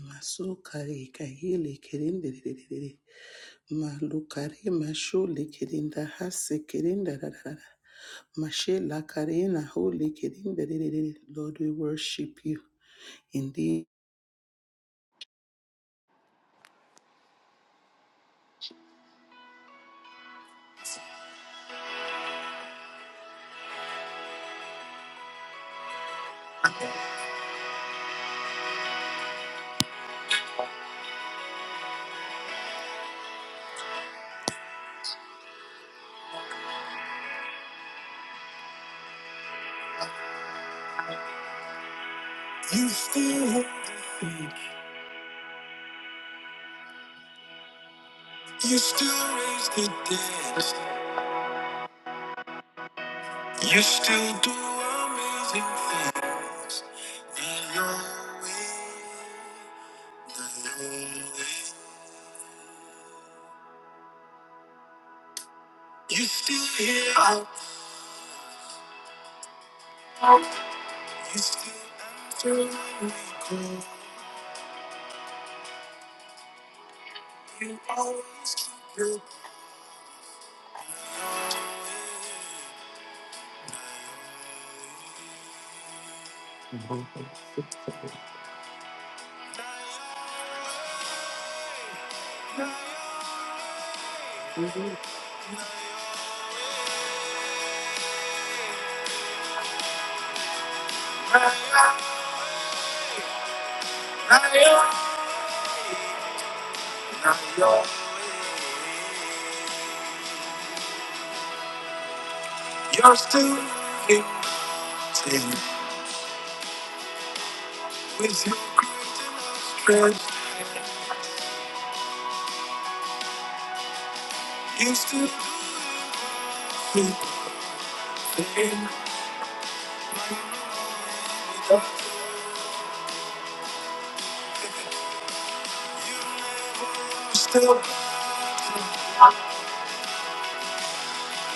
Masukari kahili kirindi ririri malukari mashuli kirinda hasi kirinda rarara mashela karina holy kirinda ririri Lord we worship you indeed You still, hold me. you still raise the dead. You still do amazing things. And you're always, you still hear out. You still answer when we call. You always keep your promise. You're still in with your great strength. You still do it. Still, I'm saying,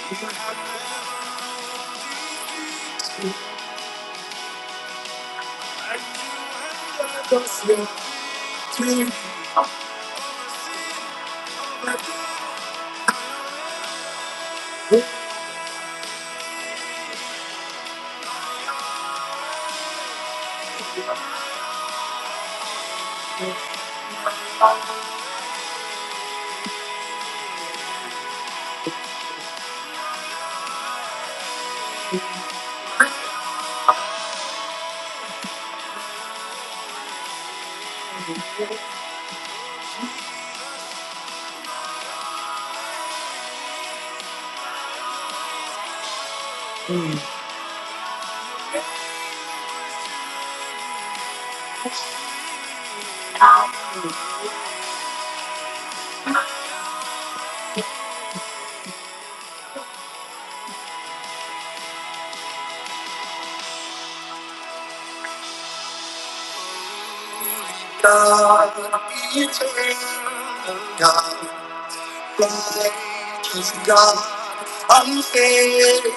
not to make you have never seen me. God, be eternal. God, righteous God, unfailing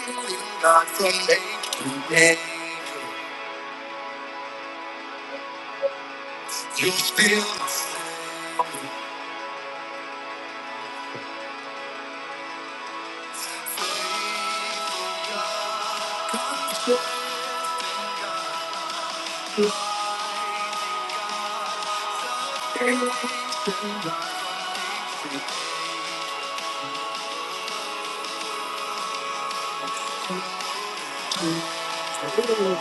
God, from age to age. you still the same.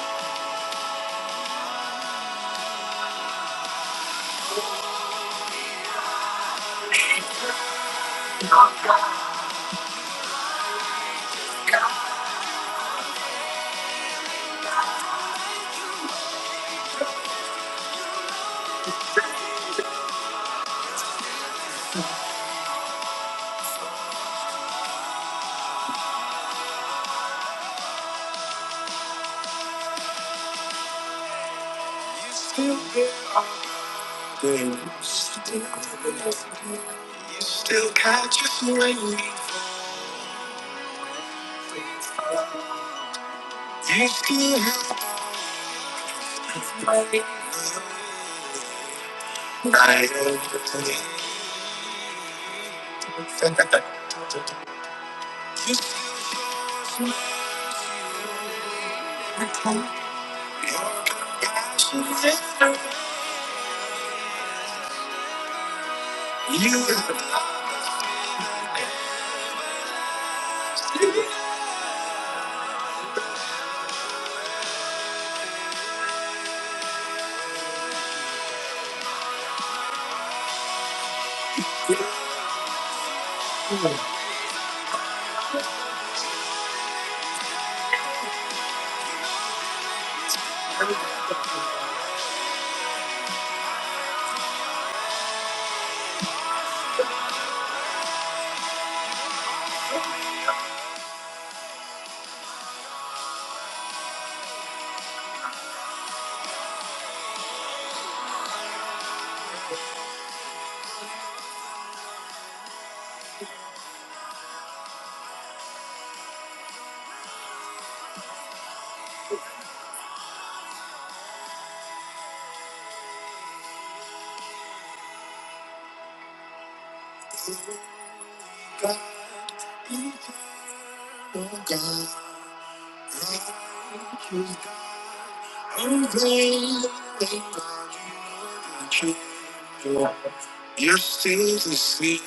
Still here are days. Still here. You still catch us when we. You still have the night You still have the time. passion never. You have not been God. You are God. thank you, God. You're still the same,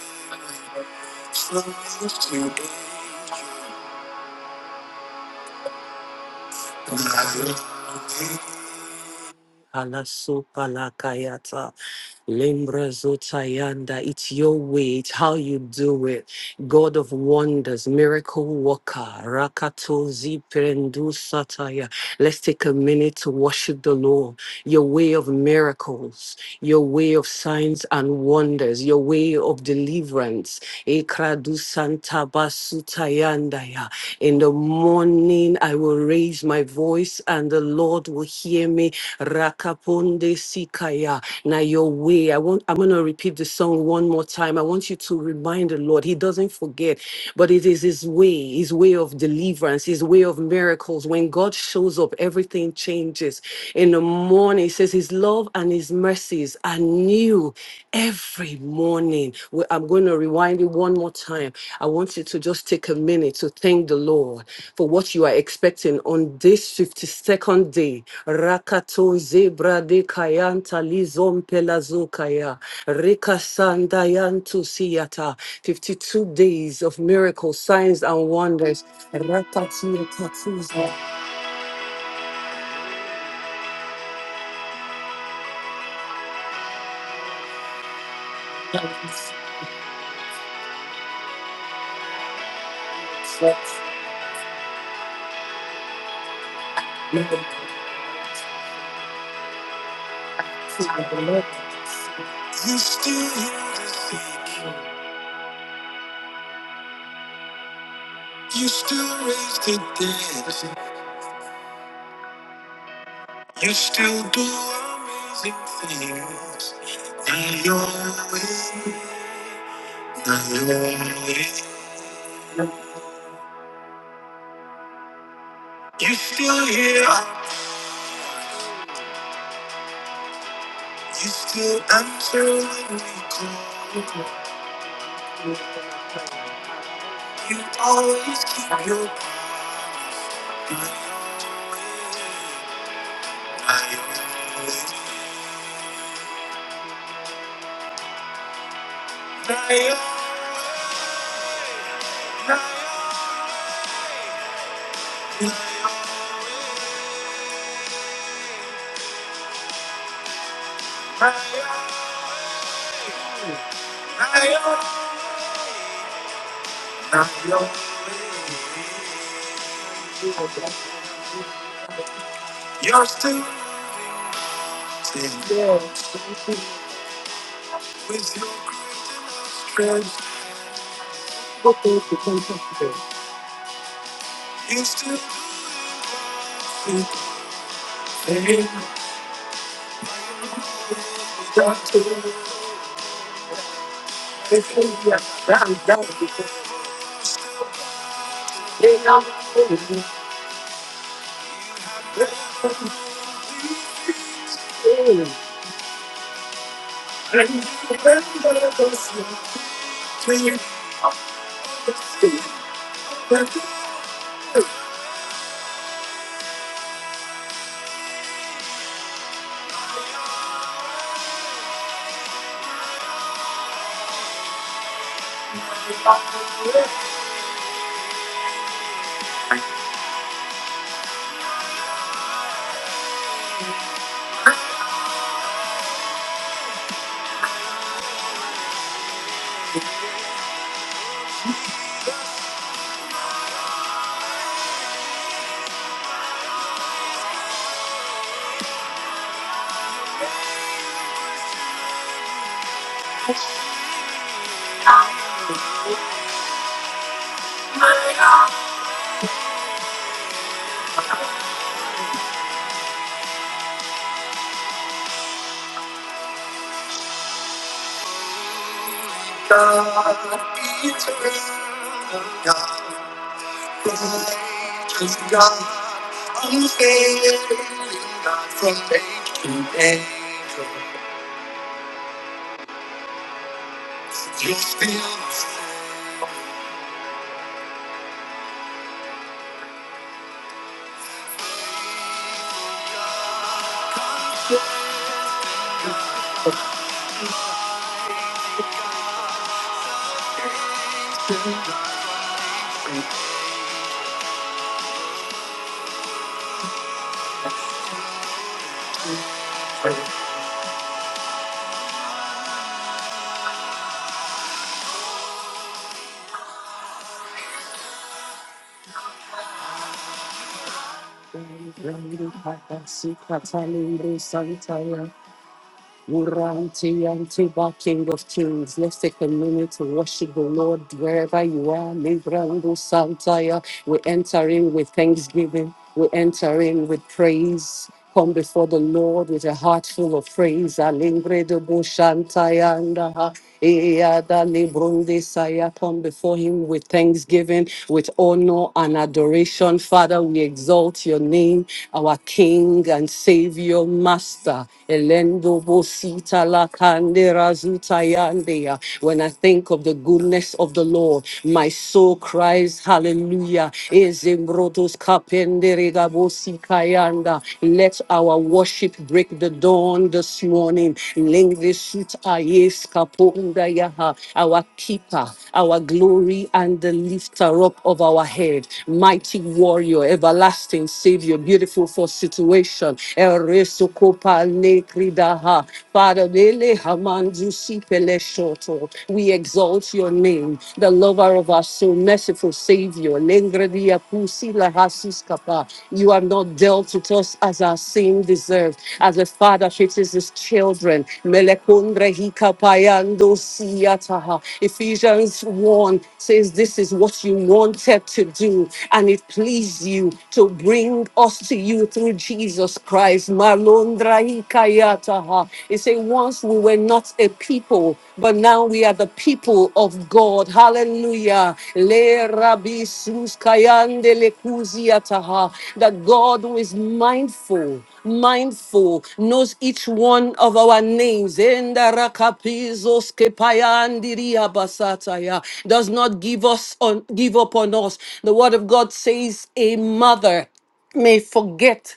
close to danger. Alasopalakayata. Lembrezotayanda, it's your way, it's how you do it. God of wonders, miracle worker, Rakato Ziprendu Sataya. Let's take a minute to worship the Lord. Your way of miracles, your way of signs and wonders, your way of deliverance. Ekradu Santa Basutayandaya. In the morning I will raise my voice and the Lord will hear me Rakaponde Sikaya. Now your way. I want I'm gonna repeat the song one more time. I want you to remind the Lord. He doesn't forget, but it is his way, his way of deliverance, his way of miracles. When God shows up, everything changes. In the morning, he says his love and his mercies are new every morning. We- I'm going to rewind it one more time time, I want you to just take a minute to thank the Lord for what you are expecting on this 52nd day. Rakato zebra de kayanta lizom pelazo kaya. Rekasandayantu siyata. 52 days of miracles, signs, and wonders. Rakati tatuza. You still heal the sick. You still raise the dead. You still do amazing things. Not your way, not your way. You still hear, up. you still answer when we call. You always keep your promise. Not your way, not your not your way, not your way. Now you're, you're still standing. Yeah. With your strength, you still do things that do it. Doctor, they say, Yeah, that- is that would be- Yeah, that would be- And you remember those things of the sea. I'm with God, eternal God. Just God, unfailing God from age to age. You're still the same. Mighty and Tiba, King of Kings, let's take a minute to worship the Lord wherever you are. Librando Santaya, we enter in with thanksgiving, we enter in with praise. Come before the Lord with a heart full of praise. Alingre de Bushantayanda. Eyadalebrodesaya, Come before him with thanksgiving, with honor and adoration. Father, we exalt your name, our King and Savior, Master. Elendo bosita la kandera zuta yandeya. When I think of the goodness of the Lord, my soul cries hallelujah. Ezembrotos kapenderega bosikayanda. Let our worship break the dawn this morning. Yaha, our keeper, our glory, and the lifter up of our head. Mighty warrior, everlasting savior, beautiful for situation. Eresokopa nekridaha. Father, lele hamandu sipele shoto. we exalt your name, the lover of our soul, merciful savior. Lengredia pusi lahasis kapa. You have not dealt with us as our sin deserved as a father fixes his children. Melekundre hikapayando siyataha. Ephesians 1 says, This is what you wanted to do, and it pleased you to bring us to you through Jesus Christ. Malundra hikayataha. It says, Once we were not a people, but now we are the people of God. Hallelujah. Le rabi sus kayande le kuziataha. That God who is is mindful, mindful, knows each one of our names. Enda rakapizos kepayandiriya basataya. Does not give us on give up on us. The word of God says a mother may forget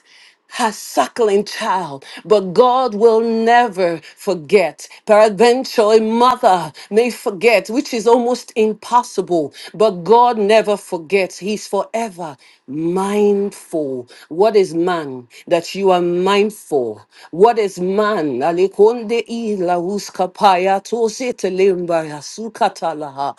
her suckling child, but God will never forget. Peradventure, a mother may forget, which is almost impossible, but God never forgets. He's forever mindful. What is man that you are mindful? What is man? Alikonde ila uskapaya tosete lemba ya sukatalaha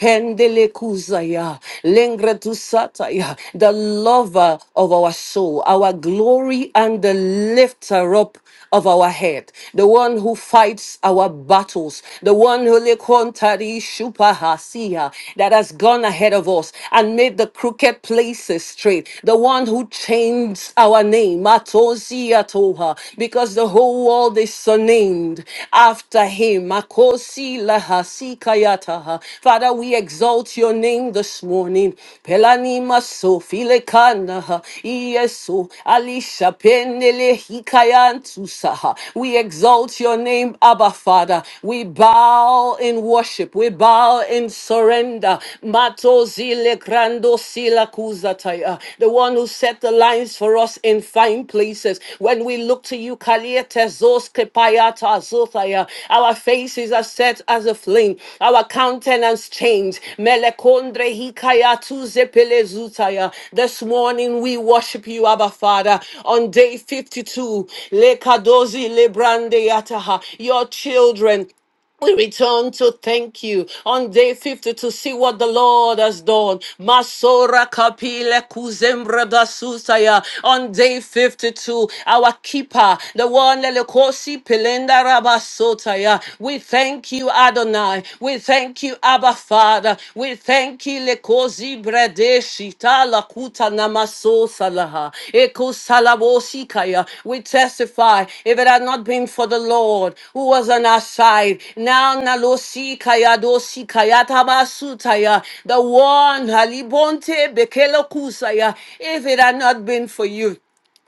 pendele kuzaya, lengre tu sataya, the lover of our soul, our glory and the lifter up of our head, the one who fights our battles, the one who lekontari shupahasia, that has gone ahead of us and made the crooked places straight, the one who changed our name, Matosia Toha, because the whole whole world is uh, named after him. Makosi lahasikayataha. Father, we exalt your name this morning. Pelani maso filekanaha. Yeso alisha penele hikayantusaha. We exalt your name, Abba Father. We bow in worship. We bow in surrender. Mato zile Kuzataya, the one who set the lines for us in fine places. When we look to you, Kaliete Kepayata Zotaya, our faces are set as a flame, our countenance changed. Melekondre Hikayatu Zepele This morning we worship you, Abba Father, on day 52. Lekadozi Lebrande Yataha, your children. We return to thank you on day 50 to see what the Lord has done. Masora kapile kuzembra da susaya. On day 52, our keeper, the one lelekosi pelenda rabasotaya. We thank you, Adonai. We thank you, Abba Father. We thank you, kozi bradeshi tala kuta namaso salaha. Eko salabosi We testify if it had not been for the Lord who was on our side. Now nalosi kaya dosi kaya tabasutaya. The one halibonte bekelo kusaya. If it had not been for you.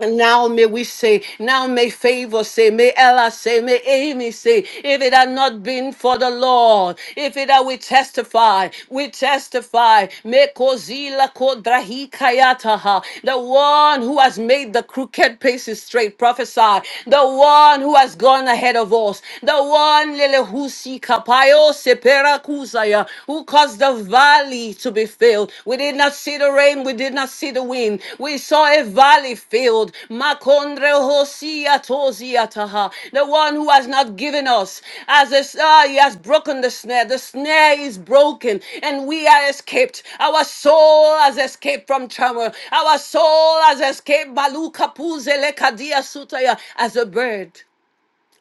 Now may we say, now may favor say, may Ella say, may Amy say, if it had not been for the Lord, if it had we testify, we testify, may Kozila Kodrahi Kayataha, the one who has made the crooked places straight, prophesy, the one who has gone ahead of us, the one Lelehusi Kapayo Sepera Kuzaya, who caused caused the valley to be filled. We did not see the rain, we did not see the wind. We saw a valley filled. Makondre hosia tozia taha. The one who has not given us, as a star, he has broken the snare. The snare is broken, and we are escaped. Our soul has escaped from turmoil. Our soul has escaped. Baluka puzele kadia sutaya as a bird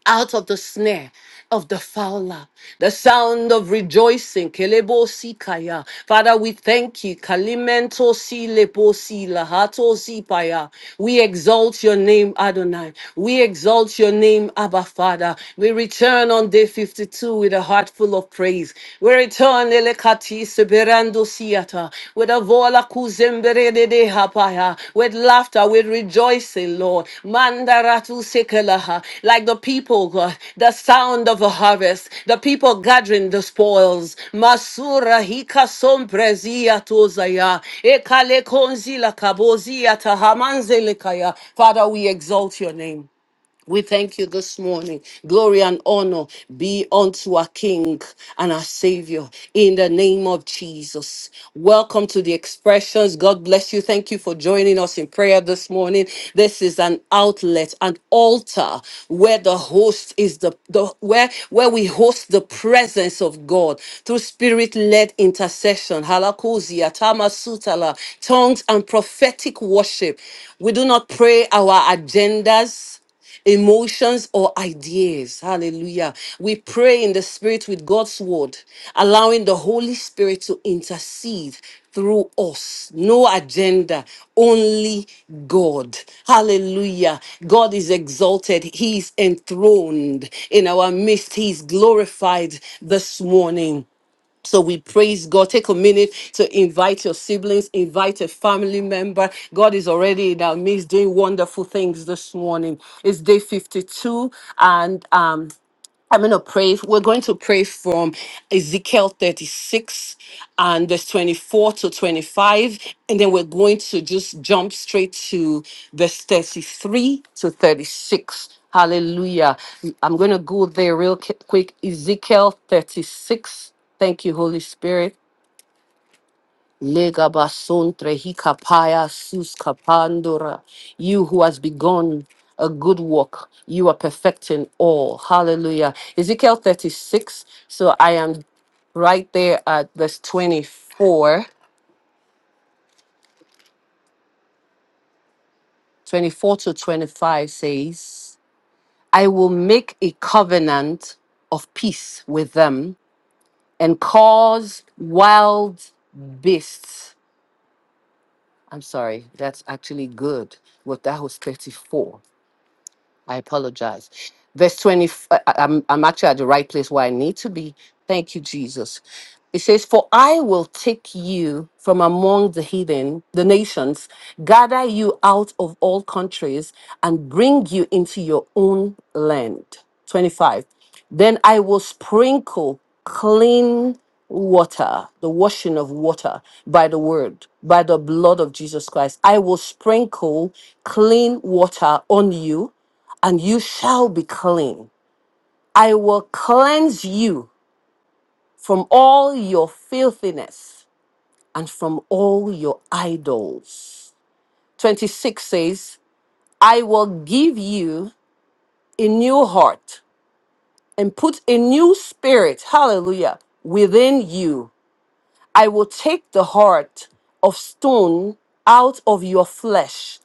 out of the snare of the fowler. The sound of rejoicing. Kelebo sikaya. Father, we thank you. Kalimento si lepo si lahato si paya. We exalt your name, Adonai. We exalt your name, Abba Father. We return on day 52 with a heart full of praise. We return elekati seberando Yata, with a vola kuzembere de de hapaya, with laughter, with rejoicing, Lord. Mandaratu sekelaha, like the people, God, the sound of a harvest, the people gathering the spoils. Masura hika somprezia tozaya, ekale konzila kabozia tahamanzelekaya. Father, we exalt your name. We thank you this morning. Glory and honor be unto our King and our Savior in the name of Jesus. Welcome to the expressions. God bless you. Thank you for joining us in prayer this morning. This is an outlet, an altar where the host is the, the where where we host the presence of God through spirit-led intercession. Halakozia, tamasutala, tongues and prophetic worship. We do not pray our agendas emotions or ideas. Hallelujah. We pray in the spirit with God's word, allowing the Holy Spirit to intercede through us. No agenda, only God. Hallelujah. God is exalted. He is enthroned in our midst. He is glorified this morning. So we praise God. Take a minute to invite your siblings, invite a family member. God is already in our midst doing wonderful things this morning. It's day 52, and um, I'm going to pray. We're going to pray from Ezekiel 36 and verse 24 to 25. And then we're going to just jump straight to verse 33 to 36. Hallelujah. I'm going to go there real qui- quick. Ezekiel 36. Thank you, Holy Spirit. Lega basuntre hikapaya sus kapandora. You who has begun a good work, you are perfecting all. Hallelujah. Ezekiel 36. So I am right there at verse 24, 24 to 25 says, I will make a covenant of peace with them and cause wild beasts. I'm sorry, that's actually good. Well, that was 34. I apologize. Verse 20, uh, I- I'm, I'm actually at the right place where I need to be. Thank you, Jesus. It says, For I will take you from among the heathen, the nations, gather you out of all countries, and bring you into your own land. 25. Then I will sprinkle clean water, the washing of water by the word, by the blood of Jesus Christ. I will sprinkle clean water on you and you shall be clean. I will cleanse you from all your filthiness and from all your idols. 26 says, I will give you a new heart and put a new spirit, hallelujah, within you. I will take the heart of stone out of your flesh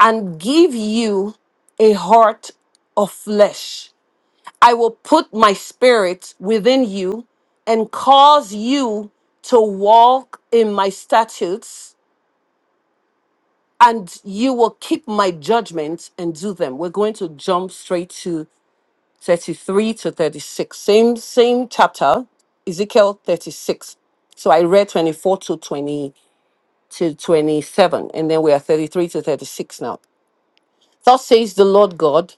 and give you a heart of flesh I will put my spirit within you and cause you to walk in my statutes, and you will keep my judgments and do them. We're going to jump straight to 33 to 36. Same, same chapter, Ezekiel 36. So I read 24 to 20 to 27, and then we are 33 to 36 now. Thus says the Lord God.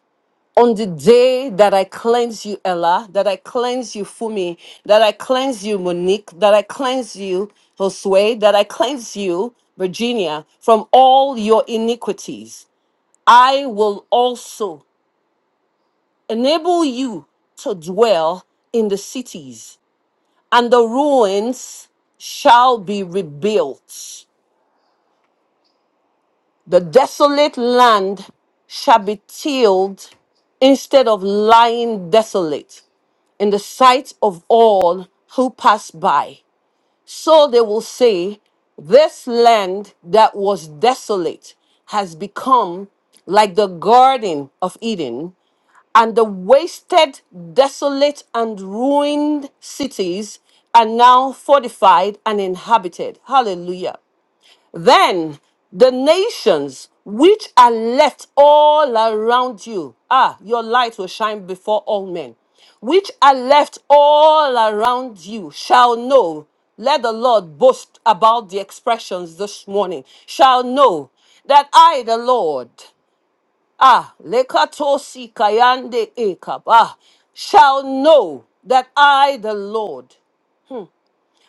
on the day that I cleanse you, Ella, that I cleanse you, Fumi, that I cleanse you, Monique, that I cleanse you, Josue, that I cleanse you, Virginia, from all your iniquities, I will also enable you to dwell in the cities, and the ruins shall be rebuilt. The desolate land shall be tilled instead of lying desolate. in the sight of all who pass by. So they will say, This land that was desolate has become like the Garden of Eden, and the wasted, desolate, and ruined cities are now fortified and inhabited. Hallelujah. Then the nations which are left all around you, ah, your light will shine before all men, which are left all around you shall know. Let the Lord boast about the expressions this morning, shall know that I, the Lord, ah, lekatosi kayande ekab, ah, shall know that I, the Lord,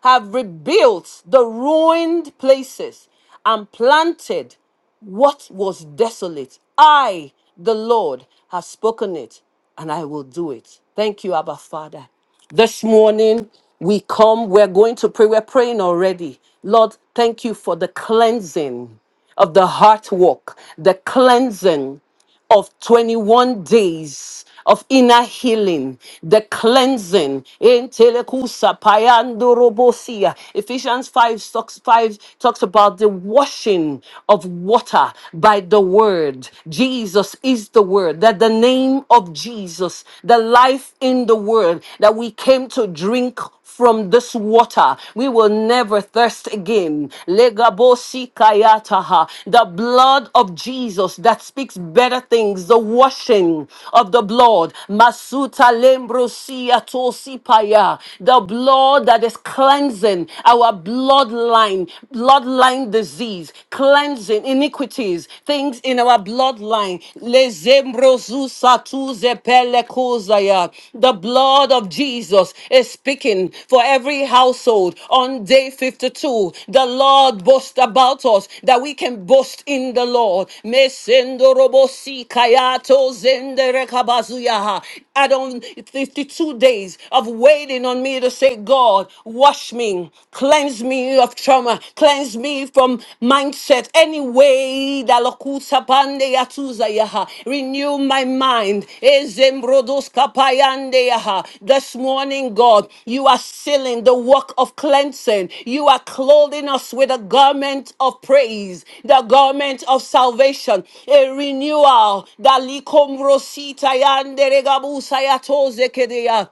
have rebuilt the ruined places and planted what was desolate. I, the Lord, have spoken it, and I will do it. Thank you, Abba Father. This morning, we come, we're going to pray. We're praying already. Lord, thank you for the cleansing of the heart walk, the cleansing of 21 days of inner healing, the cleansing. In telekusa payando robosia. Ephesians 5 talks, 5 talks about the washing of water by the word. Jesus is the word, that the name of Jesus, the life in the word, that we came to drink from this water. We will never never thirst again. Legabosikayataha. The blood of Jesus that speaks better things, the washing of the blood. Masuta lembrosia tosipaya. The blood that is cleansing our bloodline, bloodline disease, cleansing iniquities, things in our bloodline. Lezembrosusatuzepeya. Epelekozaya. The blood of Jesus is speaking for every household on day 52. The Lord boasts about us that we can boast in the Lord. Mesendorobosi kayato zenderekabazuyaha. Add on 52 days of waiting on me to say, God, wash me, cleanse me of trauma, cleanse me from um, mindset, any way that lokuta pande yatuza yaha. Renew my mind. Ezembrodos kapayande yaha. This morning, God, you are sealing the work of cleansing. You are clothing us with a garment of praise, the garment of salvation, a renewal. Dalikom rosita yande regabusa yatoze kedeya.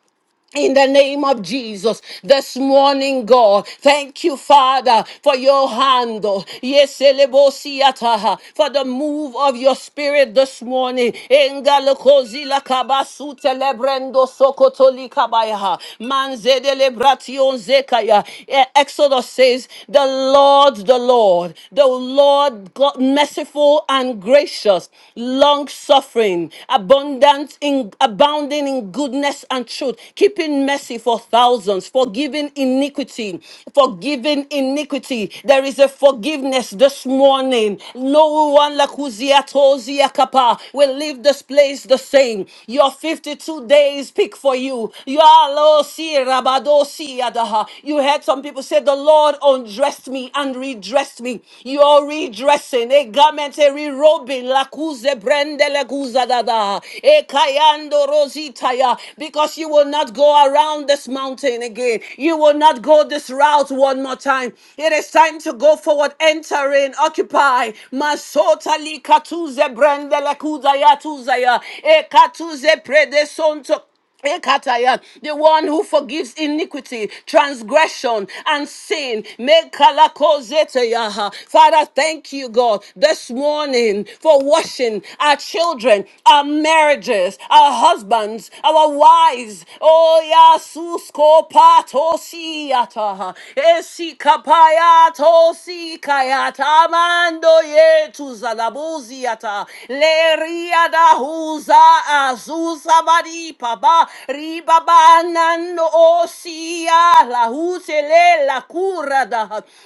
In the name of Jesus, this morning, God, thank you, Father, for your hand, oh, yes, elebosiataha, for the move of your spirit this morning. Engalokozila kabasute lebrendo sokotoli kabayaha, manzede lebration zekaya. Eh, Exodus says, The Lord, the Lord, the Lord, God, merciful and gracious, long suffering, abundant in abundant abounding in goodness and truth, keeping mercy for thousands, forgiving iniquity, forgiving iniquity. There is a forgiveness this morning. No one like Uzia Tozia Kappa will leave this place the same. Your 52 days pick for you. You are lo si rabado si adaha. You heard some people say, The Lord undressed me and redressed me. You're redressing a garment, a rerobing, lakuze brendele kuzadada, ekayando rozitaya, because you will not go around this mountain again. You will not go this route one more time. It is time to go forward, enter in, occupy. Masota likatuze brendele kudaya tuzaya, ekatuze predesonto Ekataya, the one who forgives iniquity, transgression, and sin. Mekalakozeteyaha. Father, thank you, God, this morning for washing our children, our marriages, our husbands, our wives. Oh, Yasusko patosiataha. Esikapayatosikayata. Mando yetu zalabuziata. Leriada huza bari paba riba osia la hutele la cura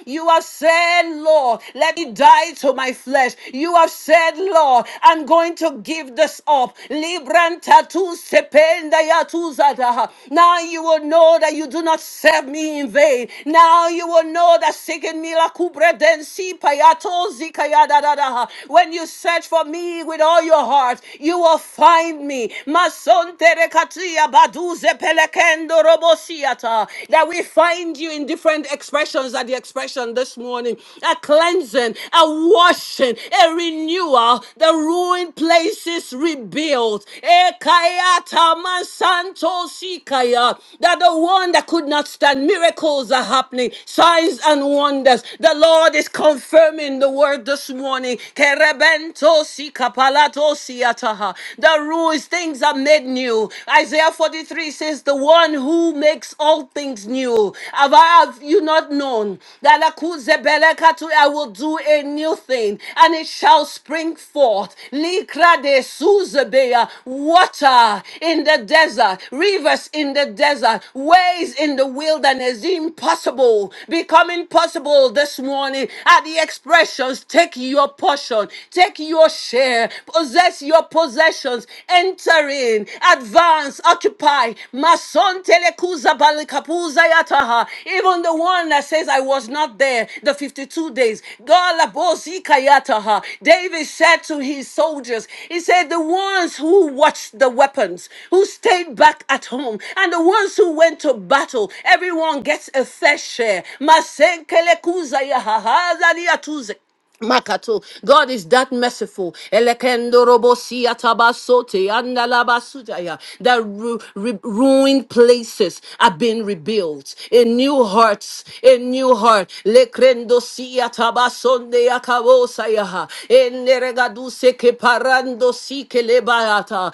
You have said, Lord, let it die to my flesh. You have said, Lord, I'm going to give this up. Libranta tu sependa ya tu zada. Now you will know that you do not serve me in vain. Now you will know that seeking me la cubre densi payato zikaya da da da. When you search for me with all your heart, you will find me. Masontere katia baduze pelekendo robosiata. That we find you in different expressions at the expression this morning. A cleansing, a washing, a renewal, the ruined places rebuilt. Ekayata mansanto sikaya. That the one that could not stand, miracles are happening, signs and wonders. The Lord is confirming the word this morning. Kerebento sikapalato siataha the rules, things are made new. Isaiah 43 says, The one who makes all things new. Have, I, have you not known that Akuzebelekatu, I will do a new thing and it shall spring forth? Likra de Suzebeya, water in the desert, rivers in the desert, ways in the wilderness, the impossible becoming possible this morning. At the expressions, take your portion, take your share, possess your your possessions. Enter in, advance, occupy. Mason telekuza balikapuza yataha. Even the one that says, I was not there, the 52 days. Galabozika yataha. David said to his soldiers, He said, The ones who watched the weapons, who stayed back at home, and the ones who went to battle, everyone gets a fair share. Masenkelekuza yahaha zaniatuze. Makato. God is that merciful. Elekendorobosi atabasote andalabasutaya. That ru- ru- ruined places have been rebuilt. A new heart, a new heart. Lekrendosi atabasonde akabosaya. Eneregaduse keparandosi kelebayata.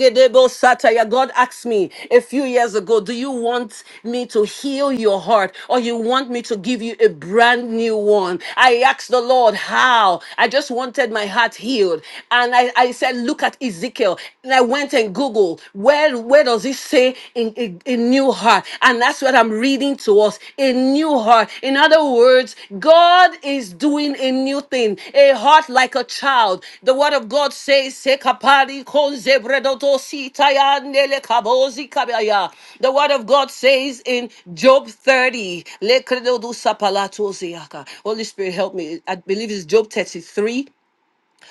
Sataya. God asked me a few years ago, Do you want me to heal your heart or you want me to give you a brand new one? I asked the Lord, How? I just wanted my heart healed. And I, I said, Look at Ezekiel. And I went and Googled, Where, where does it say in, in, in new heart? And that's what I'm reading to us us a new heart. In other words, God is doing a new thing, a heart like a child. The word of God says, "Sekapari konzebredoto sitayandele kabozi kabaya." The word of God says in Job 30, "Lekredodu sapalatoziaka." Holy Spirit, help me. I believe it's Job 33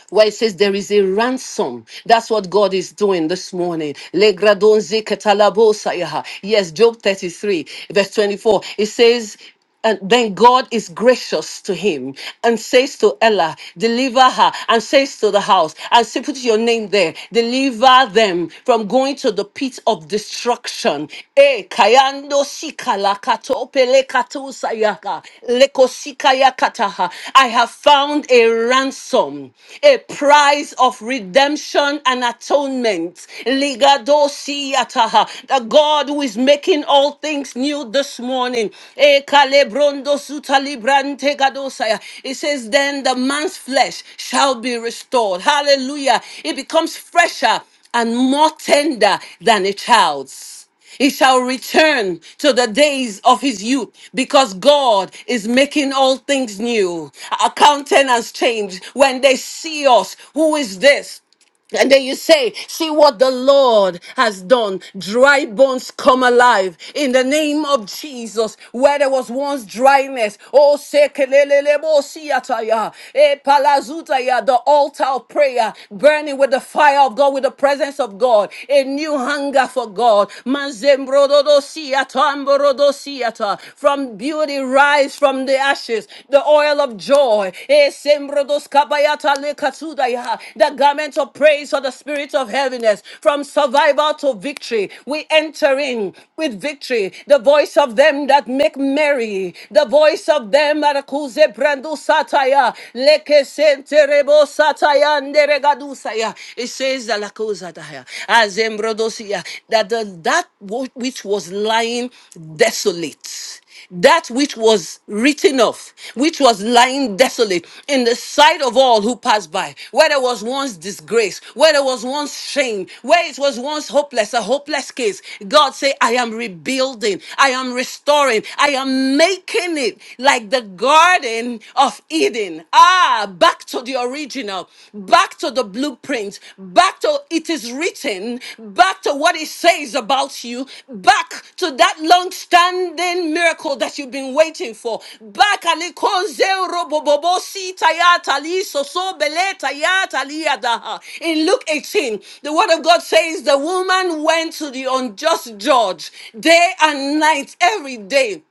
where it says there is a ransom. That's what God is doing this morning. Legradonze ketalabosaya. Yes, Job 33, verse 24. It says, and then God is gracious to him and says to Ella, deliver her, and says to the house, and say, put your name there, deliver them from going to the pit of destruction destruction. E kayando sika la kato pele I have found a ransom, a price of redemption and atonement. Ligado siyataha. The God who is making all things new this morning. E kalebrondo suta gadosaya. It says, then the man's flesh shall be restored. Hallelujah. It becomes fresher and more tender than a child's. He shall return to the days of his youth because God is making all things new. Our countenance change when they see us. Who is this? And then you say, See what the Lord has done. Dry bones come alive in the name of Jesus. Where there was once dryness, oh, sekelelelebo siataya, eh, palazutaya, the altar of prayer, burning with the fire of God, with the presence of God, a new hunger for God. Manzembrododo siata, ambrodo siata. From beauty rise from the ashes ashes, the oil of joy, eh, sembrodos kabayata lekasudaya, the garment of praise for the spirit of heaviness, from survival to victory. We enter in with victory, the voice of them that make merry, the voice of them that accuse brandu sataya, leke senterebo sataya nderegadusaya. It says the lakosadaya, azembrodosia, that the, that which was lying desolate that which was written off, which was lying desolate in the sight of all who passed by, where there was once disgrace, where there was once shame, where it was once hopeless, a hopeless case. God say, I am rebuilding, I am restoring, I am making it like the garden of Eden. Ah, back to the original, back to the blueprint footprints back to it is written, back to what it says about you, back to that long standing miracle that you've been waiting for. Back alikonze robobobo si tayata li soso bele tayata li adaha. in Luke 18, the word of God says the woman went to the unjust judge day and night every day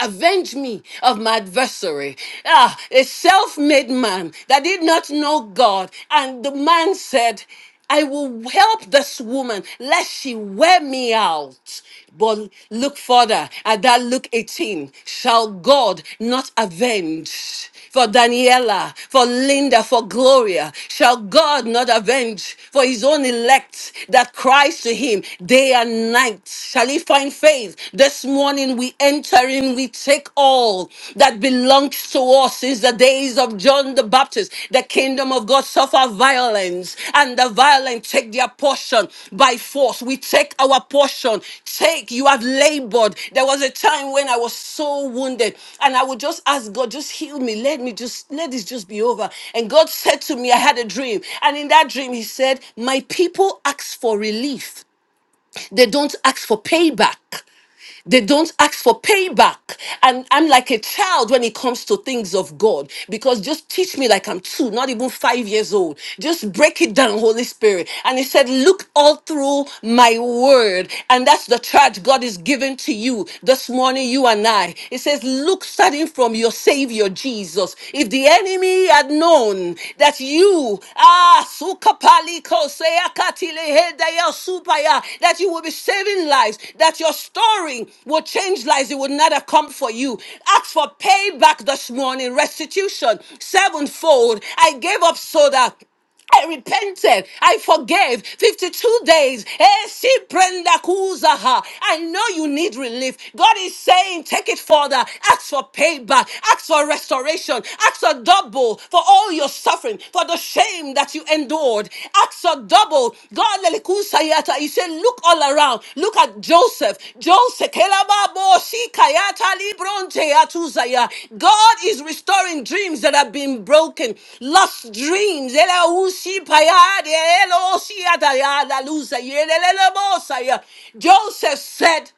Avenge me of my adversary. Ah, a self made man that did not know God. And the man said, I will help this woman lest she wear me out. But look further at that Luke 18. Shall God not avenge? For Daniela, for Linda, for Gloria, shall God not avenge for his own elect that cries to him day and night? Shall he find faith. This morning we enter in, we take all that belongs to us since the days of John the Baptist. The kingdom of God suffer violence, and the violent take their portion by force. We take our portion. Take, you have labored. There was a time when I was so wounded, and I would just ask God, just heal me. Let me just let this just be over. And God said to me, I had a dream. And in that dream, He said, My people ask for relief. They don't ask for payback. They don't ask for payback. And I'm like a child when it comes to things of God because just teach me like I'm two, not even five years old. Just break it down, Holy Spirit. And he said, Look all through my word. And that's the charge God is giving to you this morning, you and I. It says, Look starting from your Savior Jesus. If the enemy had known that you, ah, that you will be saving lives, that your story will change lives. It will not have come for you. Ask for payback this morning, restitution, sevenfold. I gave up so that I repented. I forgave. 52 days. Eh, si prenda kuzaha. I know you need relief. God is saying, take it further. Ask for payback. Ask for restoration tribulation. Acts a double for all your suffering, for the shame that you endured. Acts a double. God, lelikusayata. he said, look all around. Look at Joseph. Joseph. kelababo shikayata libronte atuzaya. God is restoring dreams that have been broken. Lost dreams. Elausi payade, elosiata ya, lalusa, yelelelebosaya. Joseph said,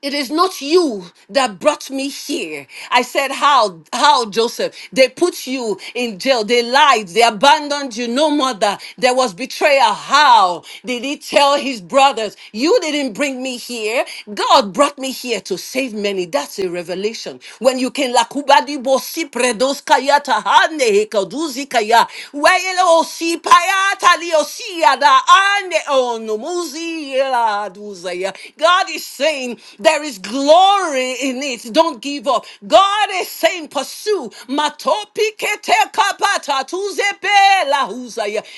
it is not you that brought me here. I said, How, how, Joseph? They put you in jail. They lied. They abandoned you. No mother. There was betrayal. How did he tell his brothers, You didn't bring me here? God brought me here to save many. That's a revelation. When you can lakubadi bosi predos kaya tahane hekaduzi kaya. Wayelo God is saying there is glory in it. Don't give up. God is saying pursue.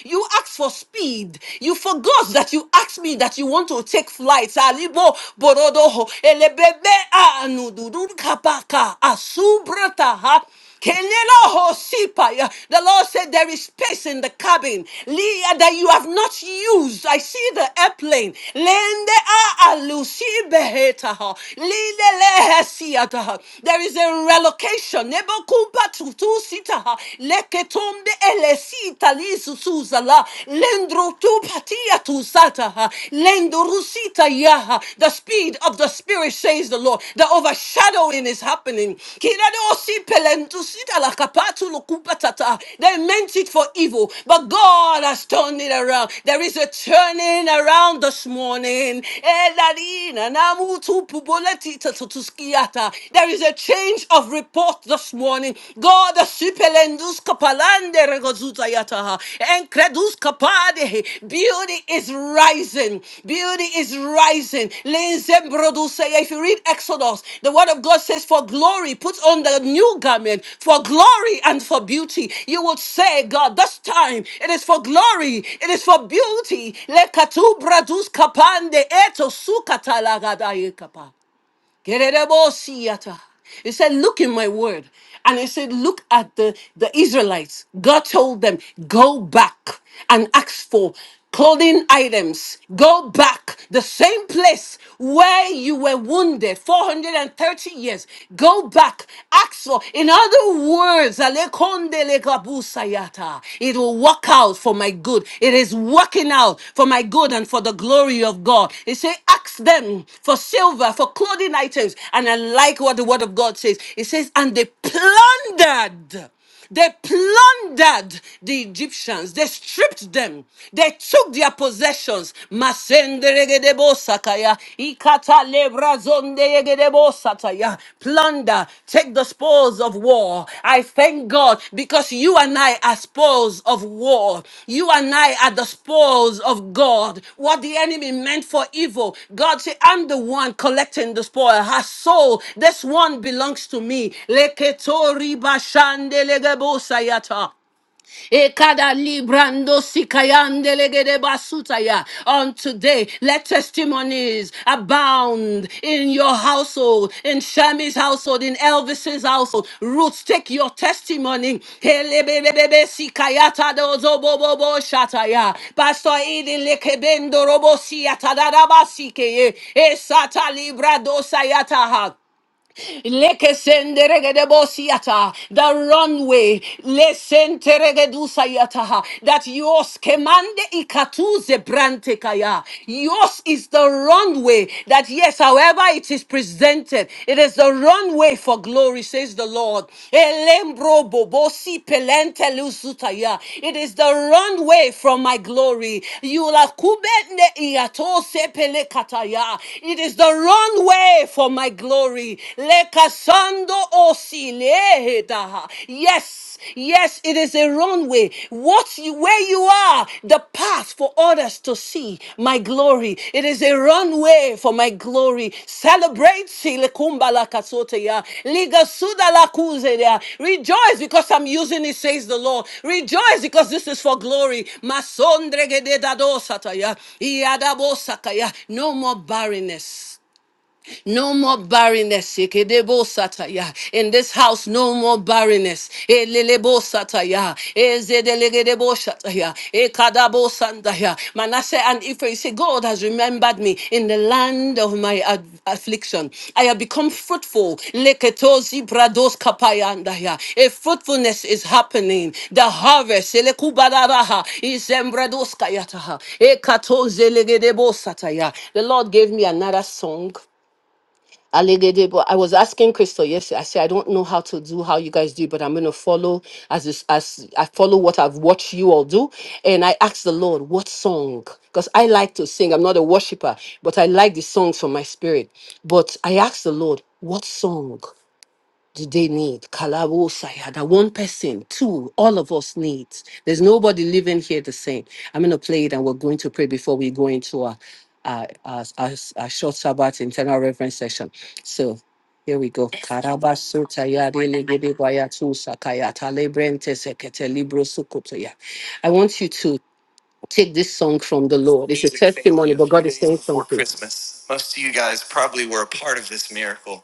You asked for speed. You forgot that you asked me that you want to take flight. Salibo borodoho elebebe anududu kapaka asubrata ha. Kenelahosipaya. The Lord said there is space in the cabin Leah, that you have not used. I see the airplane. Lende a alusibehetaha. Lilelehesiataha. There is a relocation. Nebokumpa tutusitaha. Leketombe elesita lisuzuzala. Lendro tu patia tusataha. Tayah. The speed of the Spirit, says the Lord. The overshadowing is happening. Kiradosi pelentusita lakapatu lukupatata. They meant it for evil, but God has turned it around. There is a turning around this morning. Elarina namutu puboletita tutuskiata. There is a change of report this morning. God, the Andere gozuta yataha. And kredus kapade. Beauty is rising. Beauty is rising. Linzem produce. If you read Exodus, the word of God says, For glory, put on the new garment for glory and for beauty. You would say, God, this time it is for glory, it is for beauty. Lekatu bradus kapande eto sukata lagadayekapa. Geredebosiyata. He said, Look in my word. And he said, Look at the, the Israelites. God told them, Go back and ask for clothing items. Go back the same place where you were wounded 430 years. Go back. Ask for, in other words, Alekonde lekabusayata it will work out for my good. It is working out for my good and for the glory of God. It say, ask them for silver, for clothing items. And I like what the word of God says. It says, and they plundered. They plundered the Egyptians. They stripped them. They took their possessions. Masenderegedebo sakaya, Plunder, take the spoils of war. I thank God because you and I are spoils of war. You and I are the spoils of God. What the enemy meant for evil, God said, I'm the one collecting the spoil. Her soul, this one belongs to me. Leketori bashande Ekada librando sikayande legede basutaya. On today, let testimonies abound in your household, in Shami's household, in Elvis's household. Roots, take your testimony. Helebebebebe sikayata dozo bobobo shataya. Pastor Eden lekebendo robo siyata daraba sikeye. Esata libra dosayata ha. Lekesenderegedebosiata, The runway. Lesenteregedusayataha, That yours kemande ikatuze brantekaya. Yours is the runway. That yes, however it is presented, it is the runway for glory, says the Lord. Elembro bobosi pelente luzutaya. It is the runway from my glory. Yulakubende iatose pelekataya. It is the runway for my for my glory. Lekasando osilehedaha. Yes, yes, it is a runway. What you, where you are, the path for others to see my glory. It is a runway for my glory. Celebrate silekumba lakasoteya. Ligasuda lakuzeya. Rejoice because I'm using it, says the Lord. Rejoice because this is for glory. Masondregededadosataya. Iadabosakaya. No more barrenness. No more barrenness. Ekedebo sataya. In this house, no more barrenness. Elelebo sataya. Ezedelegedebo shataya. Ekadabo sandaya. Manasseh and Ephraim say, God has remembered me in the land of my ad- affliction. I have become fruitful. Leketozi brados kapayandaya. A fruitfulness is happening. The harvest elekubadaraha, is embrados kayataha. Ekatoze legedebo sataya. The Lord gave me another song. Allegede, but I was asking Crystal yesterday. I said I don't know how to do how you guys do, but I'm gonna follow as this, as I follow what I've watched you all do. And I asked the Lord what song, because I like to sing. I'm not a worshiper, but I like the songs from my spirit. But I asked the Lord what song do they need? Kalabosaya, that one person, two, all of us need. There's nobody living here the same. I'm going to play it and we're going to pray before we go into our, our, our, our, our short Sabbath internal reference session. So here we go. Karabasotaya, relegedebaya, tusakaya, talebrente, sekete, libro, sukotoya. I want you to take this song from the Lord. It's a testimony, but God is saying something. Christmas. Most of you guys probably were a part of this miracle.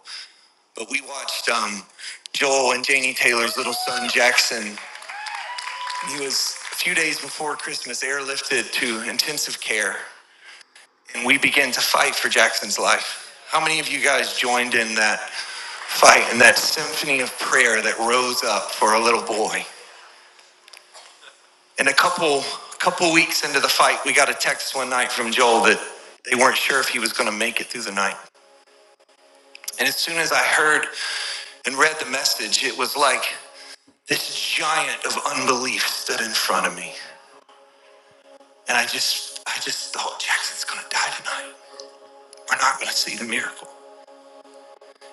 But we watched um, Joel and Janie Taylor's little son Jackson. He was a few days before Christmas airlifted to intensive care, and we began to fight for Jackson's life. How many of you guys joined in that fight and that symphony of prayer that rose up for a little boy? And a couple a couple weeks into the fight, we got a text one night from Joel that they weren't sure if he was going to make it through the night. And as soon as I heard and read the message, it was like This giant of unbelief stood in front of me. And I just, I just thought, Jackson's going to die tonight. We're not going to see the miracle.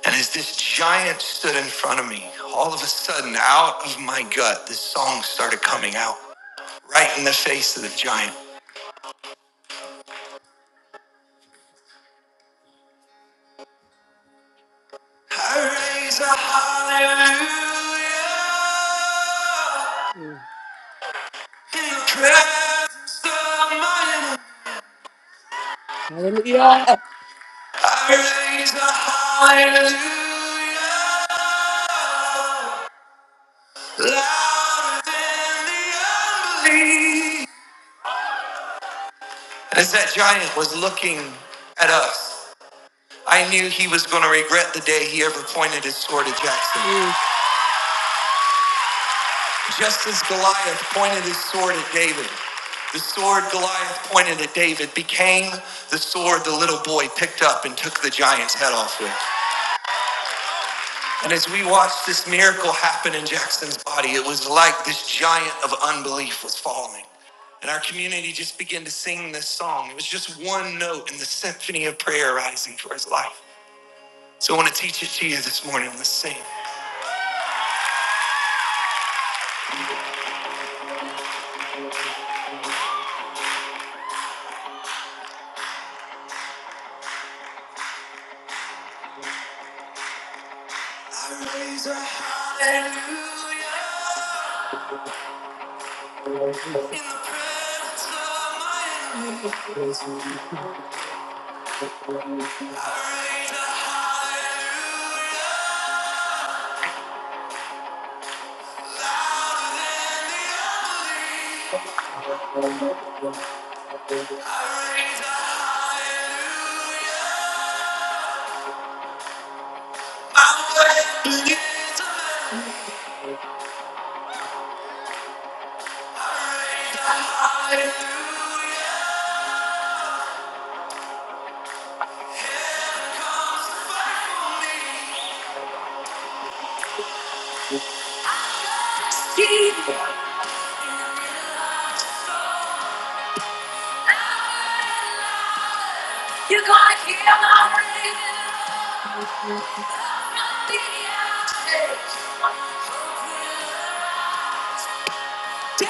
And as this giant stood in front of me, all of a sudden, out of my gut, this song started coming out right in the face of the giant. I raise a hallelujah in the presence of my enemy. Hallelujah. I raise a hallelujah louder than the unbelief. And as that giant was looking at us, I knew he was going to regret the day he ever pointed his sword at Jackson. Mm. Just as Goliath pointed his sword at David, the sword Goliath pointed at David became the sword the little boy picked up and took the giant's head off with. And as we watched this miracle happen in Jackson's body, it was like this giant of unbelief was falling. And our community just began to sing this song. It was just one note in the symphony of prayer rising for his life. So I want to teach it to you this morning. Let's sing. I raise a hallelujah in the presence of my enemies. You're to hear my praise. Ooh.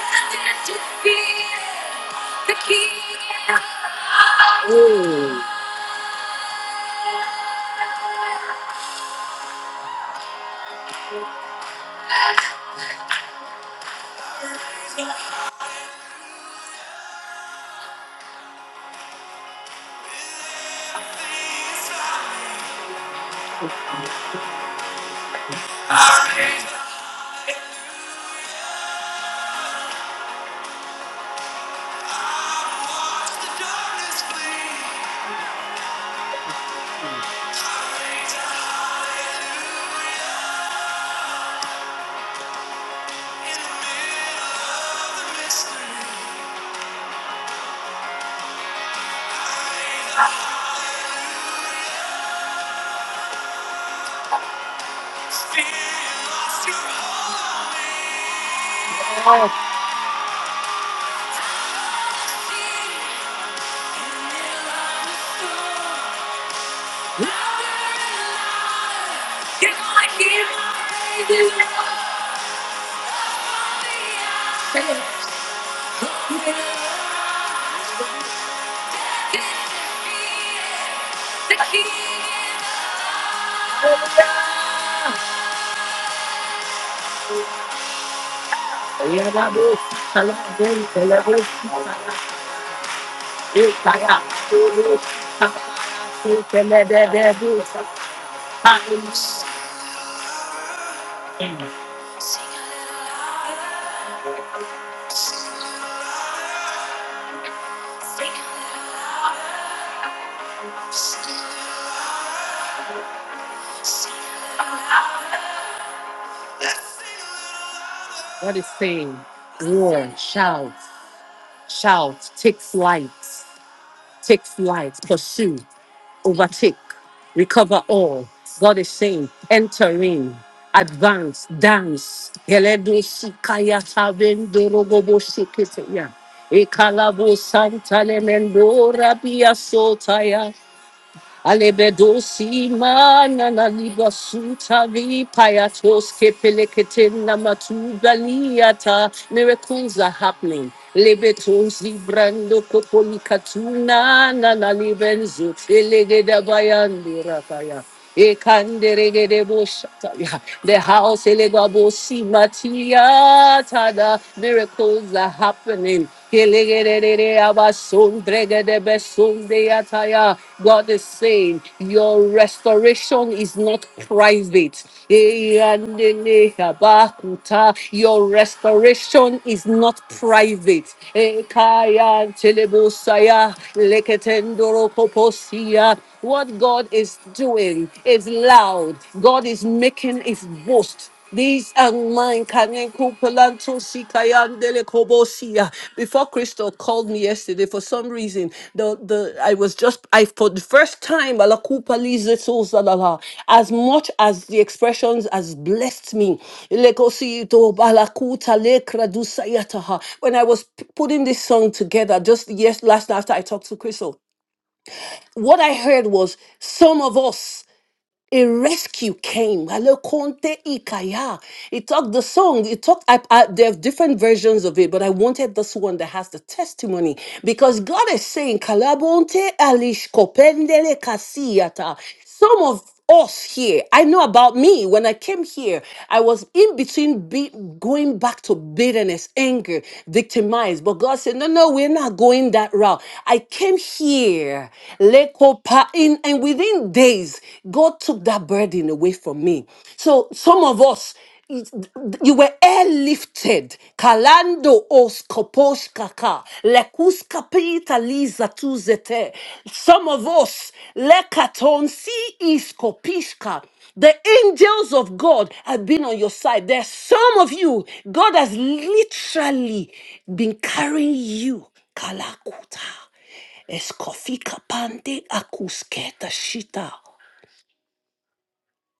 The key. What is saying? Roar, shout, shout, take flight, take flight, pursue, overtake, recover all. God is saying, enter in, advance, dance. Geledo sikaya tabendo rogobo shikete ya. Ekalabo santa lemendo rabia sotaya. Alebedo si mana na liba suta vi payatos kepeleketin na matugaliata. Miracles are happening. Lebeto si brando kopolikatuna na na libenzo. Elegeda bayandi rapaya. Ekanderegedeboshata. The house elegabosimatia. miracles are happening. Elegedededabasondregedebesondeataya. God is saying, Your restoration is not private. Eyandenehabakuta. Your restoration is not private. Ekayantelebosaya. Leketendorokoposia. What God is doing is loud. God is making his boast. These are mine. Kanen Kupalanto Sikayandele Kobosia. Before Crystal called me yesterday, for some reason, the the I was just I for the first time ala kupalize sosalala. as much as the expressions has blessed me. Lekosito balakuta lekra lekradusayataha. When I was p- putting this song together just yes last night after I talked to Crystal what I heard was some of us a rescue came. Hello, Conte Ikaya. It talked the song. It talked. I, I, there are different versions of it, but I wanted this one that has the testimony because God is saying, "Kalabonte alish kopendele kasiyata." Some of us here. I know about me. When I came here, I was in between be- going back to bitterness, anger, victimized. But God said, No, no, we're not going that route. I came here pa- in and within days, God took that burden away from me. So some of us, you were airlifted. Kalando os koposh kaka. Lekus liza tuzete. Some of us, lekaton si is The angels of God have been on your side. There's some of you, God has literally been carrying you. Kalakuta. Eskofika pande akusketa shita.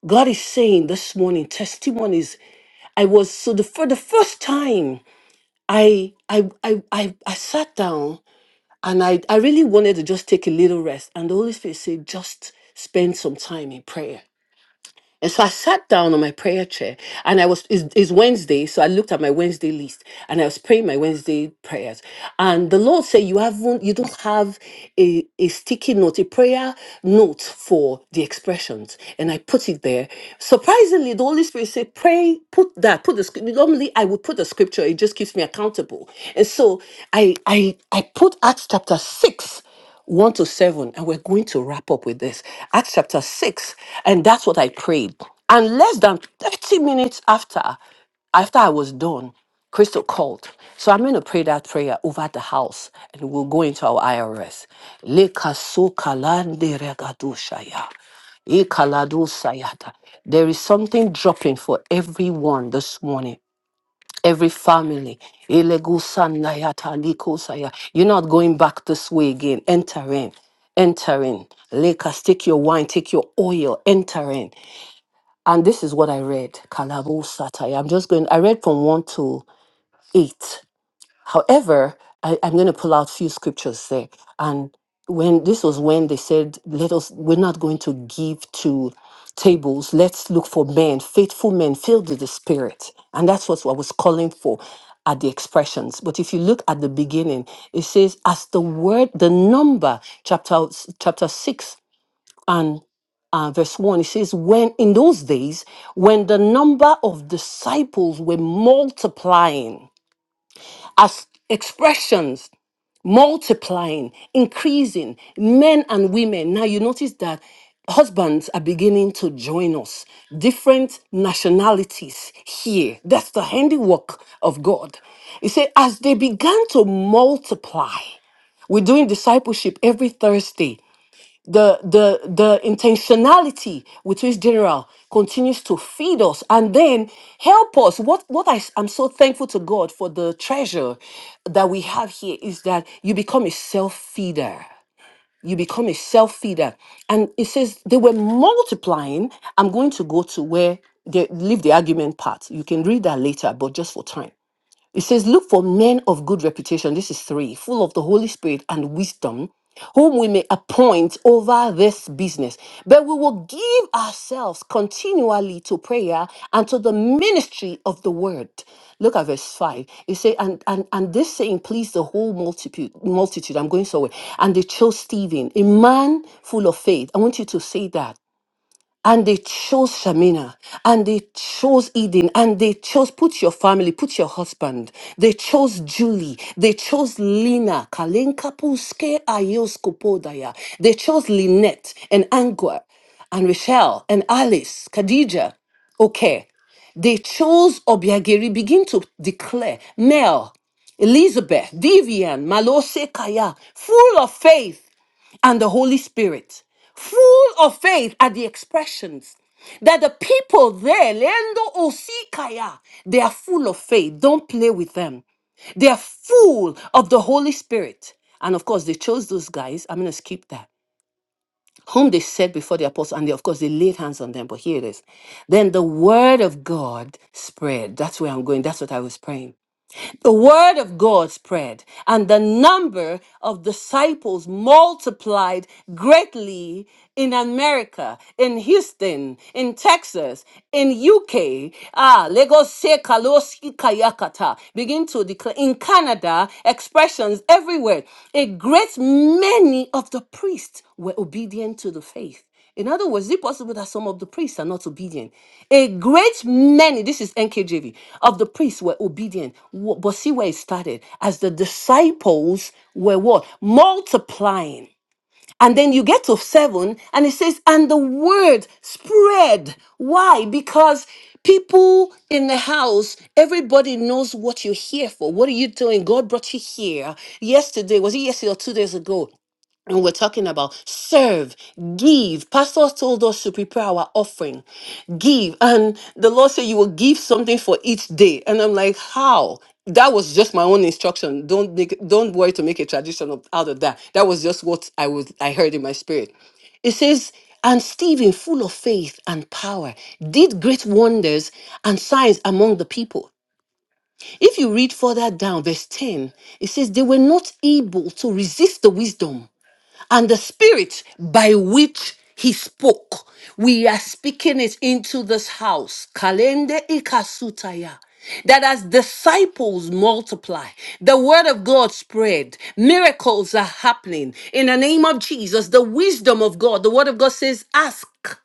God is saying this morning, testimonies. I was so the for the first time I I I I, I sat down and I, I really wanted to just take a little rest. And the Holy Spirit said, just spend some time in prayer. And so I sat down on my prayer chair and I was, it's, it's Wednesday. So I looked at my Wednesday list and I was praying my Wednesday prayers. And the Lord said, you haven't, you don't have a, a sticky note, a prayer note for the expressions. And I put it there. Surprisingly, the Holy Spirit said, pray, put that, put the scripture. Normally I would put the scripture. It just keeps me accountable. And so I, I, I put Acts chapter six 1 to 7, and we're going to wrap up with this. Acts chapter 6, and that's what I prayed. And less than 30 minutes after, after I was done, Crystal called. So I'm going to pray that prayer over the house and we'll go into our IRS. Lekasokalande regadoshaya. sayata. There is something dropping for everyone this morning every family. Elegusanaya talikosaya. You're not going back this way again. Enter in. Enter in. Lakers, take your wine, take your oil, enter in. And this is what I read. Kalabosataya. I'm just going, I read from 1 to 8. However, I, I'm going to pull out few scriptures there. And when this was when they said, "Let us, we're not going to give to tables. Let's look for men, faithful men filled with the Spirit." And that's what I was calling for at the expressions. But if you look at the beginning, it says, "As the word, the number, chapter chapter six and uh, verse 1, it says, When in those days, when the number of disciples were multiplying, as expressions multiplying, increasing, men and women. Now you notice that husbands are beginning to join us, different nationalities here. That's the handiwork of God. He said, as they began to multiply, we're doing discipleship every Thursday the the the intentionality with which general continues to feed us and then help us what what I, am so thankful to god for the treasure that we have here is that you become a self-feeder you become a self-feeder and it says they were multiplying i'm going to go to where they leave the argument part you can read that later but just for time it says, Look for men of good reputation. This is three, full of the Holy Spirit and wisdom, whom we may appoint over this business. But we will give ourselves continually to prayer and to the ministry of the word. Look at verse 5. It says, and, and, and this saying pleased the whole multitude. multitude. I'm going somewhere. And they chose Stephen, a man full of faith. I want you to say that. And they chose Shamina, and they chose Eden, and they chose, put your family, put your husband. They chose Julie, they chose Lina, Kalenka Puske Ayos Kupodaya. They chose Lynette and Angua and Rochelle and Alice, Khadija. Okay. They chose Obiageri, begin to declare Mel, Elizabeth, Vivian, Malose Kaya, full of faith and the Holy Spirit, full of faith at the expressions that the people there, Lendo Osikaya, they are full of faith. Don't play with them. They are full of the Holy Spirit. And of course, they chose those guys. I'm going to skip that. Whom they said before the apostles, and they, of course, they laid hands on them. But here it is. Then the word of God spread. That's where I'm going. That's what I was praying. The word of God spread, and the number of disciples multiplied greatly in America, in Houston, in Texas, in UK. Ah, Lagos se kalosi kayakata. Begin to declare in Canada, expressions everywhere. A great many of the priests were obedient to the faith. In other words, is it possible that some of the priests are not obedient? A great many, this is NKJV, of the priests were obedient. Wh- But see where it started. As the disciples were what? Multiplying. And then you get to seven, and it says, and the word spread. Why? Because people in the house, everybody knows what you're here for. What are you doing? God brought you here yesterday. Was it yesterday or two days ago? And we're talking about serve, give. Pastors told us to prepare our offering, give. And the Lord said, You will give something for each day. And I'm like, How? That was just my own instruction. Don't make, don't worry to make a tradition of, out of that. That was just what I was I heard in my spirit. It says, and Stephen, full of faith and power, did great wonders and signs among the people. If you read further down, verse 10, it says, They were not able to resist the wisdom and the spirit by which he spoke. We are speaking it into this house. Kalende ikasutaya. That as disciples multiply, the word of God spread, miracles are happening. In the name of Jesus, the wisdom of God, the word of God says, ask.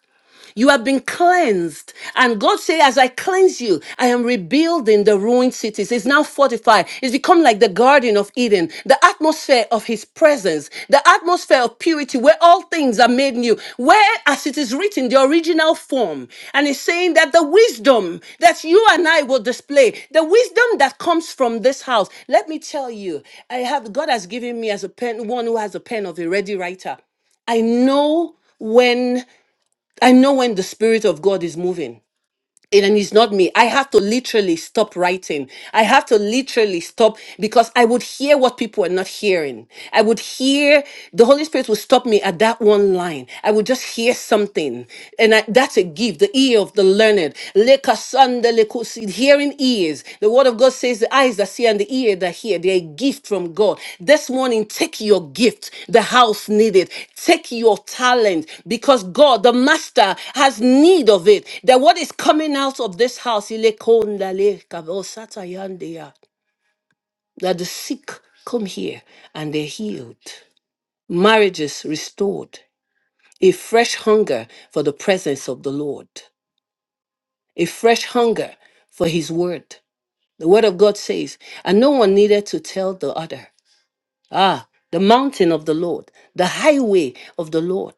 You have been cleansed. And God said, As I cleanse you, I am rebuilding the ruined cities. It's now fortified. It's become like the Garden of Eden, the atmosphere of His presence, the atmosphere of purity, where all things are made new, where, as it is written, the original form. And He's saying that the wisdom that you and I will display, the wisdom that comes from this house. Let me tell you, I have God has given me as a pen, one who has a pen of a ready writer. I know when I know when the Spirit of God is moving. And and it's not me. I have to literally stop writing. I have to literally stop because I would hear what people are not hearing. I would hear the Holy Spirit would stop me at that one line. I would just hear something. And I, that's a gift, the ear of the learned. Leka sande hearing ears. The word of God says the eyes that see and the ear that hear. They're a gift from God. This morning, take your gift. The house need it. Take your talent because God, the master, has need of it. That what is coming out of this house, ile konda that the sick come here and they're healed. Marriages restored. A fresh hunger for the presence of the Lord. A fresh hunger for his word The word of God says, and no one needed to tell the other. Ah, the mountain of the Lord, the highway of the Lord.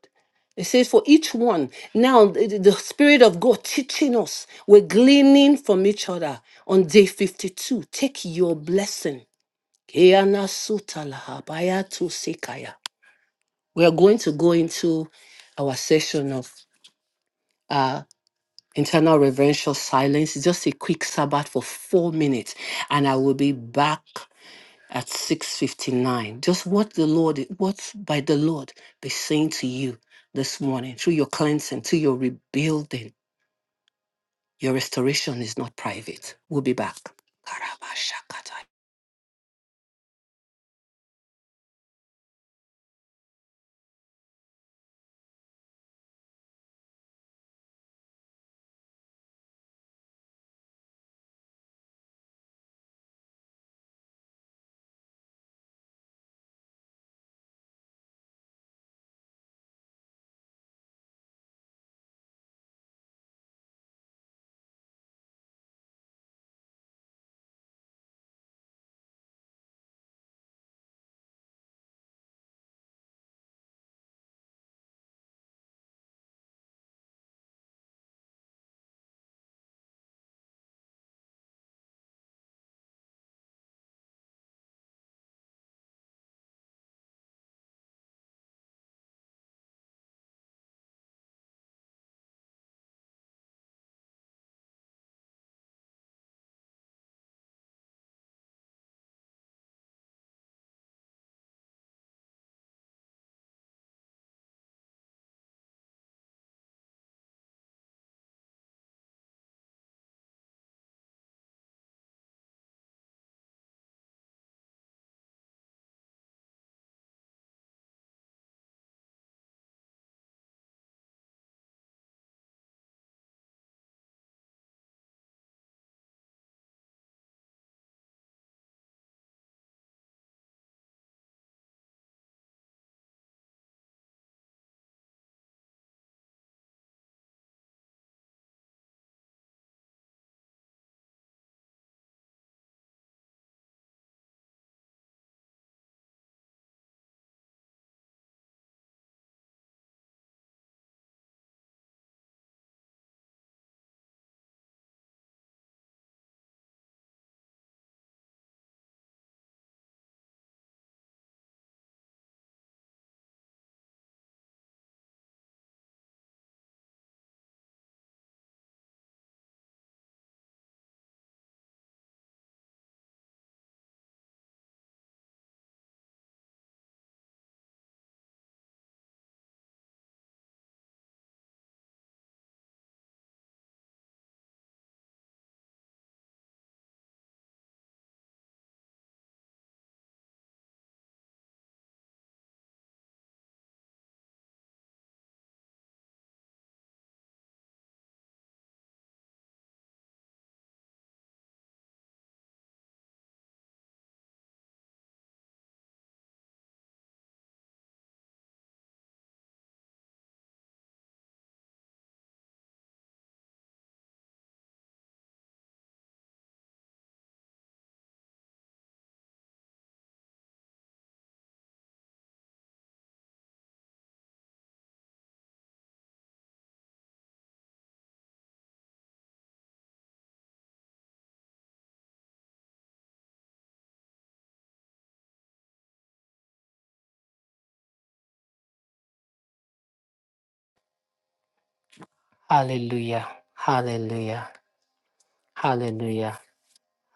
It says, for each one, now the, the- the Spirit of God teaching us, we're gleaning from each other on day 52. Take your blessing. Keana suta laha baya tu sikaya. We are going to go into our session of uh, internal reverential silence. It's just a quick Sabbath for four minutes, and I will be back at 6:59. Just what the Lord, what by the Lord be saying to you this morning through your cleansing, through your rebuilding. Your restoration is not private. We'll be back. Hallelujah. Hallelujah. Hallelujah.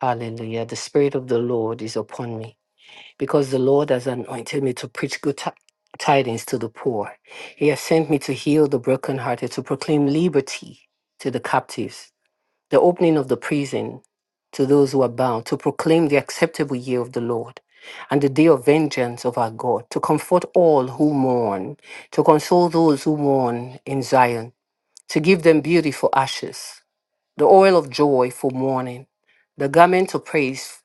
Hallelujah. The Spirit of the Lord is upon me because the Lord has anointed me to preach good ti- tidings to the poor. He has sent me to heal the brokenhearted, to proclaim liberty to the captives the opening of the prison to those who are bound, to proclaim the acceptable year of the Lord and the day of vengeance of our God, to comfort all who mourn, to console those who mourn in Zion, to give them beauty for ashes, the oil of joy for mourning, the garment of praise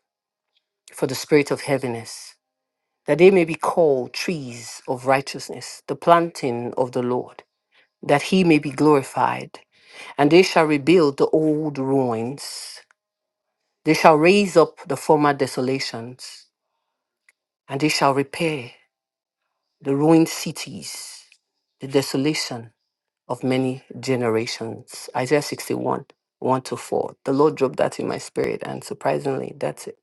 for the spirit of heaviness, that they may be called trees of righteousness, the planting of the Lord, that he may be glorified. And they shall rebuild the old ruins they shall raise up the former desolations, and they shall repair the ruined cities, the desolation of many generations. Isaiah 61, 1 to 4. The Lord dropped that in my spirit, and surprisingly, that's it,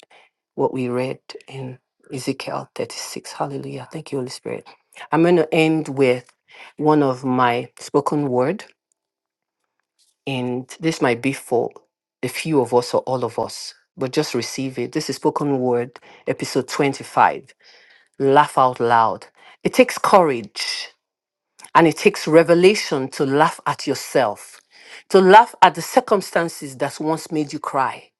what we read in Ezekiel 36. Hallelujah. Thank you, Holy Spirit. I'm going to end with one of my spoken word. And this might be for a few of us or all of us, but just receive it. This is Spoken Word, episode 25. Laugh out loud. It takes courage and it takes revelation to laugh at yourself, to laugh at the circumstances that once made you cry,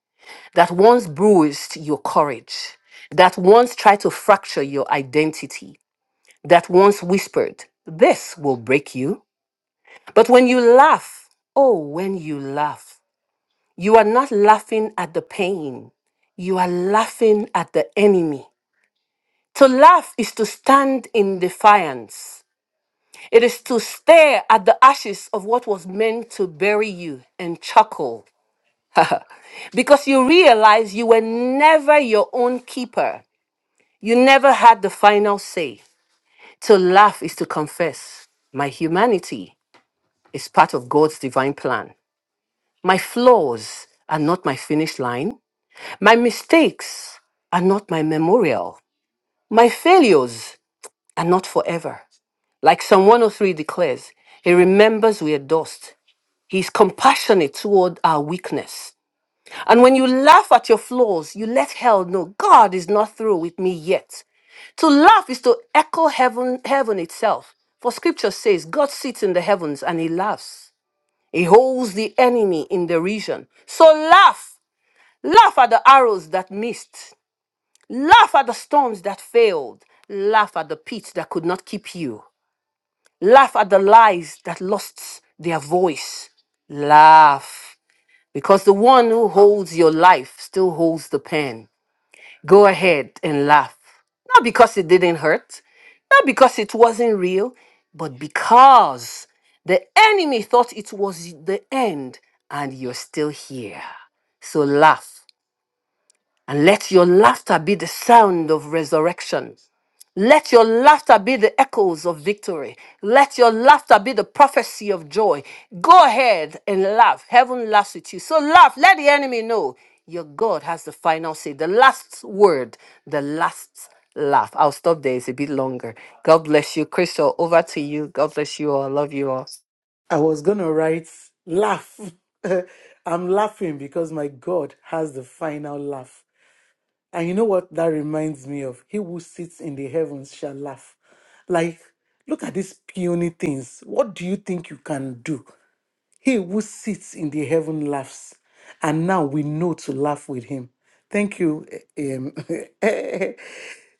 that once bruised your courage, that once tried to fracture your identity, that once whispered, This will break you. But when you laugh, oh, when you laugh, You are not laughing at the pain, you are laughing at the enemy. To laugh is to stand in defiance. It is to stare at the ashes of what was meant to bury you and chuckle because you realize you were never your own keeper. You never had the final say. To laugh is to confess my humanity is part of God's divine plan. My flaws are not my finish line. My mistakes are not my memorial. My failures not forever. Like Psalm 103 declares, He remembers we are dust. He's compassionate toward our weakness. And when you laugh at your flaws, you let hell know God is not through with me yet. To laugh is to echo heaven, heaven itself. For scripture says, God sits in the heavens and he laughs. He holds the enemy in derision. So laugh. Laugh at the arrows that missed. Laugh at the storms that failed. Laugh at the pits that could not keep you. Laugh at the lies that lost their voice. Laugh, because the one who holds your life still holds the pen. Go ahead and laugh. Not because it didn't hurt, not because it wasn't real, but because the enemy thought it was the end and you're still here. So laugh. And let your laughter be the sound of resurrection Let your laughter be the echoes of victory. Let your laughter be the prophecy of joy. Go ahead and laugh. Heaven laughs with you. So laugh. Let the enemy know your God has the final say, the last word, the last laugh. I'll stop there. It's a bit longer. God bless you. Crystal, over to you. God bless you all. Love you all. I was going to write laugh. I'm laughing because my God has the final laugh. And you know what that reminds me of? He who sits in the heavens shall laugh. Like, look at these puny things. What do you think you can do? He who sits in the heaven laughs, and now we know to laugh with him. Thank you. eh, Um,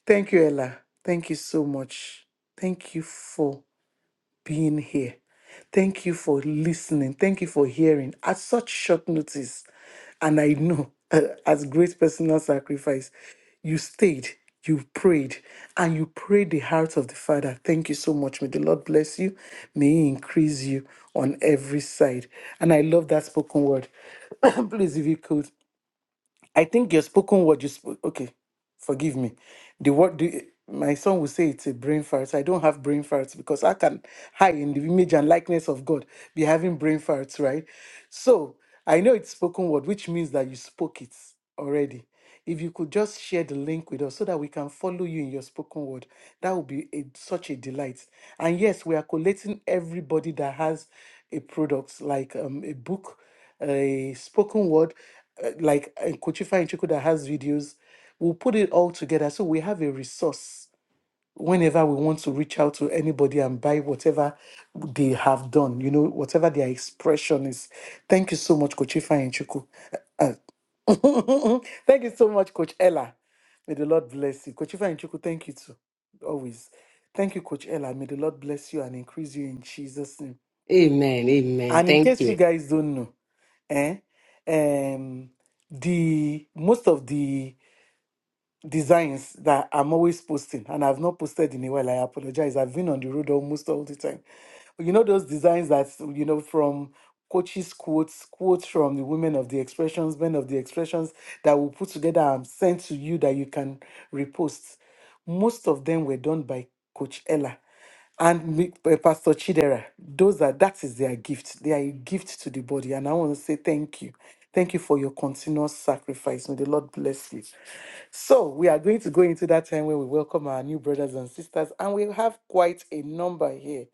Thank you, Ella. Thank you so much. Thank you for being here. Thank you for listening. Thank you for hearing at such short notice. And I know, uh, as great personal sacrifice, you stayed, you prayed, and you prayed the heart of the Father. Thank you so much. May the Lord bless you. May He increase you on every side. And I love that spoken word. Please, if you could. I think your spoken word, you spoke. Okay, forgive me. The word, the, my son will say it's a brain fart. I don't have brain farts because I can hide in the image and likeness of God be having brain farts, right? So I know it's spoken word, which means that you spoke it already. If you could just share the link with us so that we can follow you in your spoken word, that would be a, such a delight. And yes, we are collating everybody that has a product like um, a book a spoken word, uh, like Kochifa and Chiku that has videos. We'll put it all together so we have a resource whenever we want to reach out to anybody and buy whatever they have done, you know, whatever their expression is. Thank you so much, Kochifa and Chiku. thank you so much, Coach Ella. May the Lord bless you. Coach Ifeanyi Chukwu, thank you too. Always. Thank you, Coach Ella. May the Lord bless you and increase you in Jesus' name. Amen. Amen. Thank And in case you guys don't know, eh, um, the most of the designs that I'm always posting, and I've not posted in a while. I apologize. I've been on the road almost all the time. But you know those designs that you know from coaches quotes, quotes from the women of the expressions, men of the expressions that will put together and send to you that you can repost. Most of them were done by Coach Ella and Mi- eh, Pastor Chidera. Those are that is their gift. They are a gift to the body, and I want to say thank you. Thank you for your continuous sacrifice. May the Lord bless you. So, we are going to go into that time where we welcome our new brothers and sisters, and we have quite a number here.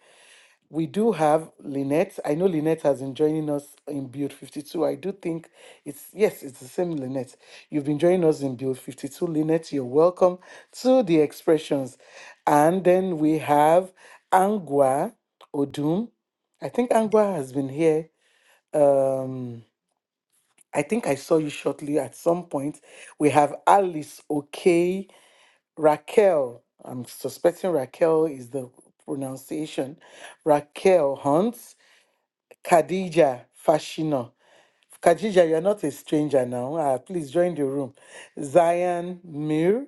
We do have Lynette. I know Lynette has been joining us in Build 52. I do think it's, yes, it's the same Lynette. You've been joining us in Build 52. Lynette, you're welcome to the expressions. And then we have Angwa Odum. I think Angwa has been here. Um, I think I saw you shortly at some point. We have Alice Okay, Raquel. I'm suspecting Raquel is the pronunciation. Raquel Hunt. Khadija Fashino. Khadija, you're not a stranger now. Ah, please join the room. Zion Mir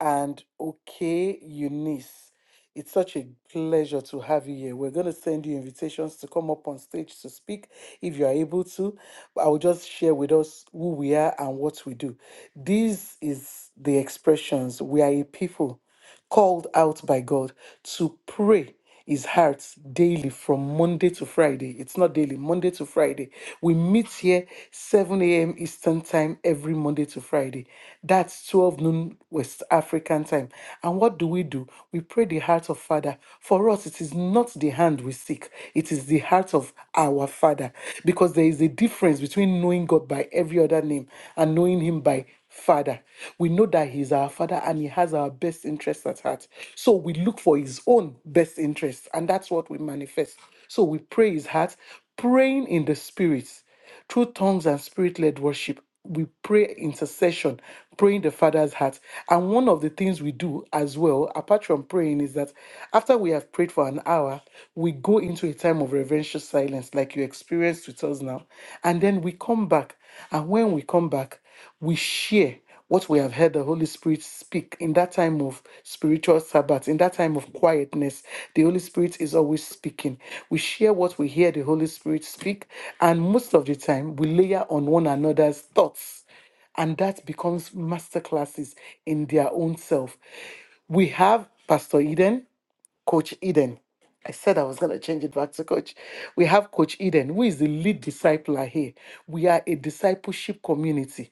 and OK Eunice. It's such a pleasure to have you here. We're going to send you invitations to come up on stage to speak if you are able to. But I will just share with us who we are and what we do. This is the expressions. We are a people called out by God to pray his heart daily from Monday to Friday. It's not daily, Monday to Friday. We meet here 7 a.m. Eastern Time every Monday to Friday. That's 12 noon West African time. And what do we do? We pray the heart of Father. For us, it is not the hand we seek, it is the heart of our Father. Because there is a difference between knowing God by every other name and knowing Him by Father. We know that He's our Father and He has our best interests at heart. So we look for His own best interests, and that's what we manifest. So we pray His heart, praying in the Spirit through tongues and spirit led worship. We pray intercession, praying the Father's heart. And one of the things we do as well, apart from praying, is that after we have prayed for an hour, we go into a time of reverential silence, like you experienced with us now. And then we come back and when we come back, we share what we have heard the Holy Spirit speak in that time of spiritual Sabbath, in that time of quietness. The Holy Spirit is always speaking. We share what we hear the Holy Spirit speak, and most of the time we layer on one another's thoughts. And that becomes masterclasses in their own self. We have Pastor Eden Coach Eden. I said I was going to change it back to coach. We have Coach Eden, who is the lead discipler here. We are a discipleship community.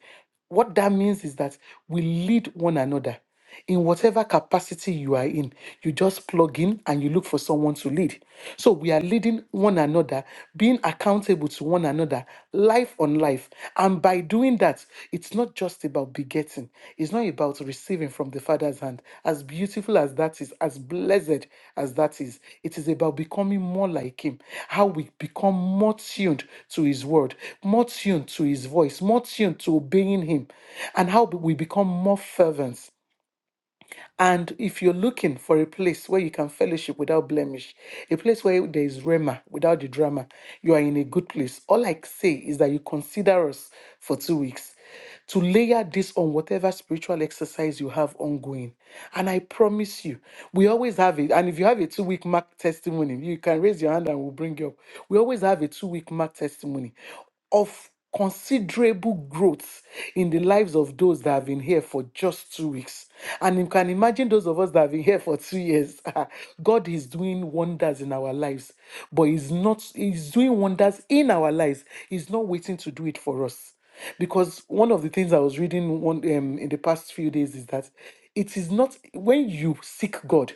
What that means is that we lead one another in whatever capacity you are in. You just plug in and you look for someone to lead. So we are leading one another, being accountable to one another, together, life on life. And by doing that, it's not just about begetting, it's not about receiving from the Father's hand. As beautiful as that is, as blessed as that is, it is about becoming more like Him, how we become more tuned to His word, more tuned to His voice, more tuned to obeying Him, and how we become more fervent and if you're looking for a place where you can fellowship without blemish, a place where there is rema without the drama, you are in a good place. All I say is that you consider us for two weeks to layer this on whatever spiritual exercise you have ongoing. And I promise you, we always have it. And if you have a two week mark testimony, you can raise your hand and we'll bring you up. We always have a two week mark testimony of considerable growth in the lives of those that have been here for just two weeks. And you can imagine those of us that have been here for two years. God is doing wonders in our lives, but He's not, He's doing wonders in our lives. He's not waiting to do it for us. Because one of the things I was reading one, um, in the past few days is that it is not when you seek God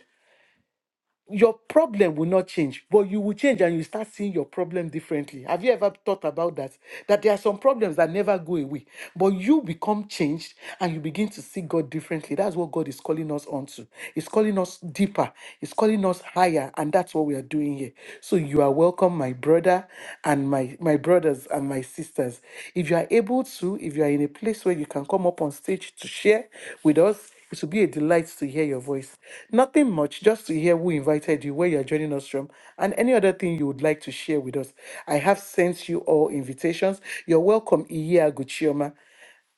your problem will not change, but you will change and you start seeing your problem differently. Have you ever thought about that? That there are some problems that never go away, but you become changed and you begin to see God differently. That's what God is calling us onto. He's calling us deeper, He's calling us higher, and that's what we are doing here. So you are welcome, my brother and my, my brothers and my sisters. If you are able to, if you are in a place where you can come up on stage to share with us, it will be a delight to hear your voice. Nothing much, just to hear who invited you, where you are joining us from, and any other thing you would like to share with us. I have sent you all invitations. You're welcome, Iya Guchioma.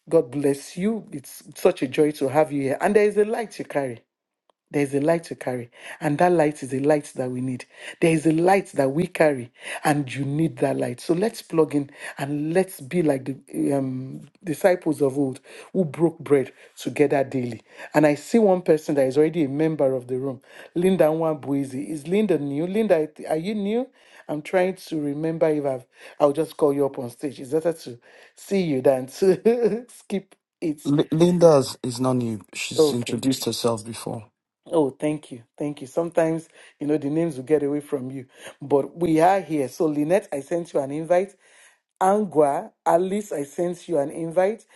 God bless you. It's such a joy to have you here. And there is a light you carry. There is a light to carry, and that light is a light that we need. There is a light that we carry, and you need that light. So let's plug in and let's be like the um, disciples of old who broke bread together daily. And I see one person that is already a member of the room, Linda Nwabuizi. Is Linda new? Linda, are you new? I'm trying to remember if I've. I'll just call you up on stage. It's better to see you than to skip it. L- Linda is is not new. She's Okay. introduced herself before. Oh, thank you. Thank you. Sometimes, you know, the names will get away from you, but we are here. So, Lynette, I sent you an invite. Angwa, Alice, I sent you an invite.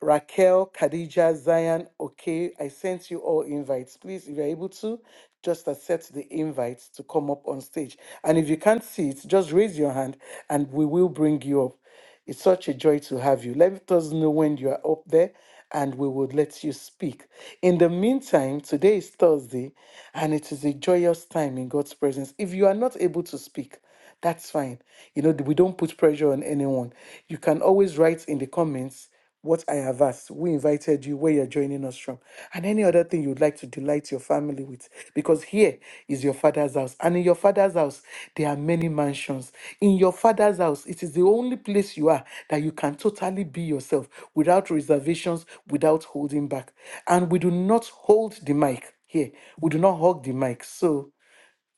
Raquel, Khadija, Zion, okay, I sent you all invites. Please, if you're able to, just accept the invites to come up on stage. And if you can't see it, just raise your hand and we will bring you up. It's such a joy to have you. Let us know when you are up there and we would let you speak. In the meantime, today is Thursday and it is a joyous time in God's presence. If you are not able to speak, that's fine. You know, we don't put pressure on anyone. You can always write in the comments what I have asked, who invited you, where you're joining us from, and any other thing you'd like to delight your family with. Because here is your father's house. And in your father's house, there are many mansions. In your father's house, it is the only place you are that you can totally be yourself without reservations, without holding back. And we do not hold the mic here. We do not hug the mic. So,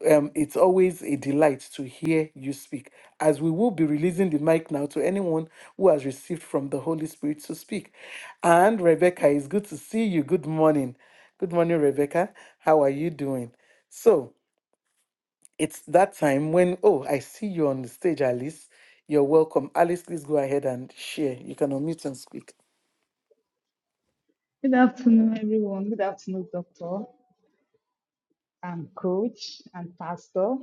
um, it's always a delight to hear you speak, as we will be releasing the mic now to anyone who has received from the Holy Spirit to speak. And Rebecca, it's good to see you. Good morning. Good morning, Rebecca. How are you doing? So it's that time when, oh, I see you on the stage, Alice. You're welcome. Alice, please go ahead and share. You can unmute and speak. Good afternoon, everyone. Good afternoon, Doctor and Coach and Pastor.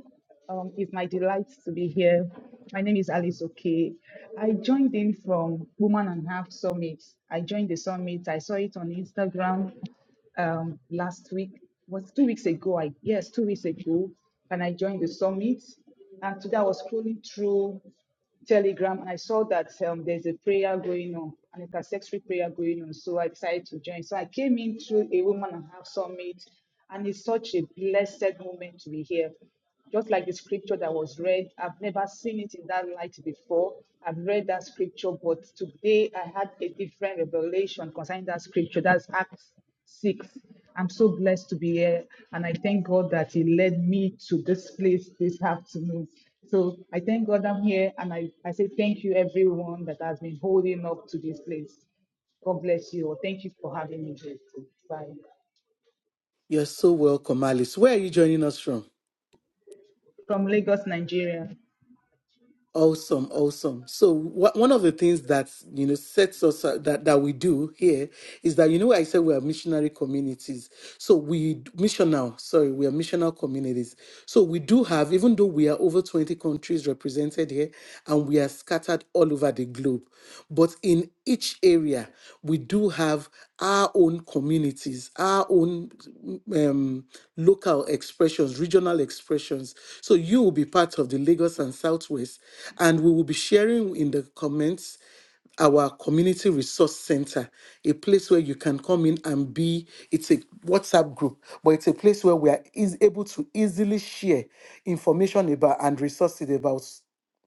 Um, it's my delight to be here. My name is Alice Oke. I joined in from Woman and Half Summit. I joined the summit. I saw it on Instagram um, last week. Was two weeks ago? I yes, two weeks ago. And I joined the summit. And today I was scrolling through. Telegram and I saw that um, there's a prayer going on, an intercessory prayer going on. So I decided to join. So I came in through a woman and half summit, and it's such a blessed moment to be here. Just like the scripture that was read, I've never seen it in that light before. I've read that scripture, but today I had a different revelation concerning that scripture. That's Acts 6. I'm so blessed to be here, and I thank God that He led me to this place this afternoon. So I thank God I'm here and I, I say thank you everyone that has been holding up to this place. God bless you. Thank you for having me here. Bye. You're so welcome, Alice. Where are you joining us from? From Lagos, Nigeria. Awesome, awesome. So wha- one of the things that you know sets us uh, that that we do here is that you know I said we are missionary communities. So we missional, sorry, we are missional communities. So we do have, even though we are over twenty countries represented here, and we are scattered all over the globe, but in each area we do have our own community practices, our own um, local expressions, regional expressions. So you will be part of the Lagos and Southwest, and we will be sharing in the comments our community resource center, a place where you can come in and be. It's a WhatsApp group, but it's a place where we are is able to easily share information about and resources about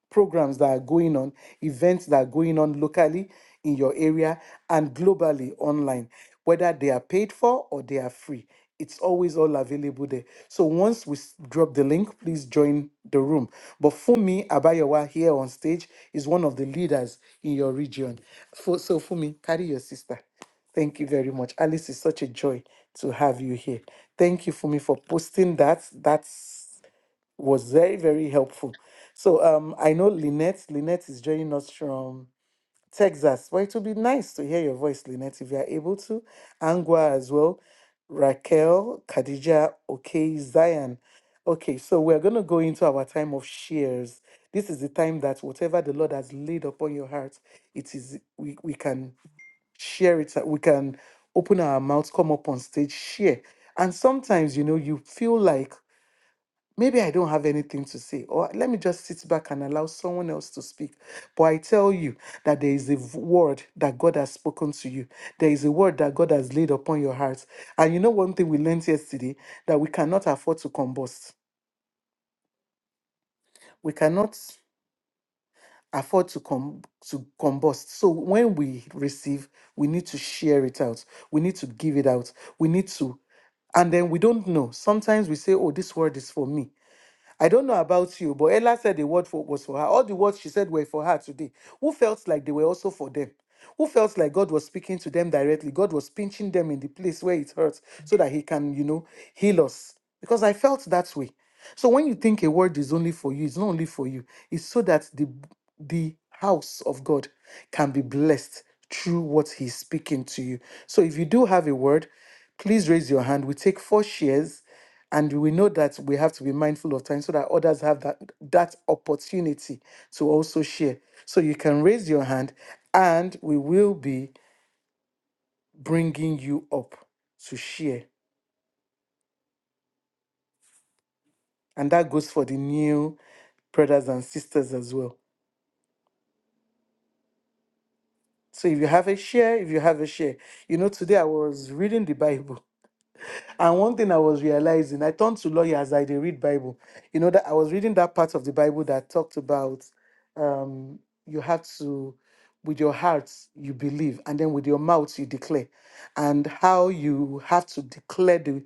programs that are going on, events that are going on locally in your area and globally online, whether they are paid for or they are free. It's always all available there. So once we s- drop the link, please join the room. But Fumi Abayawa here on stage is one of the leaders in your region. Fu- So Fumi, carry your sister. Thank you very much. Alice, it's such a joy to have you here. Thank you, Fumi, for posting that. That's was very, very helpful. So um, I know Lynette. Lynette is joining us from Texas. Well, it would be nice to hear your voice, Lynette, if you are able to. Angwa as well. Raquel, Khadija, okay, Zion. Okay, so we're going to go into our time of shares. This is the time that whatever the Lord has laid upon your heart, it is we, we can share it. uh, We can open our mouths, come up on stage, share. And sometimes, you know, you feel like maybe I don't have anything to say, or let me just sit back and allow someone else to speak. But I tell you that there is a v- word that God has spoken to you, there is a word that God has laid upon your heart. And you know, one thing we learned yesterday that we cannot afford to combust. We cannot afford to com- to combust. So when we receive, we need to share it out. We need to give it out. We need to and then we don't know. Sometimes we say, "Oh, this word is for me." I don't know about you, but Ella said the word for, was for her. All the words she said were for her today. Who felt like they were also for them? Who felt like God was speaking to them directly? God was pinching them in the place where it hurts so that He can, you know, heal us. Because I felt that way. So when you think a word is only for you, it's not only for you, it's so that the the house of God can be blessed through what He's speaking to you. So if you do have a word, please raise your hand. We take four shares and we know that we have to be mindful of time so that others have that that opportunity to also share so you can raise your hand and we will be bringing you up to share and that goes for the new brothers and sisters as well so if you have a share if you have a share you know today i was reading the bible And one thing I was realizing, I turned to lawyer as I did read Bible. You know that I was reading that part of the Bible that talked about um, you have to, with your heart you believe, and then with your mouth you declare, and how you have to declare the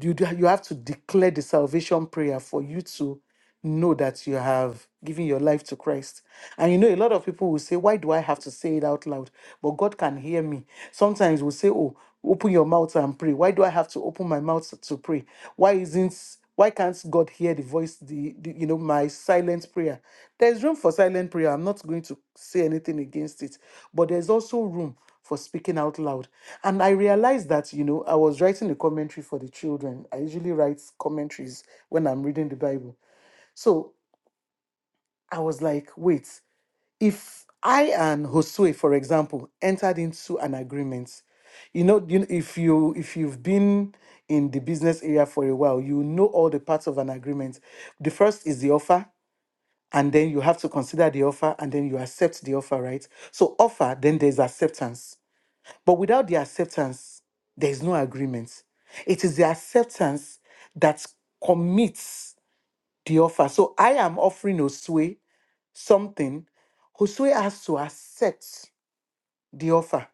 you do, you have to declare the salvation prayer for you to know that you have given your life to Christ. And you know, a lot of people will say, Why do I have to say it out loud? But God can hear me. Sometimes we'll say, Oh, open your mouth and pray. Why do I have to open my mouth to pray? Why isn't why can't God hear the voice, the, the you know, my silent prayer? There's room for silent prayer. I'm not going to say anything against it, but there's also room for speaking out loud. And I realized that, you know, I was writing a commentary for the children. I usually write commentaries when I'm reading the Bible. So I was like, wait, if I and Josue, for example, entered into an agreement, you know, you, if you if you've been in the business area for a while, you know all the parts of an agreement. The first is the offer, and then you have to consider the offer, and then you accept the offer, right? So offer, then there's acceptance but without the acceptance, there is no agreement. It is the acceptance that commits the offer. So I am offering Oswe something. Oswe has to accept the offer.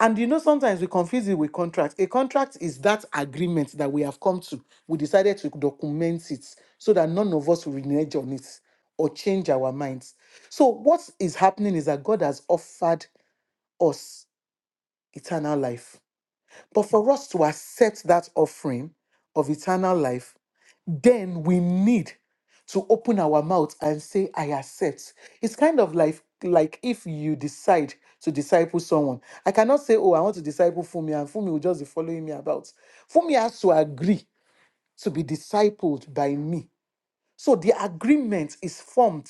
And you know, sometimes we confuse it with contract. A contract is that agreement that we have come to. We decided to document it so that none of us will renege on it or change our minds. So, what is happening is that God has offered us eternal life But for us to accept that offering of eternal life, then we need to open our mouth and say, I accept. It's kind of like, like if you decide to disciple someone. I cannot say, Oh, I want to disciple Fumi, and Fumi will just be following me about. Fumi has to agree to be discipled by me. So the agreement is formed,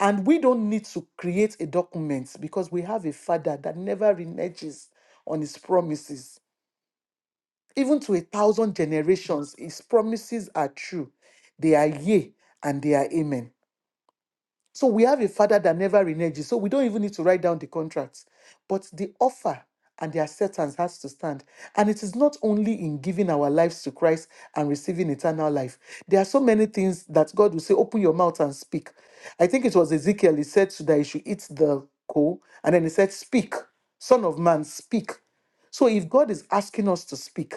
and we don't need to create a document because we have a father that never reneges on his promises even to a thousand generations, his promises are true. They are yea and they are amen. So we have a father that never reneges. So we don't even need to write down the contracts, But the offer and the acceptance has to stand. And it is not only in giving our lives to Christ and receiving eternal life. There are so many things that God will say, open your mouth and speak. I think it was Ezekiel, he said that he should eat the coal. And then he said, Speak, son of man, speak. So if God is asking us to speak,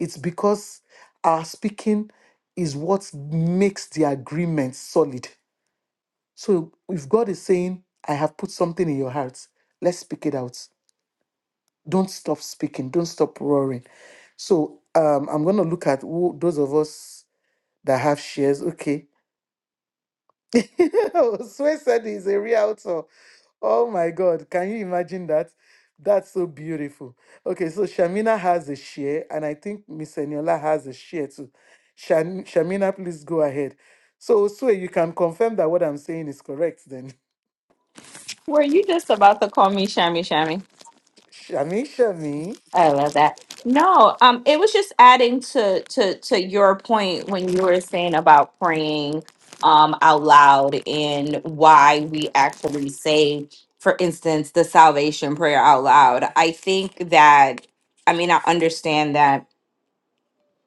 it's because our speaking is what makes the agreement solid so if God is saying, I have put something in your heart, let's speak it out. Don't stop speaking, don't stop roaring. So um, I'm going to look at who, those of us that have shares. Okay. Sway said he's a realtor. Oh my God. Can you imagine that? That's so beautiful. Okay, so Shamina has a share, and I think Miss Eniola has a share too. Shan- Shamina, please go ahead. So, Sue, you can confirm that what I'm saying is correct then. Were you just about to call me Shammy Shammy? Shami Shami, I love that. No, um, it was just adding to to to your point when you were saying about praying um out loud and why we actually say, for instance, the salvation prayer out loud. I think that I mean I understand that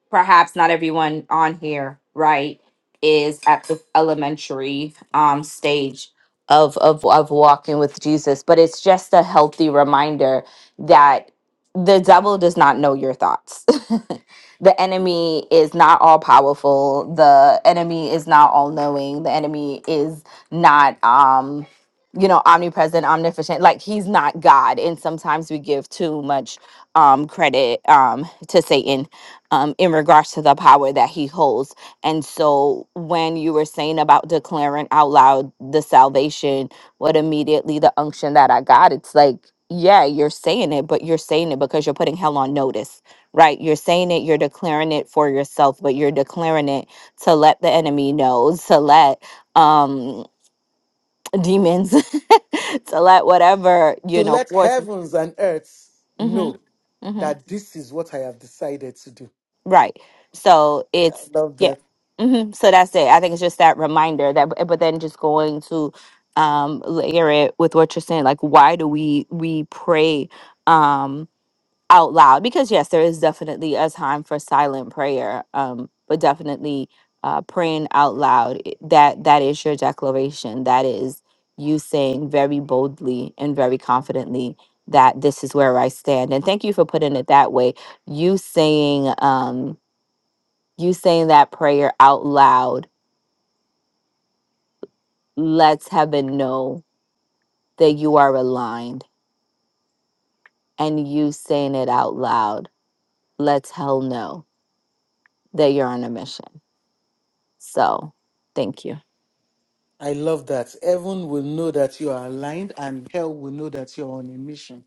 perhaps not everyone on here, right, is at the elementary um, stage of, of of walking with Jesus, but it's just a healthy reminder that the devil does not know your thoughts. the enemy is not all powerful. The enemy is not all knowing. The enemy is not um you know omnipresent, omnipotent. Like he's not God. And sometimes we give too much um credit um to Satan um, in regards to the power that he holds. And so when you were saying about declaring out loud the salvation, what immediately the unction that I got, it's like, yeah, you're saying it, but you're saying it because you're putting hell on notice, right? You're saying it, you're declaring it for yourself, but you're declaring it to let the enemy know, to let um demons, to let whatever, to you know, let forces. heavens and earths hmm know that this is what I have decided to do. Right. So I it's love yeah. that. hmm So that's it. I think it's just that reminder that, but then just going to um layer it with what you're saying. Like, why do we we pray um out loud? Because yes, there is definitely a time for silent prayer. Um, but definitely uh praying out loud. i- That that is your declaration. That is you saying very boldly and very confidently that this is where I stand. And thank you for putting it that way. You saying um you saying that prayer out loud lets heaven know that you are aligned and you saying it out loud lets hell know that you're on a mission so thank you I love that. Heaven will know that you are aligned and hell will know that you're on a mission.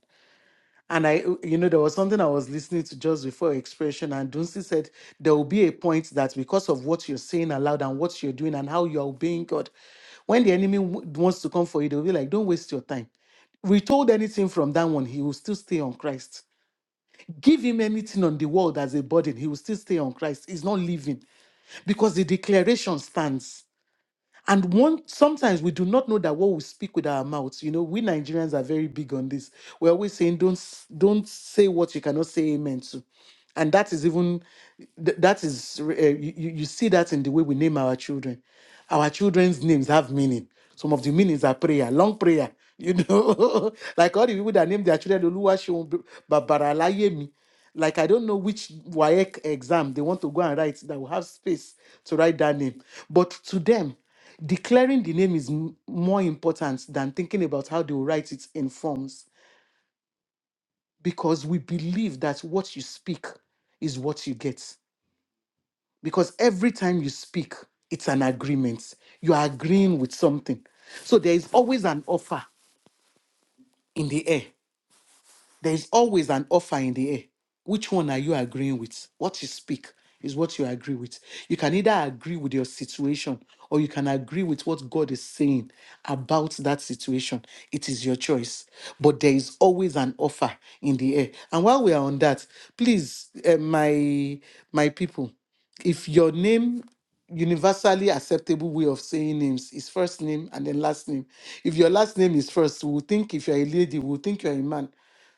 And I, you know, there was something I was listening to just before expression, and Dunsi said there will be a point that because of what you're saying aloud and what you're doing and how you're obeying God, when the enemy w- wants to come for you, they'll be like, don't waste your time. We told anything from that one, he will still stay on Christ Give him anything on the world as a burden, he will still stay on Christ. He's not leaving because the declaration stands. And one sometimes we do not know that what we speak with our mouths. You know, we Nigerians are very big on this. We're always saying, "Don't s- don't say what you cannot say amen to," and that is even th- that is uh, you you you see that in the way we name our children. Our children's names have meaning. Some of the meanings are prayer, long prayer. You know, like all the people that name their children Oluwaseun, Babara, Layemi like I don't know which WAEC exam they want to go and write that will have space to write that name. But to them, Declaring the name is m- more important than thinking about how they will write it in forms because we believe that what you speak is what you get. Because every time you speak, it's an agreement. You are agreeing with something. So there is always an offer in the air. There is always an offer in the air. Which one are you agreeing with? What you speak is what you agree with. You can either agree with your situation or you can agree with what God is saying about that situation. It is your choice. But there is always an offer in the air. And while we are on that, please, eh, my my people, if your name universally acceptable way of saying names is first name and then last name if your last name is first we'll think if you're a lady we'll think you're a man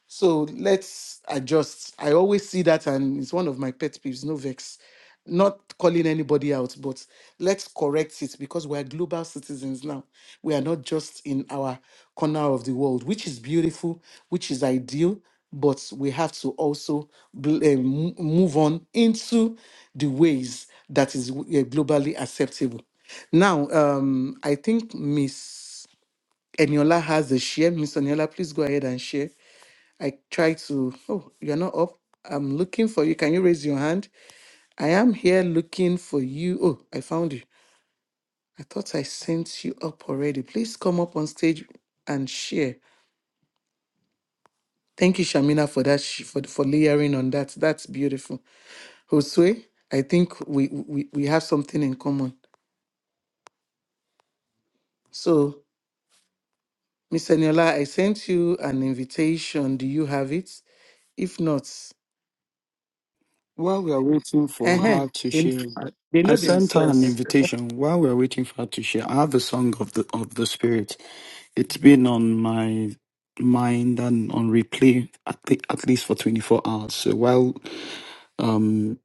so let's adjust i always see that and it's one of my pet peeves no vex not calling anybody out but let's correct it because we're global citizens now we are not just in our corner of the world which is beautiful which is ideal but we have to also bl- eh, mo- move on into the ways that is eh, globally acceptable. Now, um, I think Miss Eniola has a share. Miss Eniola, please go ahead and share. I try to. Oh, you're not up. I'm looking for you. Can you raise your hand? I am here looking for you. Oh, I found you. I thought I sent you up already. Please come up on stage and share. Thank you, Shamina, for that. sh- For for layering on that. That's beautiful. Josue, I think we, we, we have something in common. So, Miss Eniola, I sent you an invitation. Do you have it? If not, While we are waiting for uh her to they, share, I, they know I sent her an themselves. invitation. While we are waiting for her to share, I have a song of the of the spirit. It's been on my mind and on replay at, the, at least for 24 hours. So while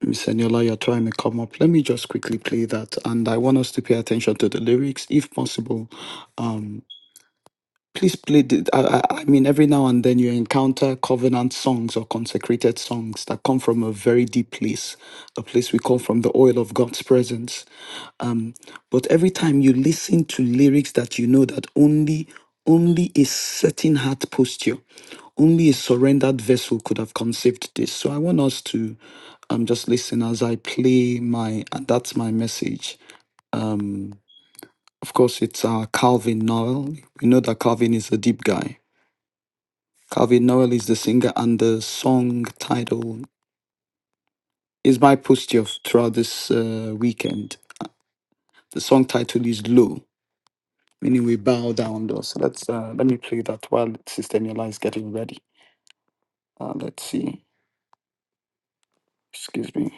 Miss Eniola, you're trying to come up, let me just quickly play that. And I want us to pay attention to the lyrics if possible please play the, I, I I mean every now and then you encounter covenant songs or consecrated songs that come from a very deep place a place we call from the oil of god's presence but every time you listen to lyrics that you know that only only a certain heart posture only a surrendered vessel could have conceived this so i want us to um just listen as i play my and that's my message um of course it's uh calvin noel we know that calvin is a deep guy Calvin Noel is the singer, and the song title is by Pustyov throughout this uh, weekend. The song title is Low, meaning we bow down low. So let's uh, let me play that while Sister Niola is getting ready. Uh, let's see. Excuse me.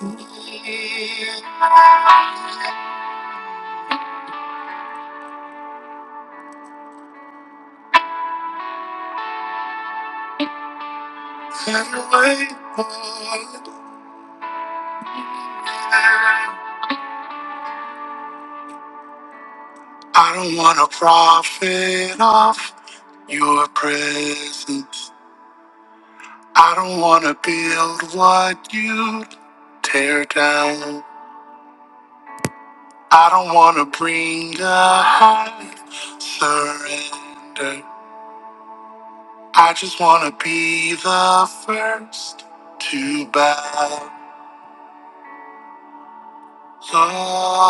I don't want to profit off your presence. I don't want to build what you tear down. I don't wanna bring a high surrender. I just wanna be the first to bow low,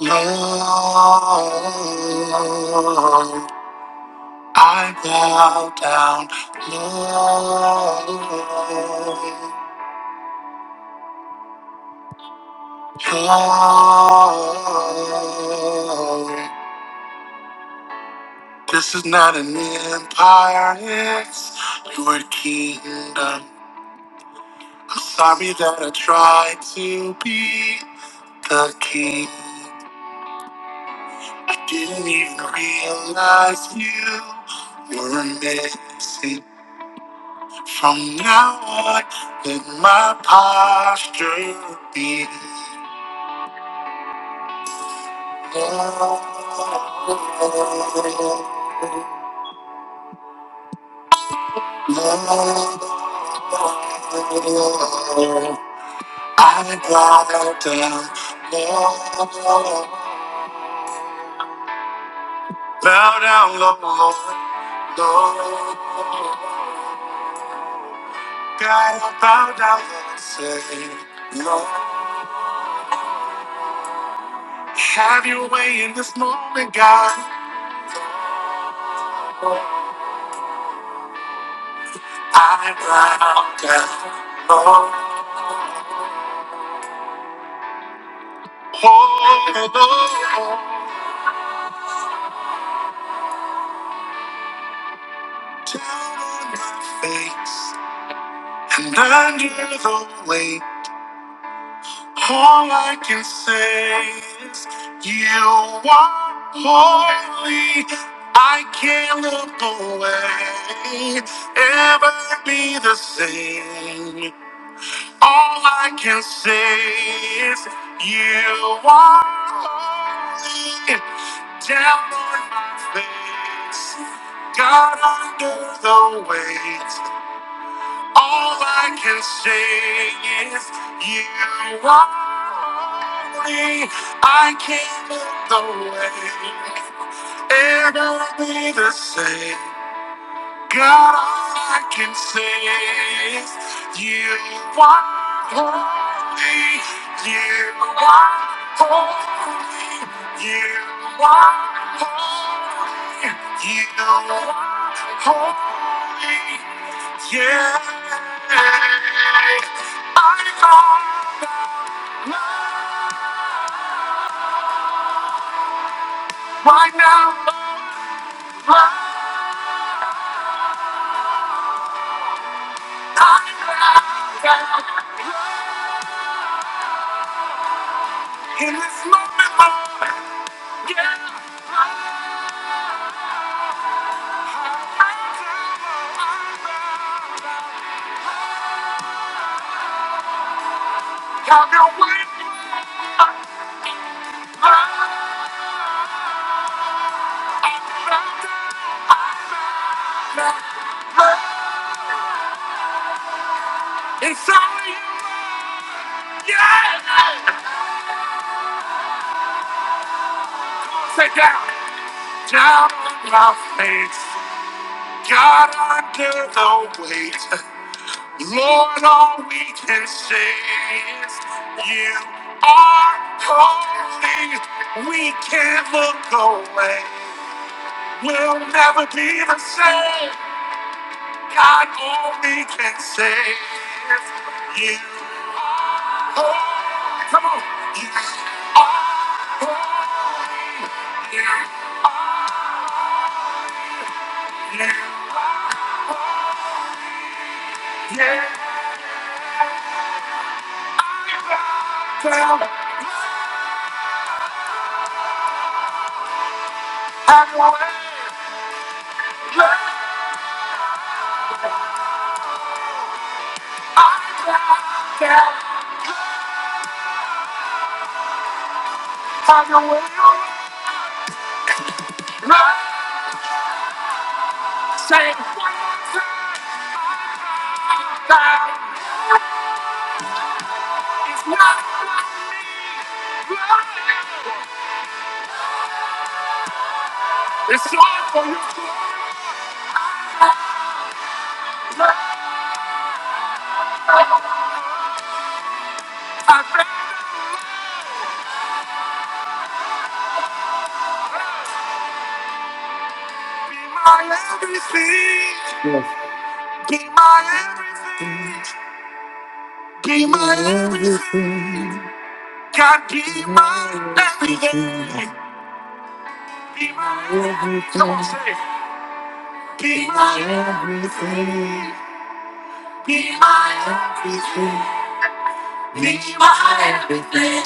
low. I bow down low, low. This is not an empire, it's your kingdom. I'm sorry that I tried to be the king. I didn't even realize you were missing. From now on, let my posture be love. Love. love. I bow down, Lord. Bow down, Lord, Lord. God, I bow down and say, Lord, have your way in this moment, God. I bow down, Lord. Oh, Lord, down on my face and under the weight. All I can say is you are holy. I can't look away, ever be the same. All I can say is you are holy. Down on my face, God under the weight. All I can say is you are me. I can't look away. It'll be the same. God, all I can say is you are holy, you are holy, you are holy, you are holy, yeah. I know that love right now. In this moment, yeah, have your way, It's all you, yeah. Sit down, down on my face, Got under the weight. Lord, all we can say is you are holy. We can't look away. We'll never be the same. God, all we can say is you are holy. Come on. You are holy. You are, you are, yeah. It's all for you. I'd rather be my everything. Yes. Be my everything. Be my everything. God, be my everything. Be my everything. Come on, say. it. Be my everything. Be my everything. Be my everything.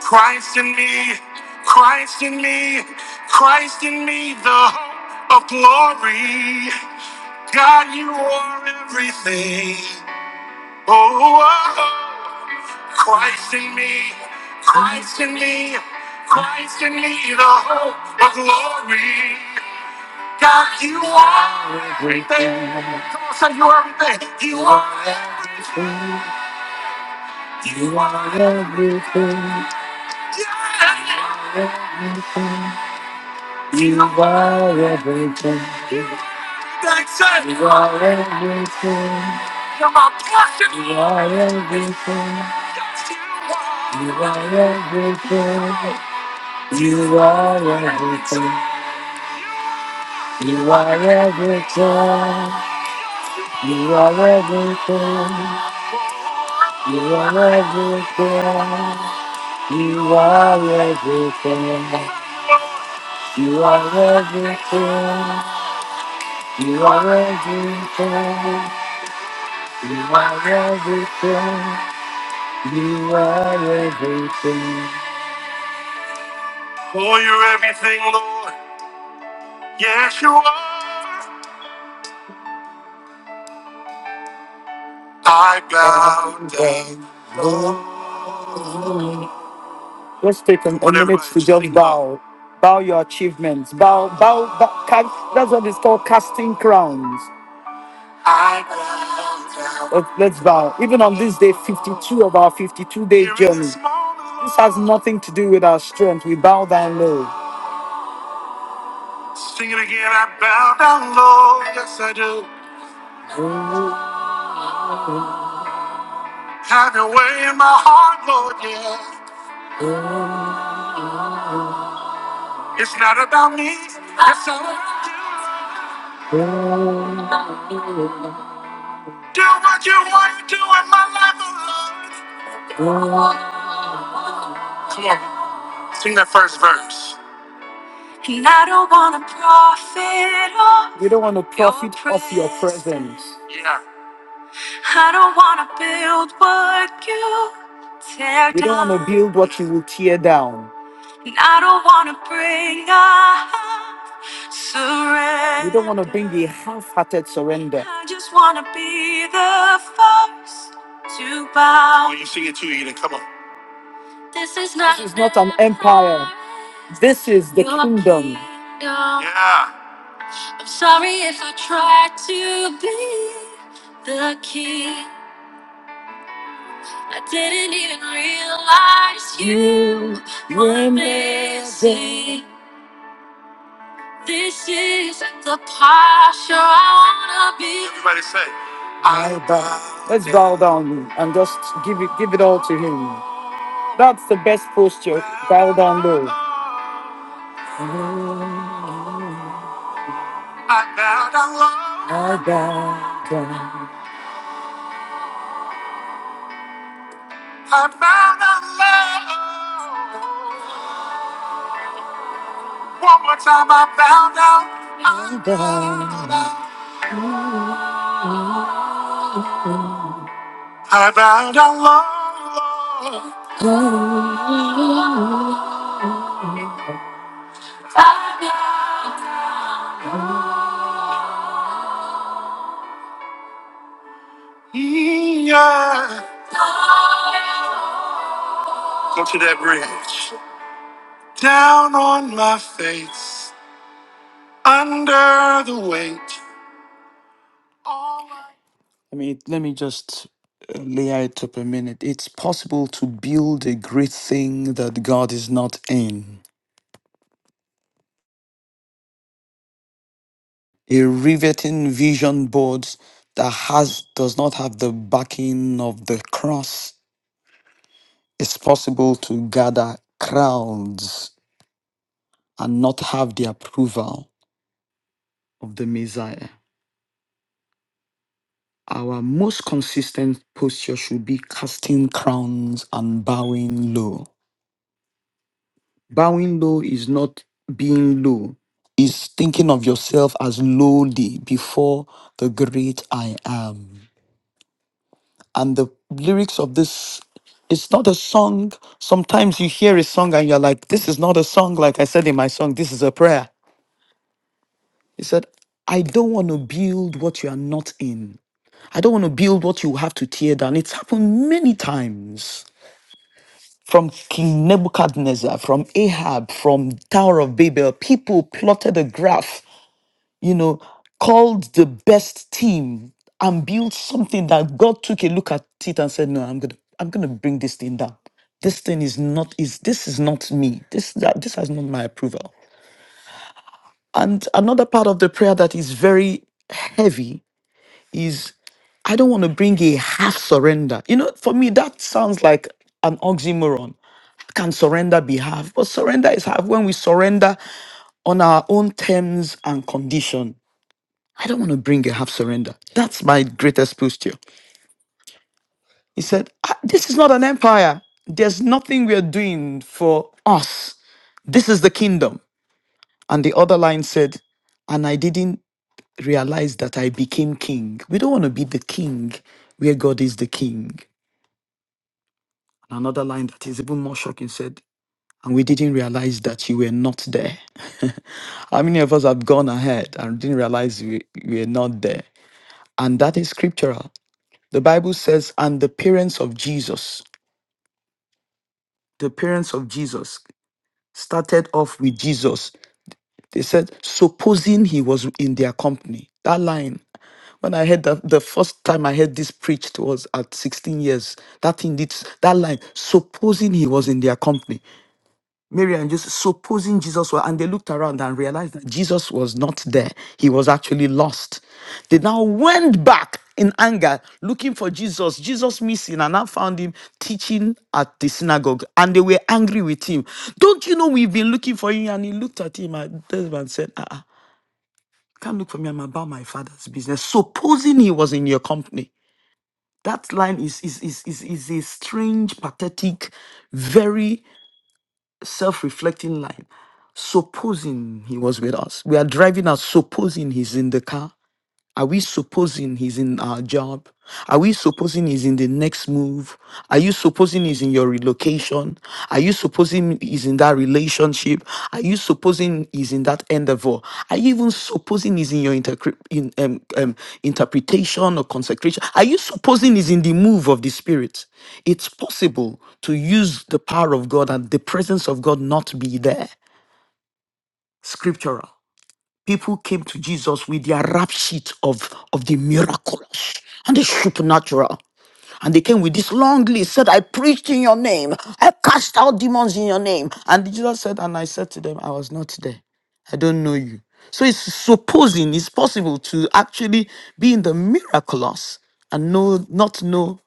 Christ in me. Christ in me. Christ in me, the hope of glory. God, you are everything. Oh, oh, oh. Christ in me. Christ in me. Christ in me, the hope of glory. God, you are everything. Come on, say you are everything. You are everything. You are everything. Yeah. You are everything. That's it. You are everything. You're my portion. You are everything. Yes, you are. You are everything. You are everything. You are everything. You are everything. You are everything. You are everything. You are everything. You are everything. You are everything. You are everything. Oh, you're everything, Lord. Yes, you are. I bow down. Let's take a, a Whatever minute to I just think bow. Bow your achievements. Bow, bow, bow. ca- That's what it's called casting crowns. Let's, let's bow. Even on this day 52 of our 52 day journey, this has nothing to do with our strength. We bow down low. Sing it again. I bow down low. Yes, I do. Have your way in my heart, Lord. Yeah. It's not about me. It's all about you. Do what you want to do in my life, oh Lord. Come on. Sing that first verse. And I don't want to profit off. You don't want to profit your off your presence. presence. Yeah. I don't wanna build what you tear You don't want to down. build what you will tear down. And I don't wanna bring up You don't want to bring the surrender. half hearted surrender. I just wanna be the first to bow. When you sing it too, you can come on. This is not, This is not an empire, this is the your kingdom. kingdom. Yeah. I'm sorry if I tried to be the king. I didn't even realize you were missing. This isn't the posture I wanna be. Everybody say, I bow. Let's bow down low and just give it, give it all to Him. That's the best posture. Bow down low. I bow down low. I bow down. I bow down low. One more time, I bow down. Down. I bow down low. Yeah. Go to that bridge. Down on my face, under the weight. I mean, let me just uh, lay out up a minute. It's possible to build a great thing that God is not in. A riveting vision board that has does not have the backing of the cross. It's possible to gather crowds and not have the approval of the Messiah. Our most consistent posture should be casting crowns and bowing low. Bowing low is not being low, is thinking of yourself as lowly before the great I am. And the lyrics of this, it's not a song. Sometimes you hear a song and you're like, this is not a song, like I said in my song, this is a prayer. He said, I don't want to build what you are not in. I don't want to build what you have to tear down. It's happened many times from King Nebuchadnezzar, from Ahab, from Tower of Babel, people plotted a graph, you know, called the best team and built something that God took a look at it and said, No, I'm gonna I'm gonna bring this thing down. This thing is not is this is not me. This that this has not my approval. And another part of the prayer that is very heavy is I don't want to bring a half surrender. You know, for me, that sounds like an oxymoron can surrender be half, but surrender is half when we surrender on our own terms and condition. I don't want to bring a half surrender. That's my greatest posture. He said, "Ah, This is not an empire. There's nothing we are doing for us. This is the kingdom. And the other line said, And I didn't realize that I became king. We don't want to be the king where God is the king. And another line that is even more shocking said, and we didn't realize that you were not there. How many of us have gone ahead and didn't realize we, we were not there? And that is scriptural. The Bible says, and the parents of Jesus, the parents of Jesus started off with Jesus. They said, supposing he was in their company. That line, when I heard that the first time I heard this preached was at 16 years. That indeed, that line, supposing he was in their company. Mary and Joseph, supposing Jesus were, and they looked around and realized that Jesus was not there. He was actually lost. They now went back in anger looking for Jesus. Jesus missing, and now found him teaching at the synagogue, and they were angry with him. Don't you know we've been looking for you? And he looked at him and the husband said, uh-uh, can't look for me. I'm about my father's business. Supposing he was in your company. That line is is is is, is a strange, pathetic, very self-reflecting line supposing he was with us we are driving out supposing he's in the car are we supposing he's in our job? Are we supposing he's in the next move? Are you supposing he's in your relocation? Are you supposing he's in that relationship? Are you supposing he's in that endeavor? Are you even supposing he's in your intercre- in, um, um, interpretation or consecration? Are you supposing he's in the move of the Spirit? It's possible to use the power of God and the presence of God not be there. Scriptural people came to Jesus with their rap sheet of, of the miraculous and the supernatural. And they came with this long list, said, I preached in your name, I cast out demons in your name. And Jesus said, And I said to them, I was not there. I don't know you. So it's supposing it's possible to actually be in the miraculous and know not know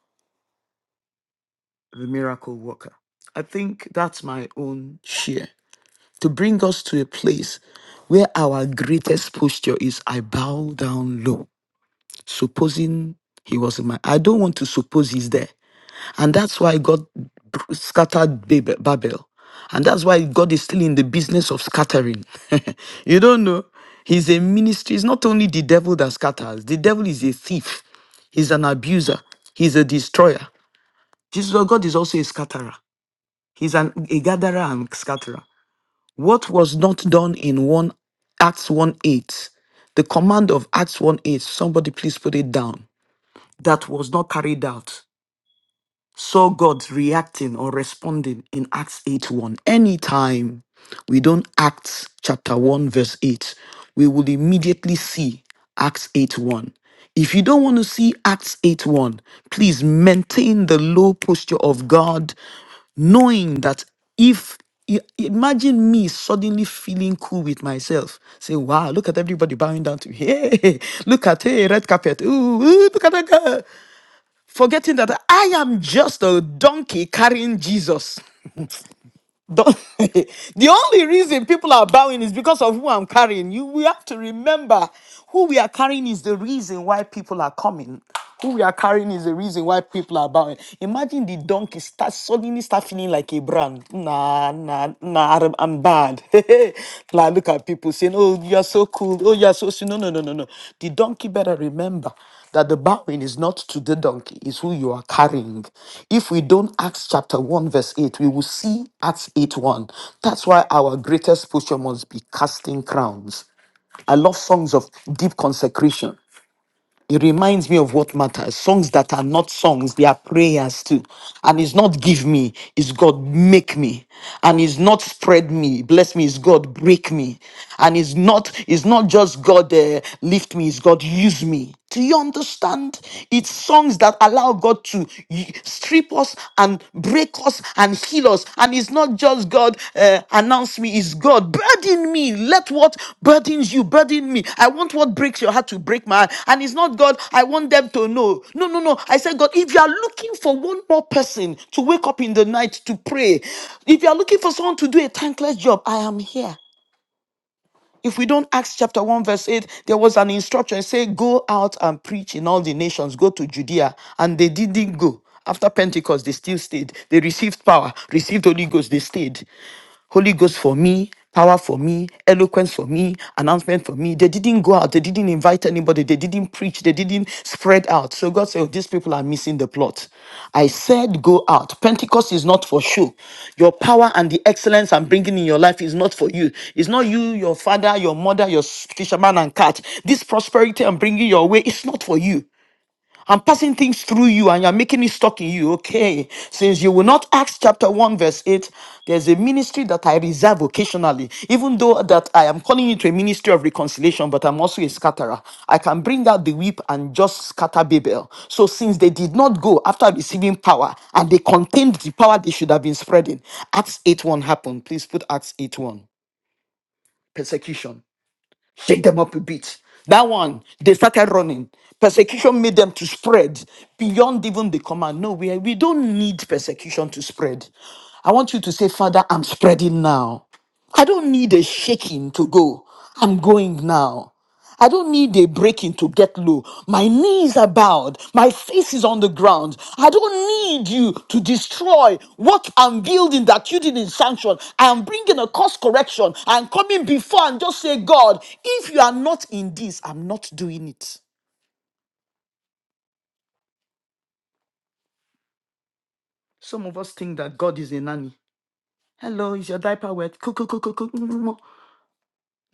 the miracle worker. I think that's my own share to bring us to a place where our greatest posture is I bow down low, supposing he was in my. I don't want to suppose he's there. And that's why God br- scattered Bab- Babel. And that's why God is still in the business of scattering. you don't know. He's a ministry. It's not only the devil that scatters, the devil is a thief, he's an abuser, he's a destroyer. Jesus, God is also a scatterer. He's an, a gatherer and scatterer. What was not done in one Acts 1 8, the command of Acts 1 8, somebody please put it down, that was not carried out saw God reacting or responding in Acts 8 1. Anytime we don't Acts chapter 1, verse 8, we will immediately see Acts 8 1. If you don't want to see Acts 8 1, please maintain the low posture of God, knowing that if i- imagine me suddenly feeling cool with myself say wow look at everybody bowing down to me hey look at hey red carpet ooh, ooh look at that girl forgetting that I am just a donkey carrying Jesus. Don- the only reason people are bowing is because of who I'm carrying. You, we have to remember who we are carrying is the reason why people are coming. Who we are carrying is the reason why people are bowing. Imagine the donkey start suddenly start feeling like a brand. Nah, nah, nah, I'm I'm bad. like look at people saying, "Oh, you are so cool. Oh, you are so." sweet." No, no, no, no, no. The donkey better remember that the bowing is not to the donkey, is who you are carrying. If we don't Acts chapter 1, verse 8, we will see Acts 8 1. That's why our greatest posture must be casting crowns. I love songs of deep consecration it reminds me of what matters. Songs that are not songs, they are prayers too. And it's not give me, it's God make me. And it's not spread me, bless me, it's God break me. And it's not, it's not just God uh, lift me, it's God use me. Do you understand? It's songs that allow God to y- strip us and and break us and heal us. And it's not just God uh, announce me, it's God burden me. Let what burdens you burden me. I want what breaks your heart to break my heart. And it's not God, I want them to know. No, no, no. I said, God, if you are looking for one more person to wake up in the night to pray, if you are looking for someone to do a thankless job, I am here. If we don't Acts chapter 1, verse 8, there was an instruction say, Go out and preach in all the nations, go to Judea. And they didn't go. After Pentecost, they still stayed. They received power, received Holy Ghost, they stayed. Holy Ghost for me, power for me, eloquence for me, announcement for me. They didn't go out, they didn't invite anybody, they didn't preach, they didn't spread out. So God said, oh, These people are missing the plot. I said, Go out. Pentecost is not for show. Your power and the excellence I'm bringing in your life is not for you. It's not you, your father, your mother, your fisherman and cat. This prosperity I'm bringing your way is not for you. I'm passing things through you and you're making it stuck in you. Okay. Since you will not Acts chapter 1, verse 8, there's a ministry that I reserve occasionally, even though that I am calling it a ministry of reconciliation, but I'm also a scatterer. I can bring out the whip and just scatter Babel. So since they did not go after receiving power and they contained the power they should have been spreading, Acts 8 1 happened. Please put Acts 8 1. Persecution shake them up a bit. That one, they started running. Persecution made them to spread beyond even the command. No, we, we don't need persecution to spread. I want you to say, Father, I'm spreading now. I don't need a shaking to go. I'm going now. I don't need a breaking to get low. My knees are bowed. My face is on the ground. I don't need you to destroy what I'm building that you didn't sanction. I am bringing a course correction. I'm coming before and just say, God, if you are not in this, I'm not doing it. Some of us think that God is a nanny. Hello, is your diaper wet? Cook, cook, cook, cook, cook.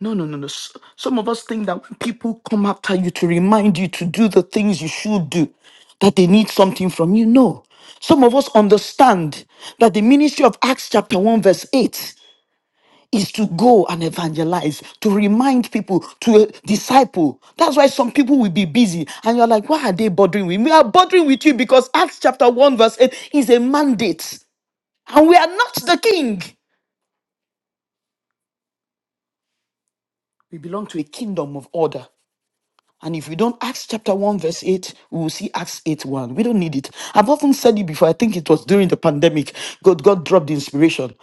No, no, no, no. S- Some of us think that when people come after you to remind you to do the things you should do, that they need something from you. No. Some of us understand that the ministry of Acts chapter 1, verse 8 is to go and evangelize, to remind people, to uh, disciple. That's why some people will be busy and you're like, why are they bothering with me? We are bothering with you because Acts chapter 1, verse 8 is a mandate and we are not the king. We belong to a kingdom of order. And if we don't Acts chapter 1, verse 8, we will see Acts 8 1. We don't need it. I've often said it before. I think it was during the pandemic. God, God dropped the inspiration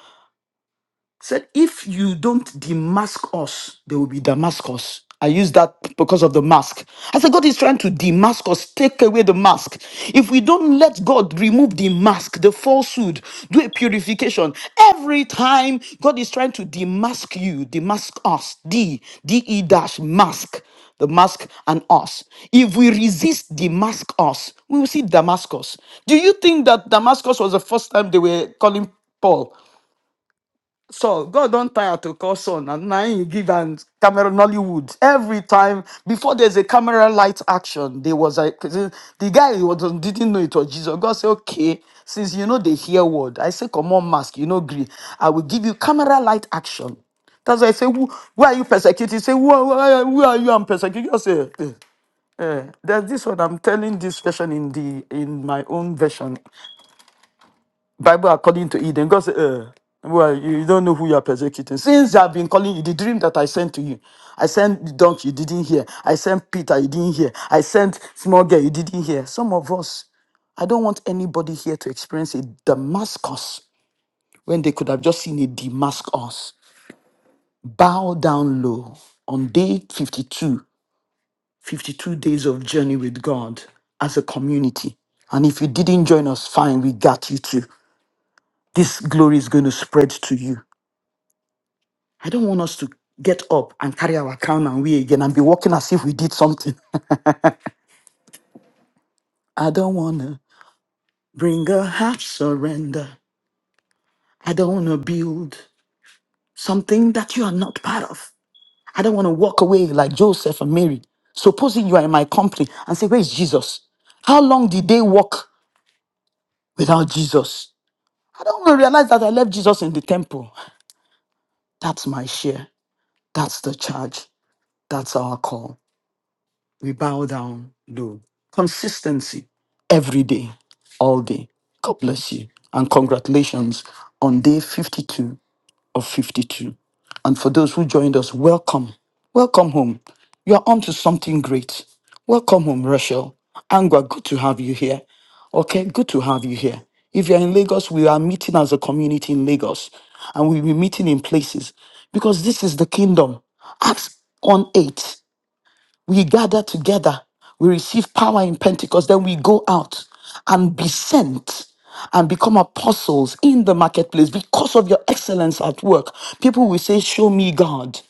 said, if you don't demask us, there will be Damascus. I use that because of the mask. I said, God is trying to demask us, take away the mask. If we don't let God remove the mask, the falsehood, do a purification. Every time God is trying to demask you, demask us, D, D E dash mask, the mask and us. If we resist demask us, we will see Damascus. Do you think that Damascus was the first time they were calling Paul? Saul, God don't tire to call son, and now he give and camera Nollywood. Every time before there's a camera light action, there was like the the guy who was, didn't know it was Jesus. God said, Okay, since you know the hear word, I say, Come on, mask, you know, agree. I will give you camera light action. That's why I say, who, why are you persecuted? He Say, who, are- who, are who are you? I'm persecuted. Just say, eh, eh. There's this one. I'm telling this version in the in my own version. Bible are calling to Eden. God said, uh, well, you you don't know who you are persecuting. Since I've been calling you, the dream that I sent to you, I sent the donkey, you didn't hear. I sent Peter, you didn't hear. I sent small girl, you didn't hear. Some of us, I don't want anybody here to experience a Damascus when they could have just seen a Damascus. Bow down low on day 52, 52 days of journey with God as a community. And if you didn't join us, fine, we got you too. This glory is going to spread to you. I don't want us to get up and carry our crown and we again and be walking as if we did something. I don't want to bring a half surrender. I don't want to build something that you are not part of. I don't want to walk away like Joseph and Mary. Supposing you are in my company and say, Where is Jesus? How long did they walk without Jesus? I don't want to realize that I left Jesus in the temple. That's my share. That's the charge. That's our call. We bow down low. Consistency every day, all day. God bless you. And congratulations on day 52 of 52. And for those who joined us, welcome. Welcome home. You are on to something great. Welcome home, Rachel. Angwa, good to have you here. Okay, good to have you here. If you're in Lagos, we are meeting as a community in Lagos and we'll be meeting in places because this is the kingdom. Acts one 8 we gather together, we receive power in Pentecost, then we go out and be sent and become apostles in the marketplace because of your excellence at work. People will say, Show me God.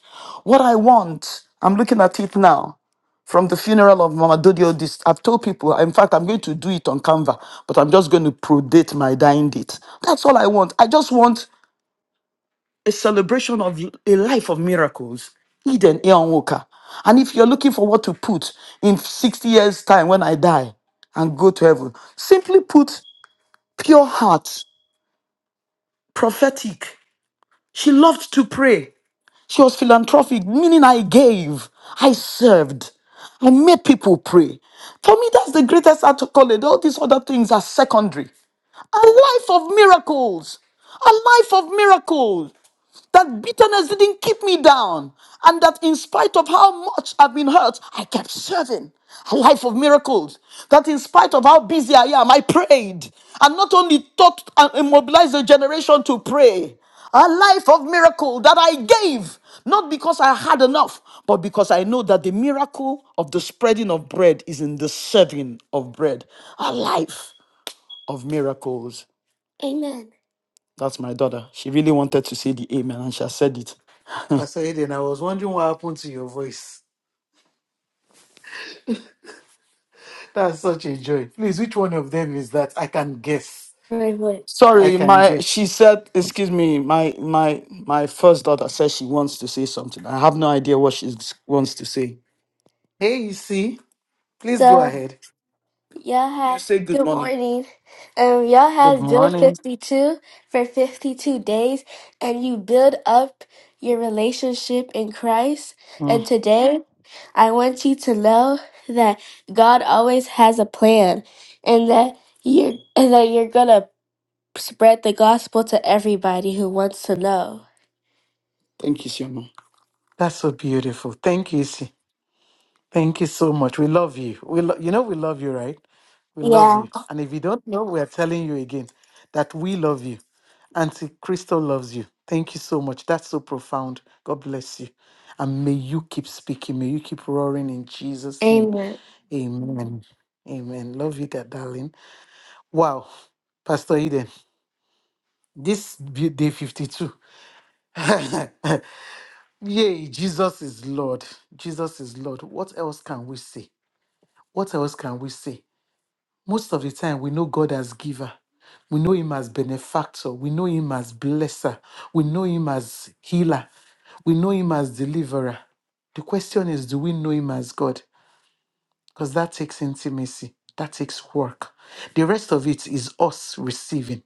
What I want, I'm looking at it now from the funeral of Mama Dodio. This, I've told people, in fact, I'm going to do it on Canva, but I'm just going to prodate my dying date. That's all I want. I just want a celebration of a life of miracles. Eden Eon Walker. And if you're looking for what to put in 60 years' time when I die and go to heaven, simply put pure heart, prophetic. She loved to pray. She was philanthropic, meaning I gave, I served, I made people pray. For me, that's the greatest accolade. All these other things are secondary. A life of miracles. A life of miracles. That bitterness didn't keep me down. And that in spite of how much I've been hurt, I kept serving a life of miracles. That in spite of how busy I am, I prayed. And not only taught and mobilized a generation to pray, a life of miracle that I gave, not because I had enough, but because I know that the miracle of the spreading of bread is in the serving of bread. A life of miracles. That's my daughter. She really wanted to say the amen and she has said it. Pastor Eden, I was wondering what happened to your voice. That's such a joy. Please, which one of them is that? I can guess. Wait, wait. I Sorry, can my guess. she said, excuse me, my my my first daughter says she wants to say something. I have no idea what she wants to say. Hey, you please go So ahead. y'all You had say good good morning. morning. Um, y'all Good had build morning. fifty two for fifty two days, and you build up your relationship in Christ. Mm, And today, I want you to know that God always has a plan, and that you and that you're gonna spread the gospel to everybody who wants to know. Thank you, Sioma. that's so beautiful. Thank you, see. Thank you so much. We love you. We lo- you know we love you, right? We love Yeah. you. And if you don't know, we are telling you again that we love you. Auntie Crystal loves you. Thank you so much. That's so profound. God bless you. And may you keep speaking. May you keep roaring in Jesus' name. Amen. Amen. Amen. Love you, that darling. Wow. Pastor Eden, this be- day 52. Yay, Jesus is Lord. Jesus is Lord. What else can we say? What else can we say? Most of the time, we know God as giver. We know Him as benefactor. We know Him as blesser. We know Him as healer. We know Him as deliverer. The question is do we know Him as God? Because that takes intimacy, that takes work. The rest of it is us receiving.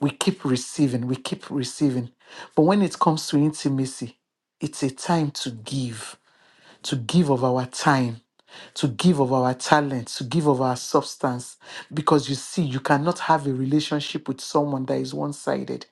We keep receiving, we keep receiving. But when it comes to intimacy, it's a time to give, to give of our time to give of our talent, to give of our substance. Because you see, you cannot have a relationship with someone that is one sided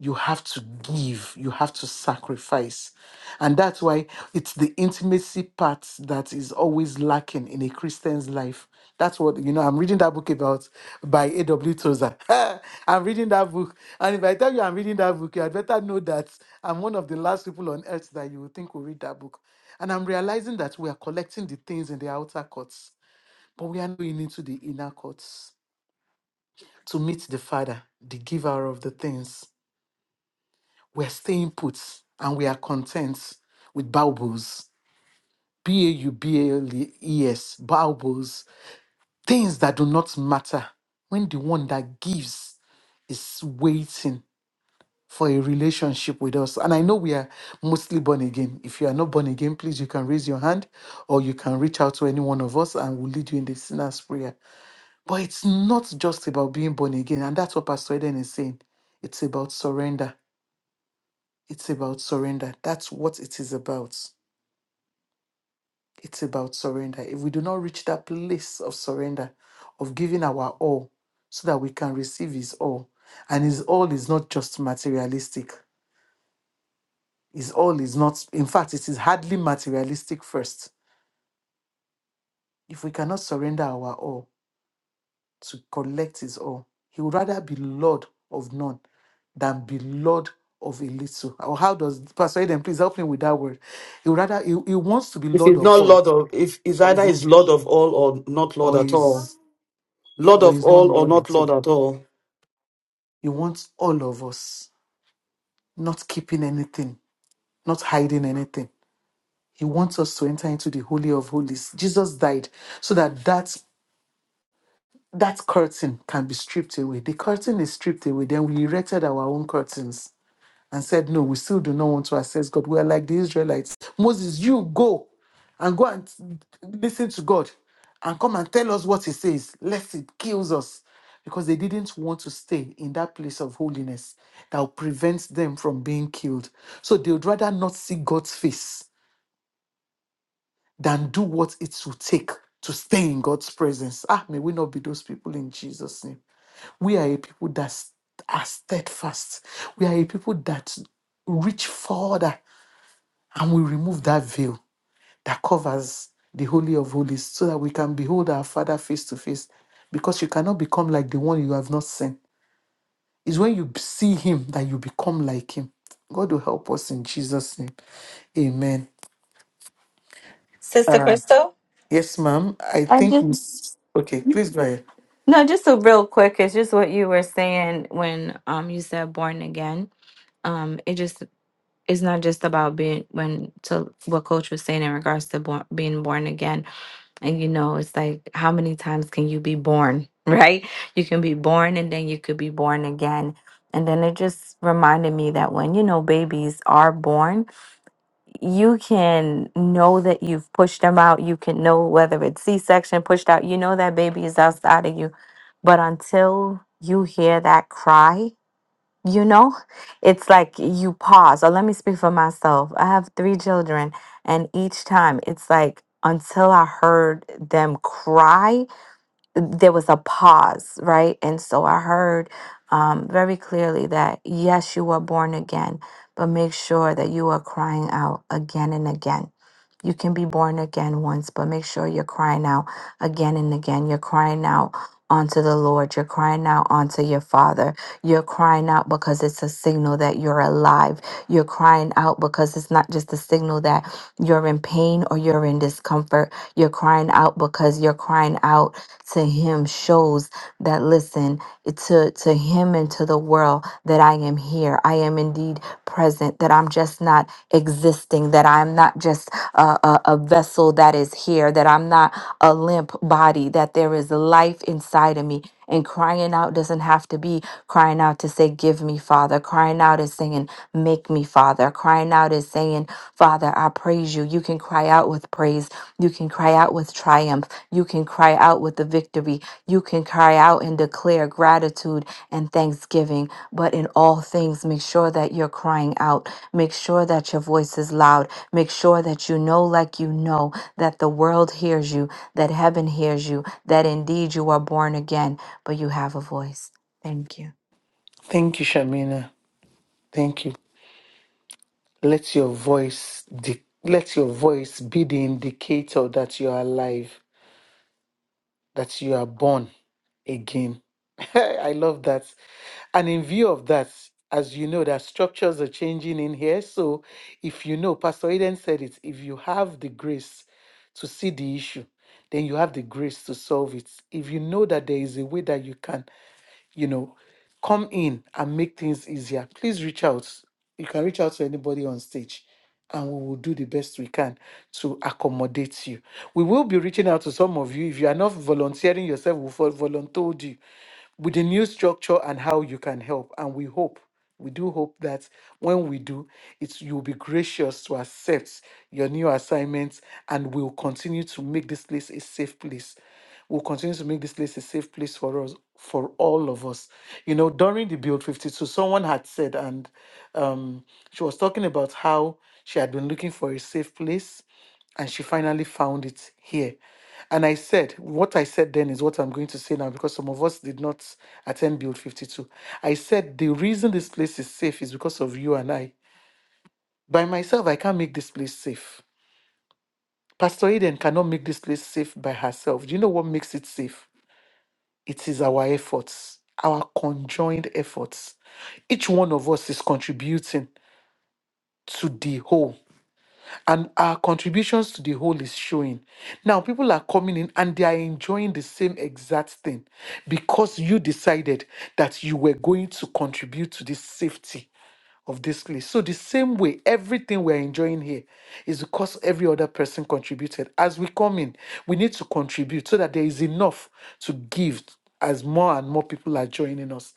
you have to give, you have to sacrifice. And that's why it's the intimacy part that is always lacking in a Christian's life. That's what, you know, I'm reading that book about by A.W. Tozer. I'm reading that book. And if I tell you I'm reading that book, you had better know that I'm one of the last people on earth that you would think will read that book. And I'm realizing that we are collecting the things in the outer courts, but we are not going into the inner courts to meet the Father, the giver of the things we're staying put and we are content with baubles. B A U B A L E S, baubles. Things that do not matter when the one that gives is waiting for a relationship with us. And I know we are mostly born again. If you are not born again, please, you can raise your hand or you can reach out to any one of us and we'll lead you in the sinner's prayer. But it's not just about being born again. And that's what Pastor Eden is saying. It's about surrender. It's about surrender. That's what it is about. It's about surrender. If we do not reach that place of surrender, of giving our all so that we can receive His all, and His all is not just materialistic, His all is not, in fact, it is hardly materialistic first. If we cannot surrender our all to collect His all, He would rather be Lord of none than be Lord of a little. Or how does Pastor Eden please help me with that word? He would rather he, he wants to be If Lord he's of not all. Lord of, if is either is Lord of all or not Lord or at all, he's Lord or of he's not all or Lord not Lord himself. at all. He wants all of us, not keeping anything, not hiding anything. He wants us to enter into the holy of holies. Jesus died so that that that curtain can be stripped away. The curtain is stripped away. Then we erected our own curtains and said, No, we still do not want to access God. We are like the Israelites. Moses, you go and go and listen to God and come and tell us what he says, lest it kills us. Because they didn't want to stay in that place of holiness that will prevent them from being killed. So they would rather not see God's face than do what it will take to stay in God's presence. Ah, may we not be those people in Jesus' name. We are a people that s- are steadfast. We are a people that reach further and we remove that veil that covers the Holy of Holies so that we can behold our Father face to face. Because you cannot become like the one you have not seen. It's when you b- see Him that you become like Him. God will help us in Jesus' name. Amen. Sister Crystal? Yes, ma'am. I I think just Miss. Okay, please go ahead. no, just a real quick. It's just what you were saying when um you said born again. Um, it just it's not just about being when to what Coach was saying in regards to born, being born again. And you know, it's like, how many times can you be born, right? You can be born and then you could be born again. And then it just reminded me that when, you know, babies are born, you can know that you've pushed them out. You can know whether it's C section, pushed out, you know that baby is outside of you. But until you hear that cry, you know, it's like you pause. Or let me speak for myself. I have three children, and each time it's like until I heard them cry, there was a pause, right? And so I heard um, very clearly that yes, you were born again, but make sure that you are crying out again and again. You can be born again once, but make sure you're crying out again and again. You're crying out onto the Lord, you're crying out onto your Father you're crying out because it's a signal that you're alive. You're crying out because it's not just a signal that you're in pain or you're in discomfort. You're crying out because you're crying out to Him shows that, listen, to, to Him and to the world that I am here. I am indeed present, that I'm just not existing, that I'm not just a, a, a vessel that is here, that I'm not a limp body, that there is life inside of me. And crying out doesn't have to be crying out to say, Give me, Father. Crying out is saying, Make me, Father. Crying out is saying, Father, I praise you. You can cry out with praise. You can cry out with triumph. You can cry out with the victory. You can cry out and declare gratitude and thanksgiving. But in all things, make sure that you're crying out. Make sure that your voice is loud. Make sure that you know, like you know, that the world hears you, that heaven hears you, that indeed you are born again but you have a voice. Thank you. Thank you, Shamina. Thank you. Let your voice di- let your voice be the indicator that you are alive, that you are born again. I love that. And in view of that, as you know, that structures are changing in here. So if you know, Pastor Eden said it, if you have the grace to see the issue, then you have the grace to solve it. If you know that there is a way that you can you know, come in and make things easier. Please reach out. You can reach out to anybody on stage and we will do the best we can to accommodate you. We will be reaching out to some of you. If you are not volunteering yourself, we will vol- volunteered you with the new structure and how you can help. And we hope, we do hope that when we do, it's you'll be gracious to accept your new assignments and we'll continue to make this place a safe place will continue to make this place a safe place for us, for all of us. You know, during the Build 52, someone had said, and um, she was talking about how she had been looking for a safe place and she finally found it here. And I said, what I said then is what I'm going to say now because some of us did not attend Build 52. I said, the reason this place is safe is because of you and I. By myself, I can't make this place safe. Pastor Eden cannot make this place safe by herself. Do you know what makes it safe? It is our efforts, our conjoined efforts. Each one of us is contributing to the whole, and our contributions to the whole is showing. Now, people are coming in and they are enjoying the same exact thing because you decided that you were going to contribute to this safety of this list. So the same way, everything we're enjoying here is because every other person contributed. As we come in, we need to contribute so that there is enough to give as more and more people are joining us.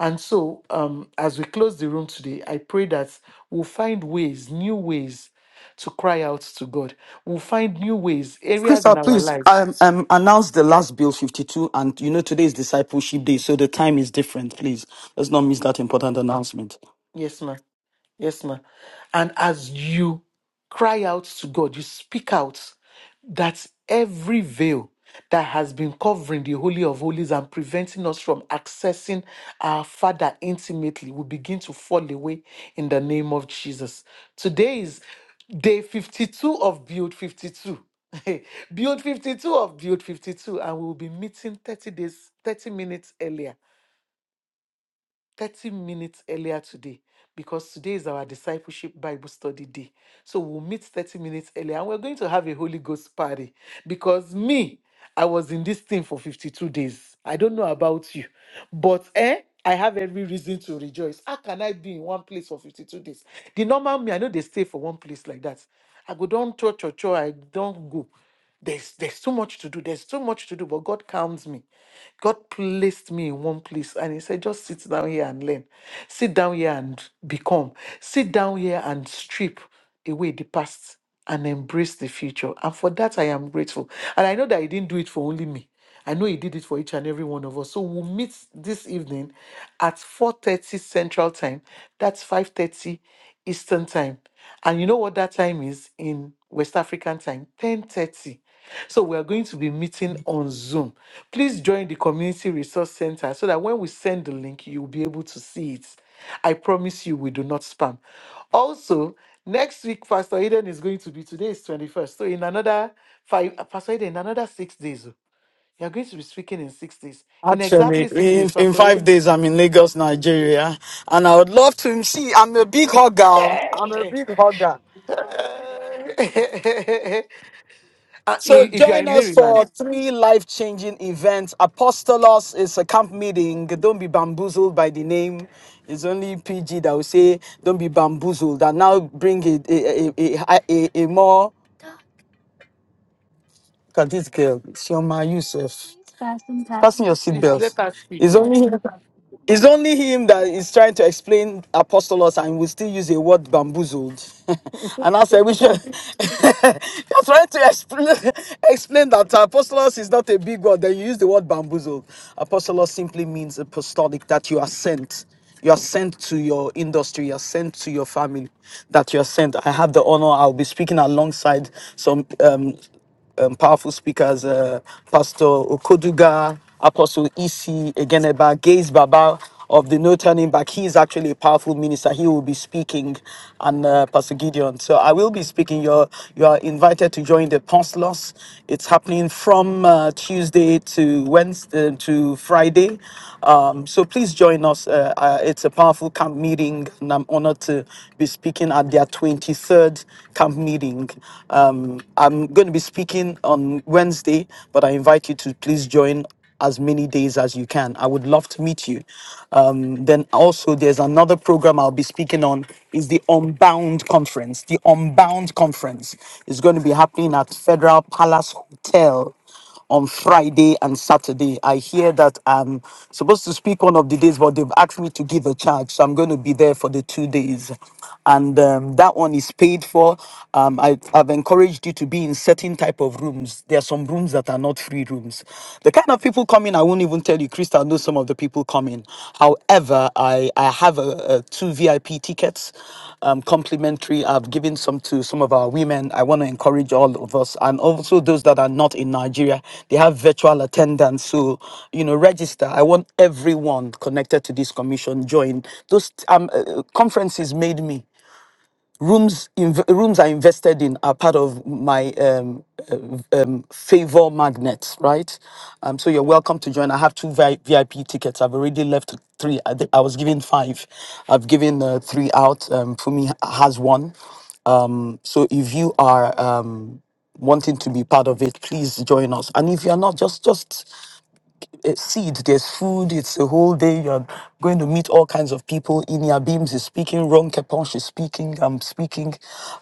And so um, as we close the room today, I pray that we'll find ways, new ways to cry out to God. We'll find new ways, areas in Crystal, our please lives. um, um, announce the last bill 52. And you know, today is discipleship day, so the time is different. Please, let's not miss that important announcement. Yes, ma'am. Yes, ma. And as you cry out to God, you speak out that every veil that has been covering the Holy of Holies and preventing us from accessing our Father intimately will begin to fall away in the name of Jesus. Today is day 52 of Build 52. build 52 of Build 52, and we'll be meeting 30 days, 30 minutes earlier. 30 minutes earlier today because today is our discipleship Bible study day. So we'll meet 30 minutes earlier and we're going to have a Holy Ghost party because me, I was in this thing for 52 days. I don't know about you, but eh, I have every reason to rejoice. How can I be in one place for 52 days? The normal me, I know they stay for one place like that. I go down church or church, I don't go. There's there's so much to do. There's so much to do, but God calms me. God placed me in one place and he said, just sit down here and learn. Sit down here and become. Sit down here and strip away the past and embrace the future. And for that I am grateful. And I know that he didn't do it for only me. I know he did it for each and every one of us. So we'll meet this evening at 4:30 Central Time. That's 5:30 Eastern Time. And you know what that time is in West African time? 10:30. So we are going to be meeting on Zoom. Please join the Community Resource Center so that when we send the link, you'll be able to see it. I promise you, we do not spam. Also, next week, Pastor Eden is going to be today is 21st. So in another five, Pastor Eden, in another six days. oh, you're going to be speaking in six days. In exactly Actually, six in, days, in Pastor five Aiden. days, I'm in Lagos, Nigeria, and I would love to see. I'm a big hugger. I'm a Yay! big hugger. Hey! Uh, So i- if you are join in us Maryland, for three life-changing events. Apostolos is a camp meeting. Don't be bamboozled by the name. It's only PG that will say, "Don't be bamboozled." And now bring a a a, a, a, a more Look at this girl, Sioma Yusuf. Fasten your please seatbelt. let us speak. It's oh. only him. it's only him that is trying to explain apostolos and we still use a word bamboozled. and I said we should you're trying to explain explain that apostolos is not a big word, then you use the word bamboozled. Apostolos simply means apostolic that you are sent. You are sent to your industry, you are sent to your family, that you are sent. I have the honor, I'll be speaking alongside some um, um, powerful speakers, uh, Pastor Okoduga, Apostle Isi Egeneba, Gaze Baba of the No Turning Back. He is actually a powerful minister. He will be speaking, and uh, Pastor Gideon. So I will be speaking. You're, you are invited to join the Poncelos. It's happening from uh, Tuesday to Wednesday uh, to Friday. Um, so please join us. Uh, uh, it's a powerful camp meeting, and I'm honored to be speaking at their 23rd camp meeting. Uh, um, I'm going to be speaking on Wednesday, but I invite you to please join as many days as you can. I would love to meet you. Um, then also, there's another program I'll be speaking on is the Unbound Conference. The Unbound Conference is going to be happening at Federal Palace Hotel on Friday and Saturday. I hear that I'm supposed to speak one of the days, but they've asked me to give a charge. So I'm going to be there for the two days. And um, that one is paid for. Um, I, I've encouraged you to be in certain type of rooms. There are some rooms that are not free rooms. The kind of people coming, I won't even tell you. Crystal knows some of the people coming. However, I, I have a, a two VIP tickets um, complimentary. I've given some to some of our women. I want to encourage all of us and also those that are not in Nigeria. They have virtual attendance. So, you know, register. I want everyone connected to this commission join. Those um, uh, conferences made me rooms inv- rooms I invested in are part of my um, uh, um, favor magnet, right? Um, so you're welcome to join. I have two Vi- VIP tickets. I've already left three. I, thi- I was given five. I've given uh, three out. Um, Fumi has one. So if you are um, wanting to be part of it, please join us. And if you're not, just just uh, seeds, there's food, it's a whole day. You're going to meet all kinds of people. Inia Beams is speaking, Ron Keponch is speaking, I'm speaking.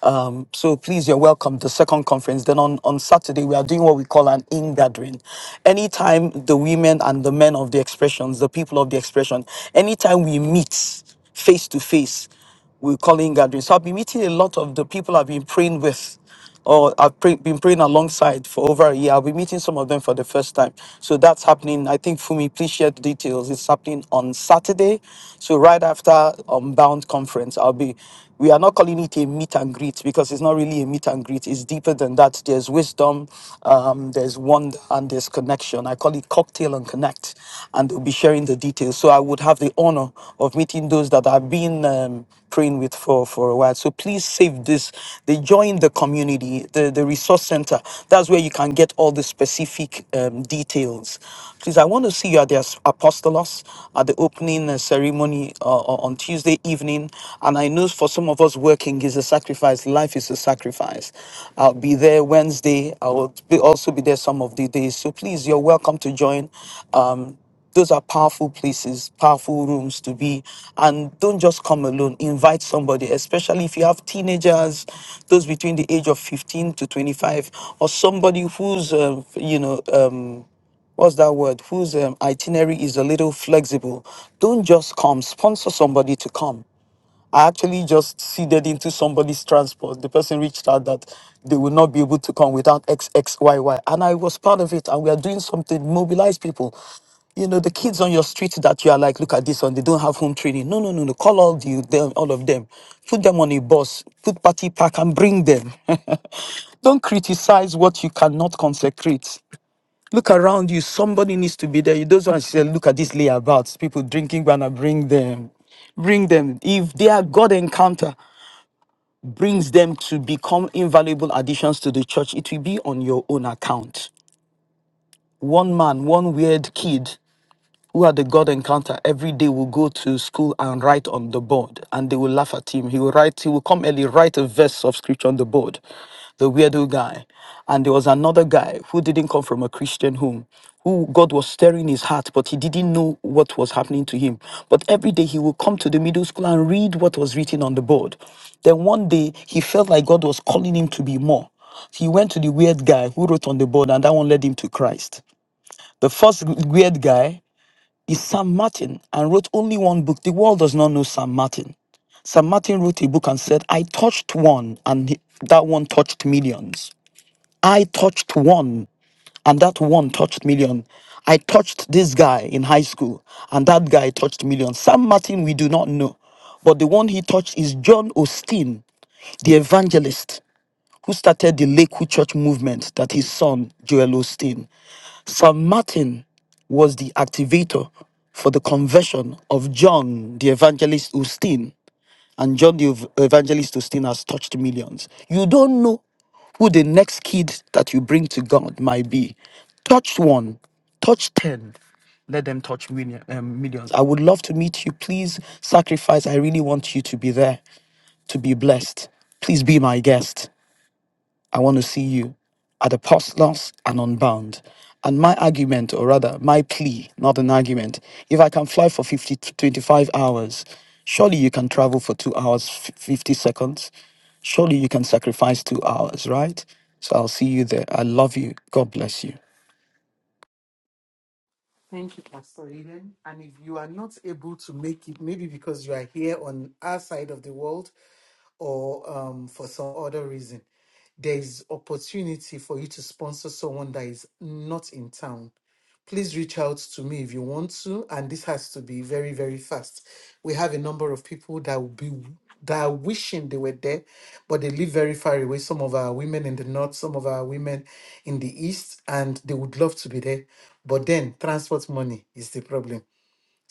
Um, so please, you're welcome. The second conference. Then on, on Saturday, we are doing what we call an in gathering. Anytime the women and the men of the expressions, the people of the expression, anytime we meet face to face, we're calling gatherings. So I've been meeting a lot of the people I've been praying with or I've pray, been praying alongside for over a year. I'll be meeting some of them for the first time. So that's happening. I think Fumi, please share the details. It's happening on Saturday. So right after um, Bound conference, I'll be we are not calling it a meet and greet because it's not really a meet and greet. It's deeper than that. There's wisdom, um, there's wonder, and there's connection. I call it cocktail and connect, and they'll be sharing the details. So I would have the honor of meeting those that I've been um, praying with for, for a while. So please save this. They join the community, the, the resource center. That's where you can get all the specific um, details. Please, I want to see you at the Apostolos, at the open opening uh, ceremony uh, o- on Tuesday evening. And I know for some of us working is a sacrifice. Life is a sacrifice. I'll be there Wednesday. I will be also be there some of the days. So please, you're welcome to join. Um, those are powerful places, powerful rooms to be. And don't just come alone. Invite somebody, especially if you have teenagers, those between the age of 15 to 25, or somebody who's, uh, you know, um, what's that word whose um, itinerary is a little flexible don't just come sponsor somebody to come i actually just seeded into somebody's transport the person reached out that they will not be able to come without xxyy and i was part of it and we are doing something mobilize people you know the kids on your street that you are like look at this one they don't have home training no no no no call all the them all of them put them on a bus put party pack and bring them don't criticize what you cannot consecrate Look around you. Somebody needs to be there. You don't want to say, look at this layabouts. People drinking banana, bring them. Bring them. If their God encounter brings them to become invaluable additions to the church, it will be on your own account. One man, one weird kid who had the God encounter every day will go to school and write on the board, and they will laugh at him. He will write, he will come early, write a verse of scripture on the board, the weirdo guy. And there was another guy who didn't come from a Christian home, who God was stirring his heart, but he didn't know what was happening to him. But every day he would come to the middle school and read what was written on the board. Then one day he felt like God was calling him to be more. He went to the weird guy who wrote on the board, and that one led him to Christ. The first weird guy is Sam Martin and wrote only one book. The world does not know Sam Martin. Sam Martin wrote a book and said, I touched one and he- that one touched millions. I touched one and that one touched million. I touched this guy in high school and that guy touched millions. Sam Martin, we do not know. But the one he touched is John Osteen, the evangelist who started the Lakewood Church movement that his son, Joel Osteen, St. Martin was the activator for the conversion of John the Evangelist Augustine and John the Ev- Evangelist Augustine has touched millions. You don't know who the next kid that you bring to God might be. Touch one, touch 10, let them touch million, um, millions. I would love to meet you. Please sacrifice. I really want you to be there, to be blessed. Please be my guest. I want to see you at apostolos and unbound. And my argument, or rather, my plea, not an argument, if I can fly for 50, 25 hours, surely you can travel for two hours, f- 50 seconds. Surely you can sacrifice two hours, right? So I'll see you there. I love you. God bless you. Thank you, Pastor Aiden. And if you are not able to make it, maybe because you are here on our side of the world, or um, for some other reason, there is opportunity for you to sponsor someone that is not in town. Please reach out to me if you want to, and this has to be very, very fast. We have a number of people that will be that are wishing they were there, but they live very far away. Some of our women in the north, some of our women in the east, and they would love to be there. But then transport money is the problem.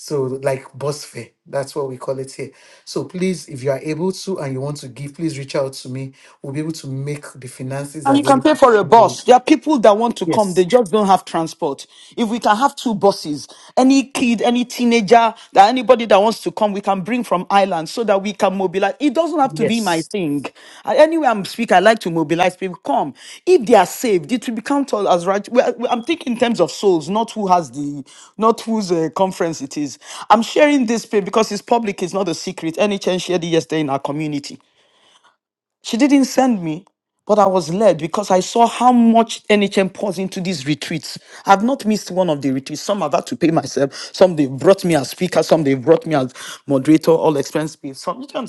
So like bus fare, that's what we call it here. So please, if you are able to and you want to give, please reach out to me. We'll be able to make the finances And you can pay available. for to a somebody. bus. There are people that want to come, they Yes, just don't have transport. If we can have two buses, any kid, any teenager, that anybody that wants to come, we can bring from Ireland so that we can mobilize. It doesn't have to be my yes. thing. Uh, Anyway, I'm speak, I like to mobilize people. Come. If they are saved, it will be counted as right. well, I'm thinking in terms of souls, not who has the, not whose uh, conference it is. I'm sharing this page because it's public, it's not a secret. NHN shared it yesterday in our community. She didn't send me, but I was led because I saw how much NHM pours into these retreats. I've not missed one of the retreats. Some I've had to pay myself. Some they brought me as speaker. Some they brought me as moderator, all expense paid. Some you can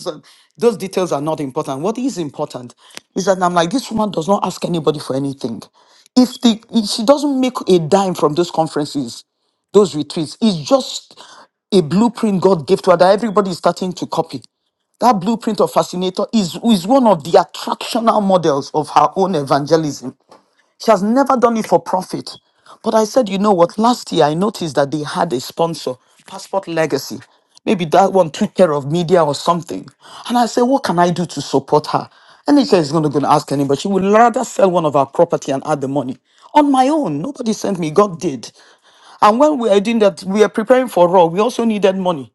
those details are not important. What is important is that I'm like, this woman does not ask anybody for anything. If the if she doesn't make a dime from those conferences, those retreats, it's just a blueprint God gave to her that everybody is starting to copy. That blueprint of fascinator is, is one of the attractional models of her own evangelism. She has never done it for profit. But I said, you know what? Last year I noticed that they had a sponsor, Passport Legacy. Maybe that one took care of media or something. And I said, what can I do to support her? And NHS is not going to ask anybody. She would rather sell one of our property and add the money. On my own, nobody sent me. God did. And when we were doing that, we were preparing for Raw. We also needed money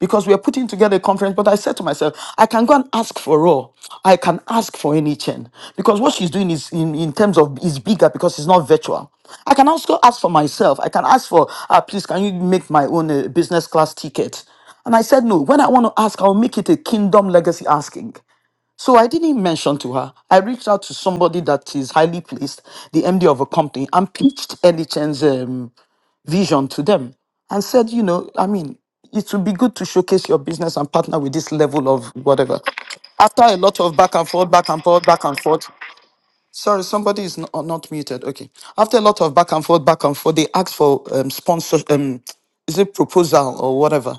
because we are putting together a conference. But I said to myself, I can go and ask for Raw. I can ask for any chain because what she's doing is in, in terms of is bigger because it's not virtual. I can also ask for myself. I can ask for, ah, please, can you make my own uh, business class ticket? And I said, no, when I want to ask, I'll make it a kingdom legacy asking. So I didn't mention to her. I reached out to somebody that is highly placed, the MD of a company, and pitched Ellie vision to them and said, you know, I mean, it would be good to showcase your business and partner with this level of whatever. After a lot of back and forth, back and forth, back and forth. Sorry, somebody is not, not muted. Okay. After a lot of back and forth, back and forth, they asked for um, sponsor, um, is it proposal or whatever.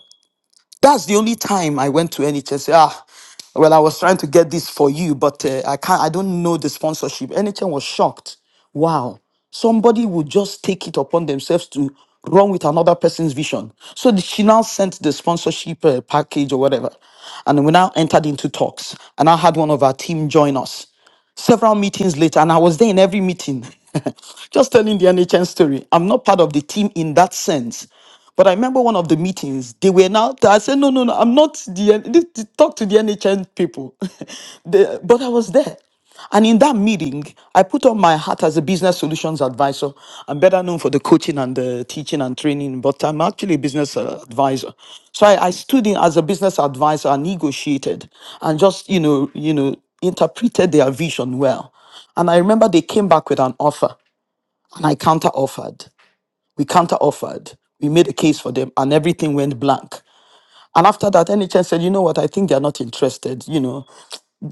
That's the only time I went to NHS. Well, I was trying to get this for you, but uh, I can't. I don't know the sponsorship. NHN was shocked. Wow, somebody would just take it upon themselves to run with another person's vision. So the- she now sent the sponsorship uh, package or whatever, and we now entered into talks. And I had one of our team join us several meetings later, and I was there in every meeting, just telling the NHN story. I'm not part of the team in that sense, but I remember one of the meetings, they were now, I said, no, no, no, I'm not the, this- this- talk to the NHN people. The- but I was there. And in that meeting, I put on my hat as a business solutions advisor. I'm better known for the coaching and the teaching and training, but I'm actually a business uh, advisor. So I, I stood in as a business advisor and negotiated and just, you know, you know, interpreted their vision well. And I remember they came back with an offer and I counter offered. We counter offered. We made a case for them, and everything went blank. And after that, NHS said, you know what, I think they're not interested. You know,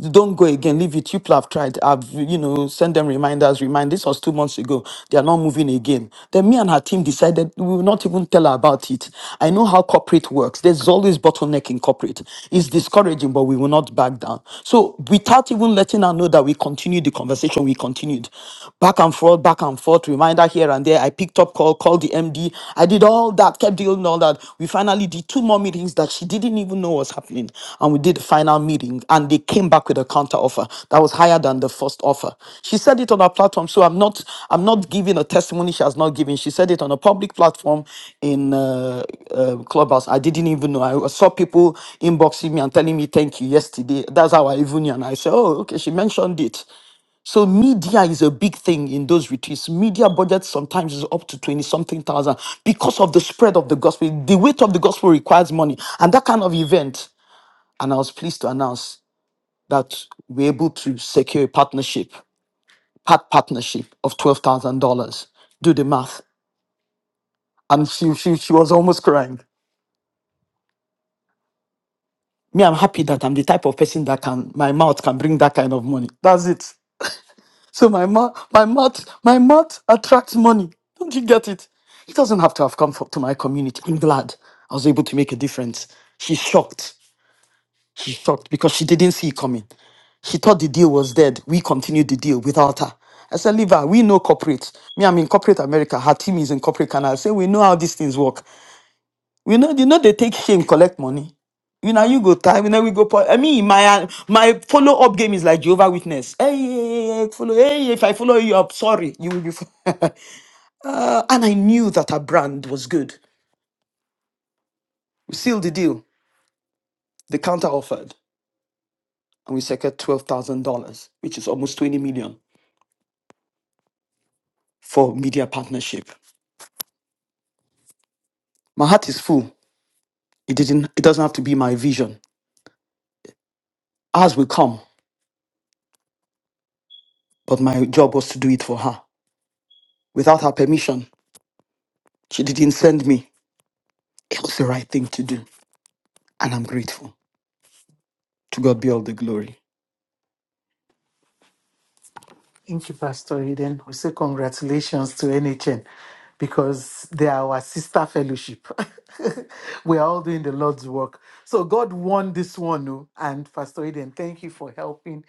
don't go again, leave it. You people have tried. I've, you know, send them reminders, remind. This was two months ago. They are not moving again. Then me and her team decided we will not even tell her about it. I know how corporate works. There's always bottleneck in corporate. It's discouraging, but we will not back down. So without even letting her know that we continued the conversation, we continued back and forth, back and forth, reminder here and there. I picked up call, called the MD. I did all that, kept doing all that. We finally did two more meetings that she didn't even know was happening. And we did the final meeting and they came back with a counter offer that was higher than the first offer. She said it on her platform. So I'm not I'm not giving a testimony she has not given. She said it on a public platform in uh, uh, Clubhouse. I didn't even know. I saw people inboxing me and telling me thank you yesterday. That's how I even knew. And I said, oh, okay, she mentioned it. So media is a big thing in those retreats. Media budget sometimes is up to 20 something thousand because of the spread of the gospel. The weight of the gospel requires money and that kind of event. And I was pleased to announce that we're able to secure a partnership, part partnership of $12,000. Do the math. And she, she, she was almost crying. Me, I'm happy that I'm the type of person that can, my mouth can bring that kind of money. That's it. So my mouth, my mouth, my mouth attracts money. Don't you get it? It doesn't have to have come for, to my community. I'm glad I was able to make a difference. She's shocked. She's shocked because she didn't see it coming. She thought the deal was dead. We continued the deal without her. I said, Leave her. We know corporate. Me, I'm in corporate America. Her team is in corporate Canada. I say, We know how these things work. We know you know they take shame, collect money. You know you go time, you know we go. po- I mean my uh, my follow up game is like Jehovah Witness. Hey, hey, hey, hey, hey, follow. Hey, if I follow you up, sorry, you will be. f- uh, and I knew that our brand was good. We sealed the deal. The counter offered, and we secured twelve thousand dollars, which is almost twenty million for media partnership. My heart is full. It didn't. It doesn't have to be my vision. Ours will come, but my job was to do it for her. Without her permission, she didn't send me. It was the right thing to do. And I'm grateful. To God be all the glory. Thank you, Pastor Eden. We say congratulations to NHN because they are our sister fellowship. we are all doing the Lord's work. So God won this one, oh, and Pastor Eden, thank you for helping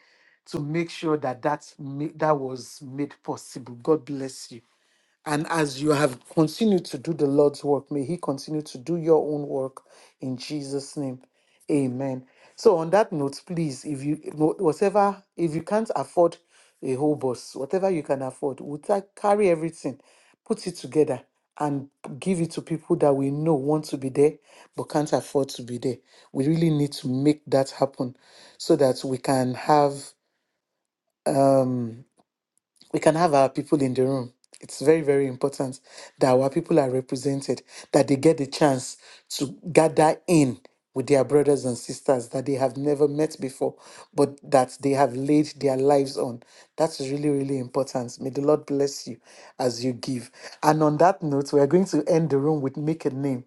to make sure that that, that was made possible. God bless you. And as you have continued to do the Lord's work, may He continue to do your own work in Jesus' name. Amen. So, on that note, please, if you wh- whatever, if you can't afford a whole bus, whatever you can afford, we'll ta- carry everything, put it together, and give it to people that we know want to be there but can't afford to be there. We really need to make that happen so that we can have. um we can have our people in the room. It's very, very important that our people are represented, that they get the chance to gather in with their brothers and sisters that they have never met before, but that they have laid their lives on. That's really, really important. May the Lord bless you as you give. And on that note, we are going to end the room with make a name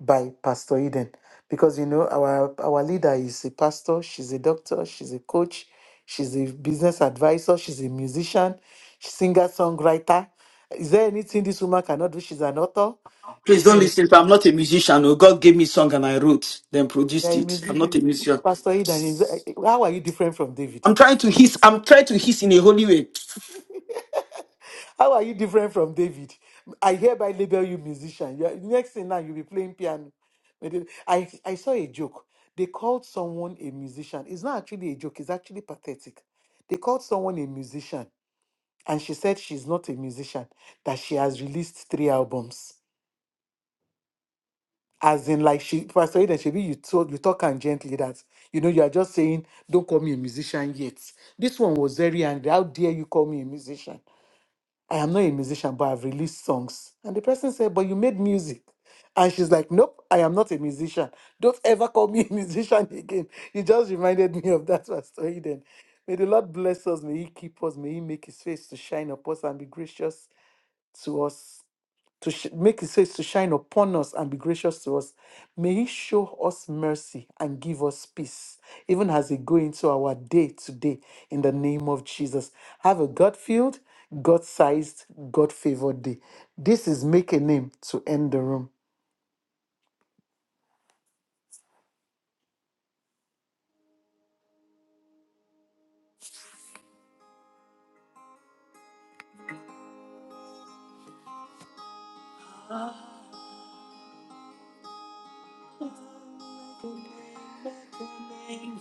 by Pastor Eden because you know our our leader is a pastor, she's a doctor, she's a coach, she's a business advisor, she's a musician, singer songwriter. Is there anything this woman cannot do? She's an author. Please don't listen. to- I'm not a musician. Oh, God gave me song and I wrote, then Yeah, produced a it. I'm not musician. a musician. Pastor Eden, is- how are you different from David? I'm trying to hiss. I'm trying to hiss in a holy way. How are you different from David? I hereby label you musician. You are, next thing now, you'll be playing piano. But then- I, I saw a joke. They called someone a musician. It's not actually a joke, it's actually pathetic. They called someone a musician, and she said she's not a musician, that she has released three albums. As in, like she Pastor Eden, she be you told you talk and gently that you know you are just saying, Don't call me a musician yet. This one was very angry. How dare you call me a musician? I am not a musician, but I've released songs. And the person said, But you made music. And she's like, Nope, I am not a musician. Don't ever call me a musician again. You just reminded me of that was story then. May the Lord bless us. May He keep us. May He make His face to shine upon us and be gracious to us to sh- make his face to shine upon us and be gracious to us. May he show us mercy and give us peace, even as we go into our day today, in the name of Jesus. Have a God filled, God sized, God favored day. This is Make a Name to End the Room.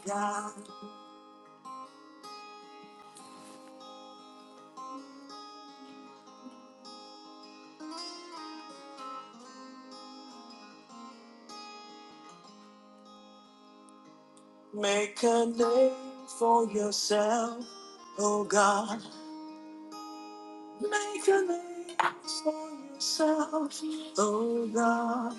God, make a name for yourself, oh God. Make a name for yourself, oh God.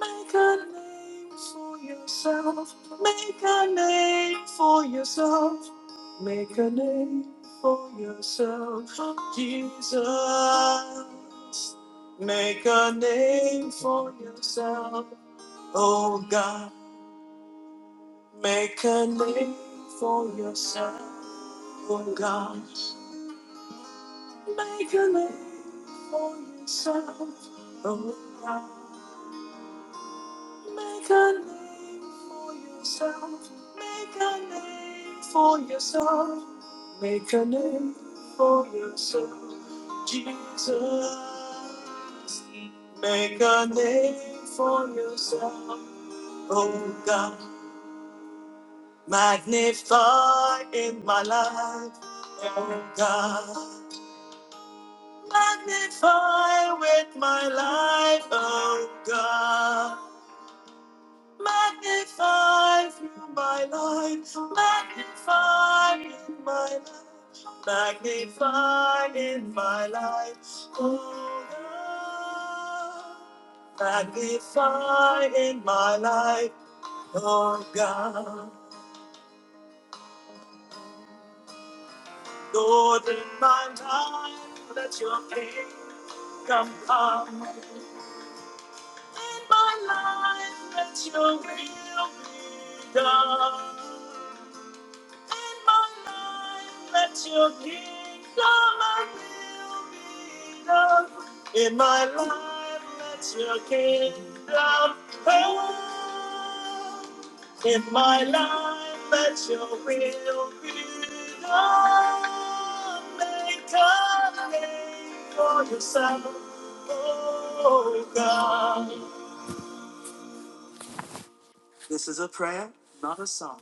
Make a name for yourself. Make a name for yourself. Make a name for yourself, Jesus. Make a name for yourself, oh God. Make a name for yourself, oh God. Make a name for yourself, oh God. Make a name for yourself. Make a name for yourself. Make a name for yourself, Jesus. Make a name for yourself, oh God. Magnify in my life, oh God. Magnify with my life, oh God. Magnify through my life, magnify in my life, magnify in my life, oh God. Magnify in my life, oh God. Lord, in my life, let your kingdom come. In my life, let your will be done. in my life, let your kingdom and will be done. In my life, let your kingdom come. In my life, let your will be done. Make a name for yourself, oh God. This is a prayer, not a song.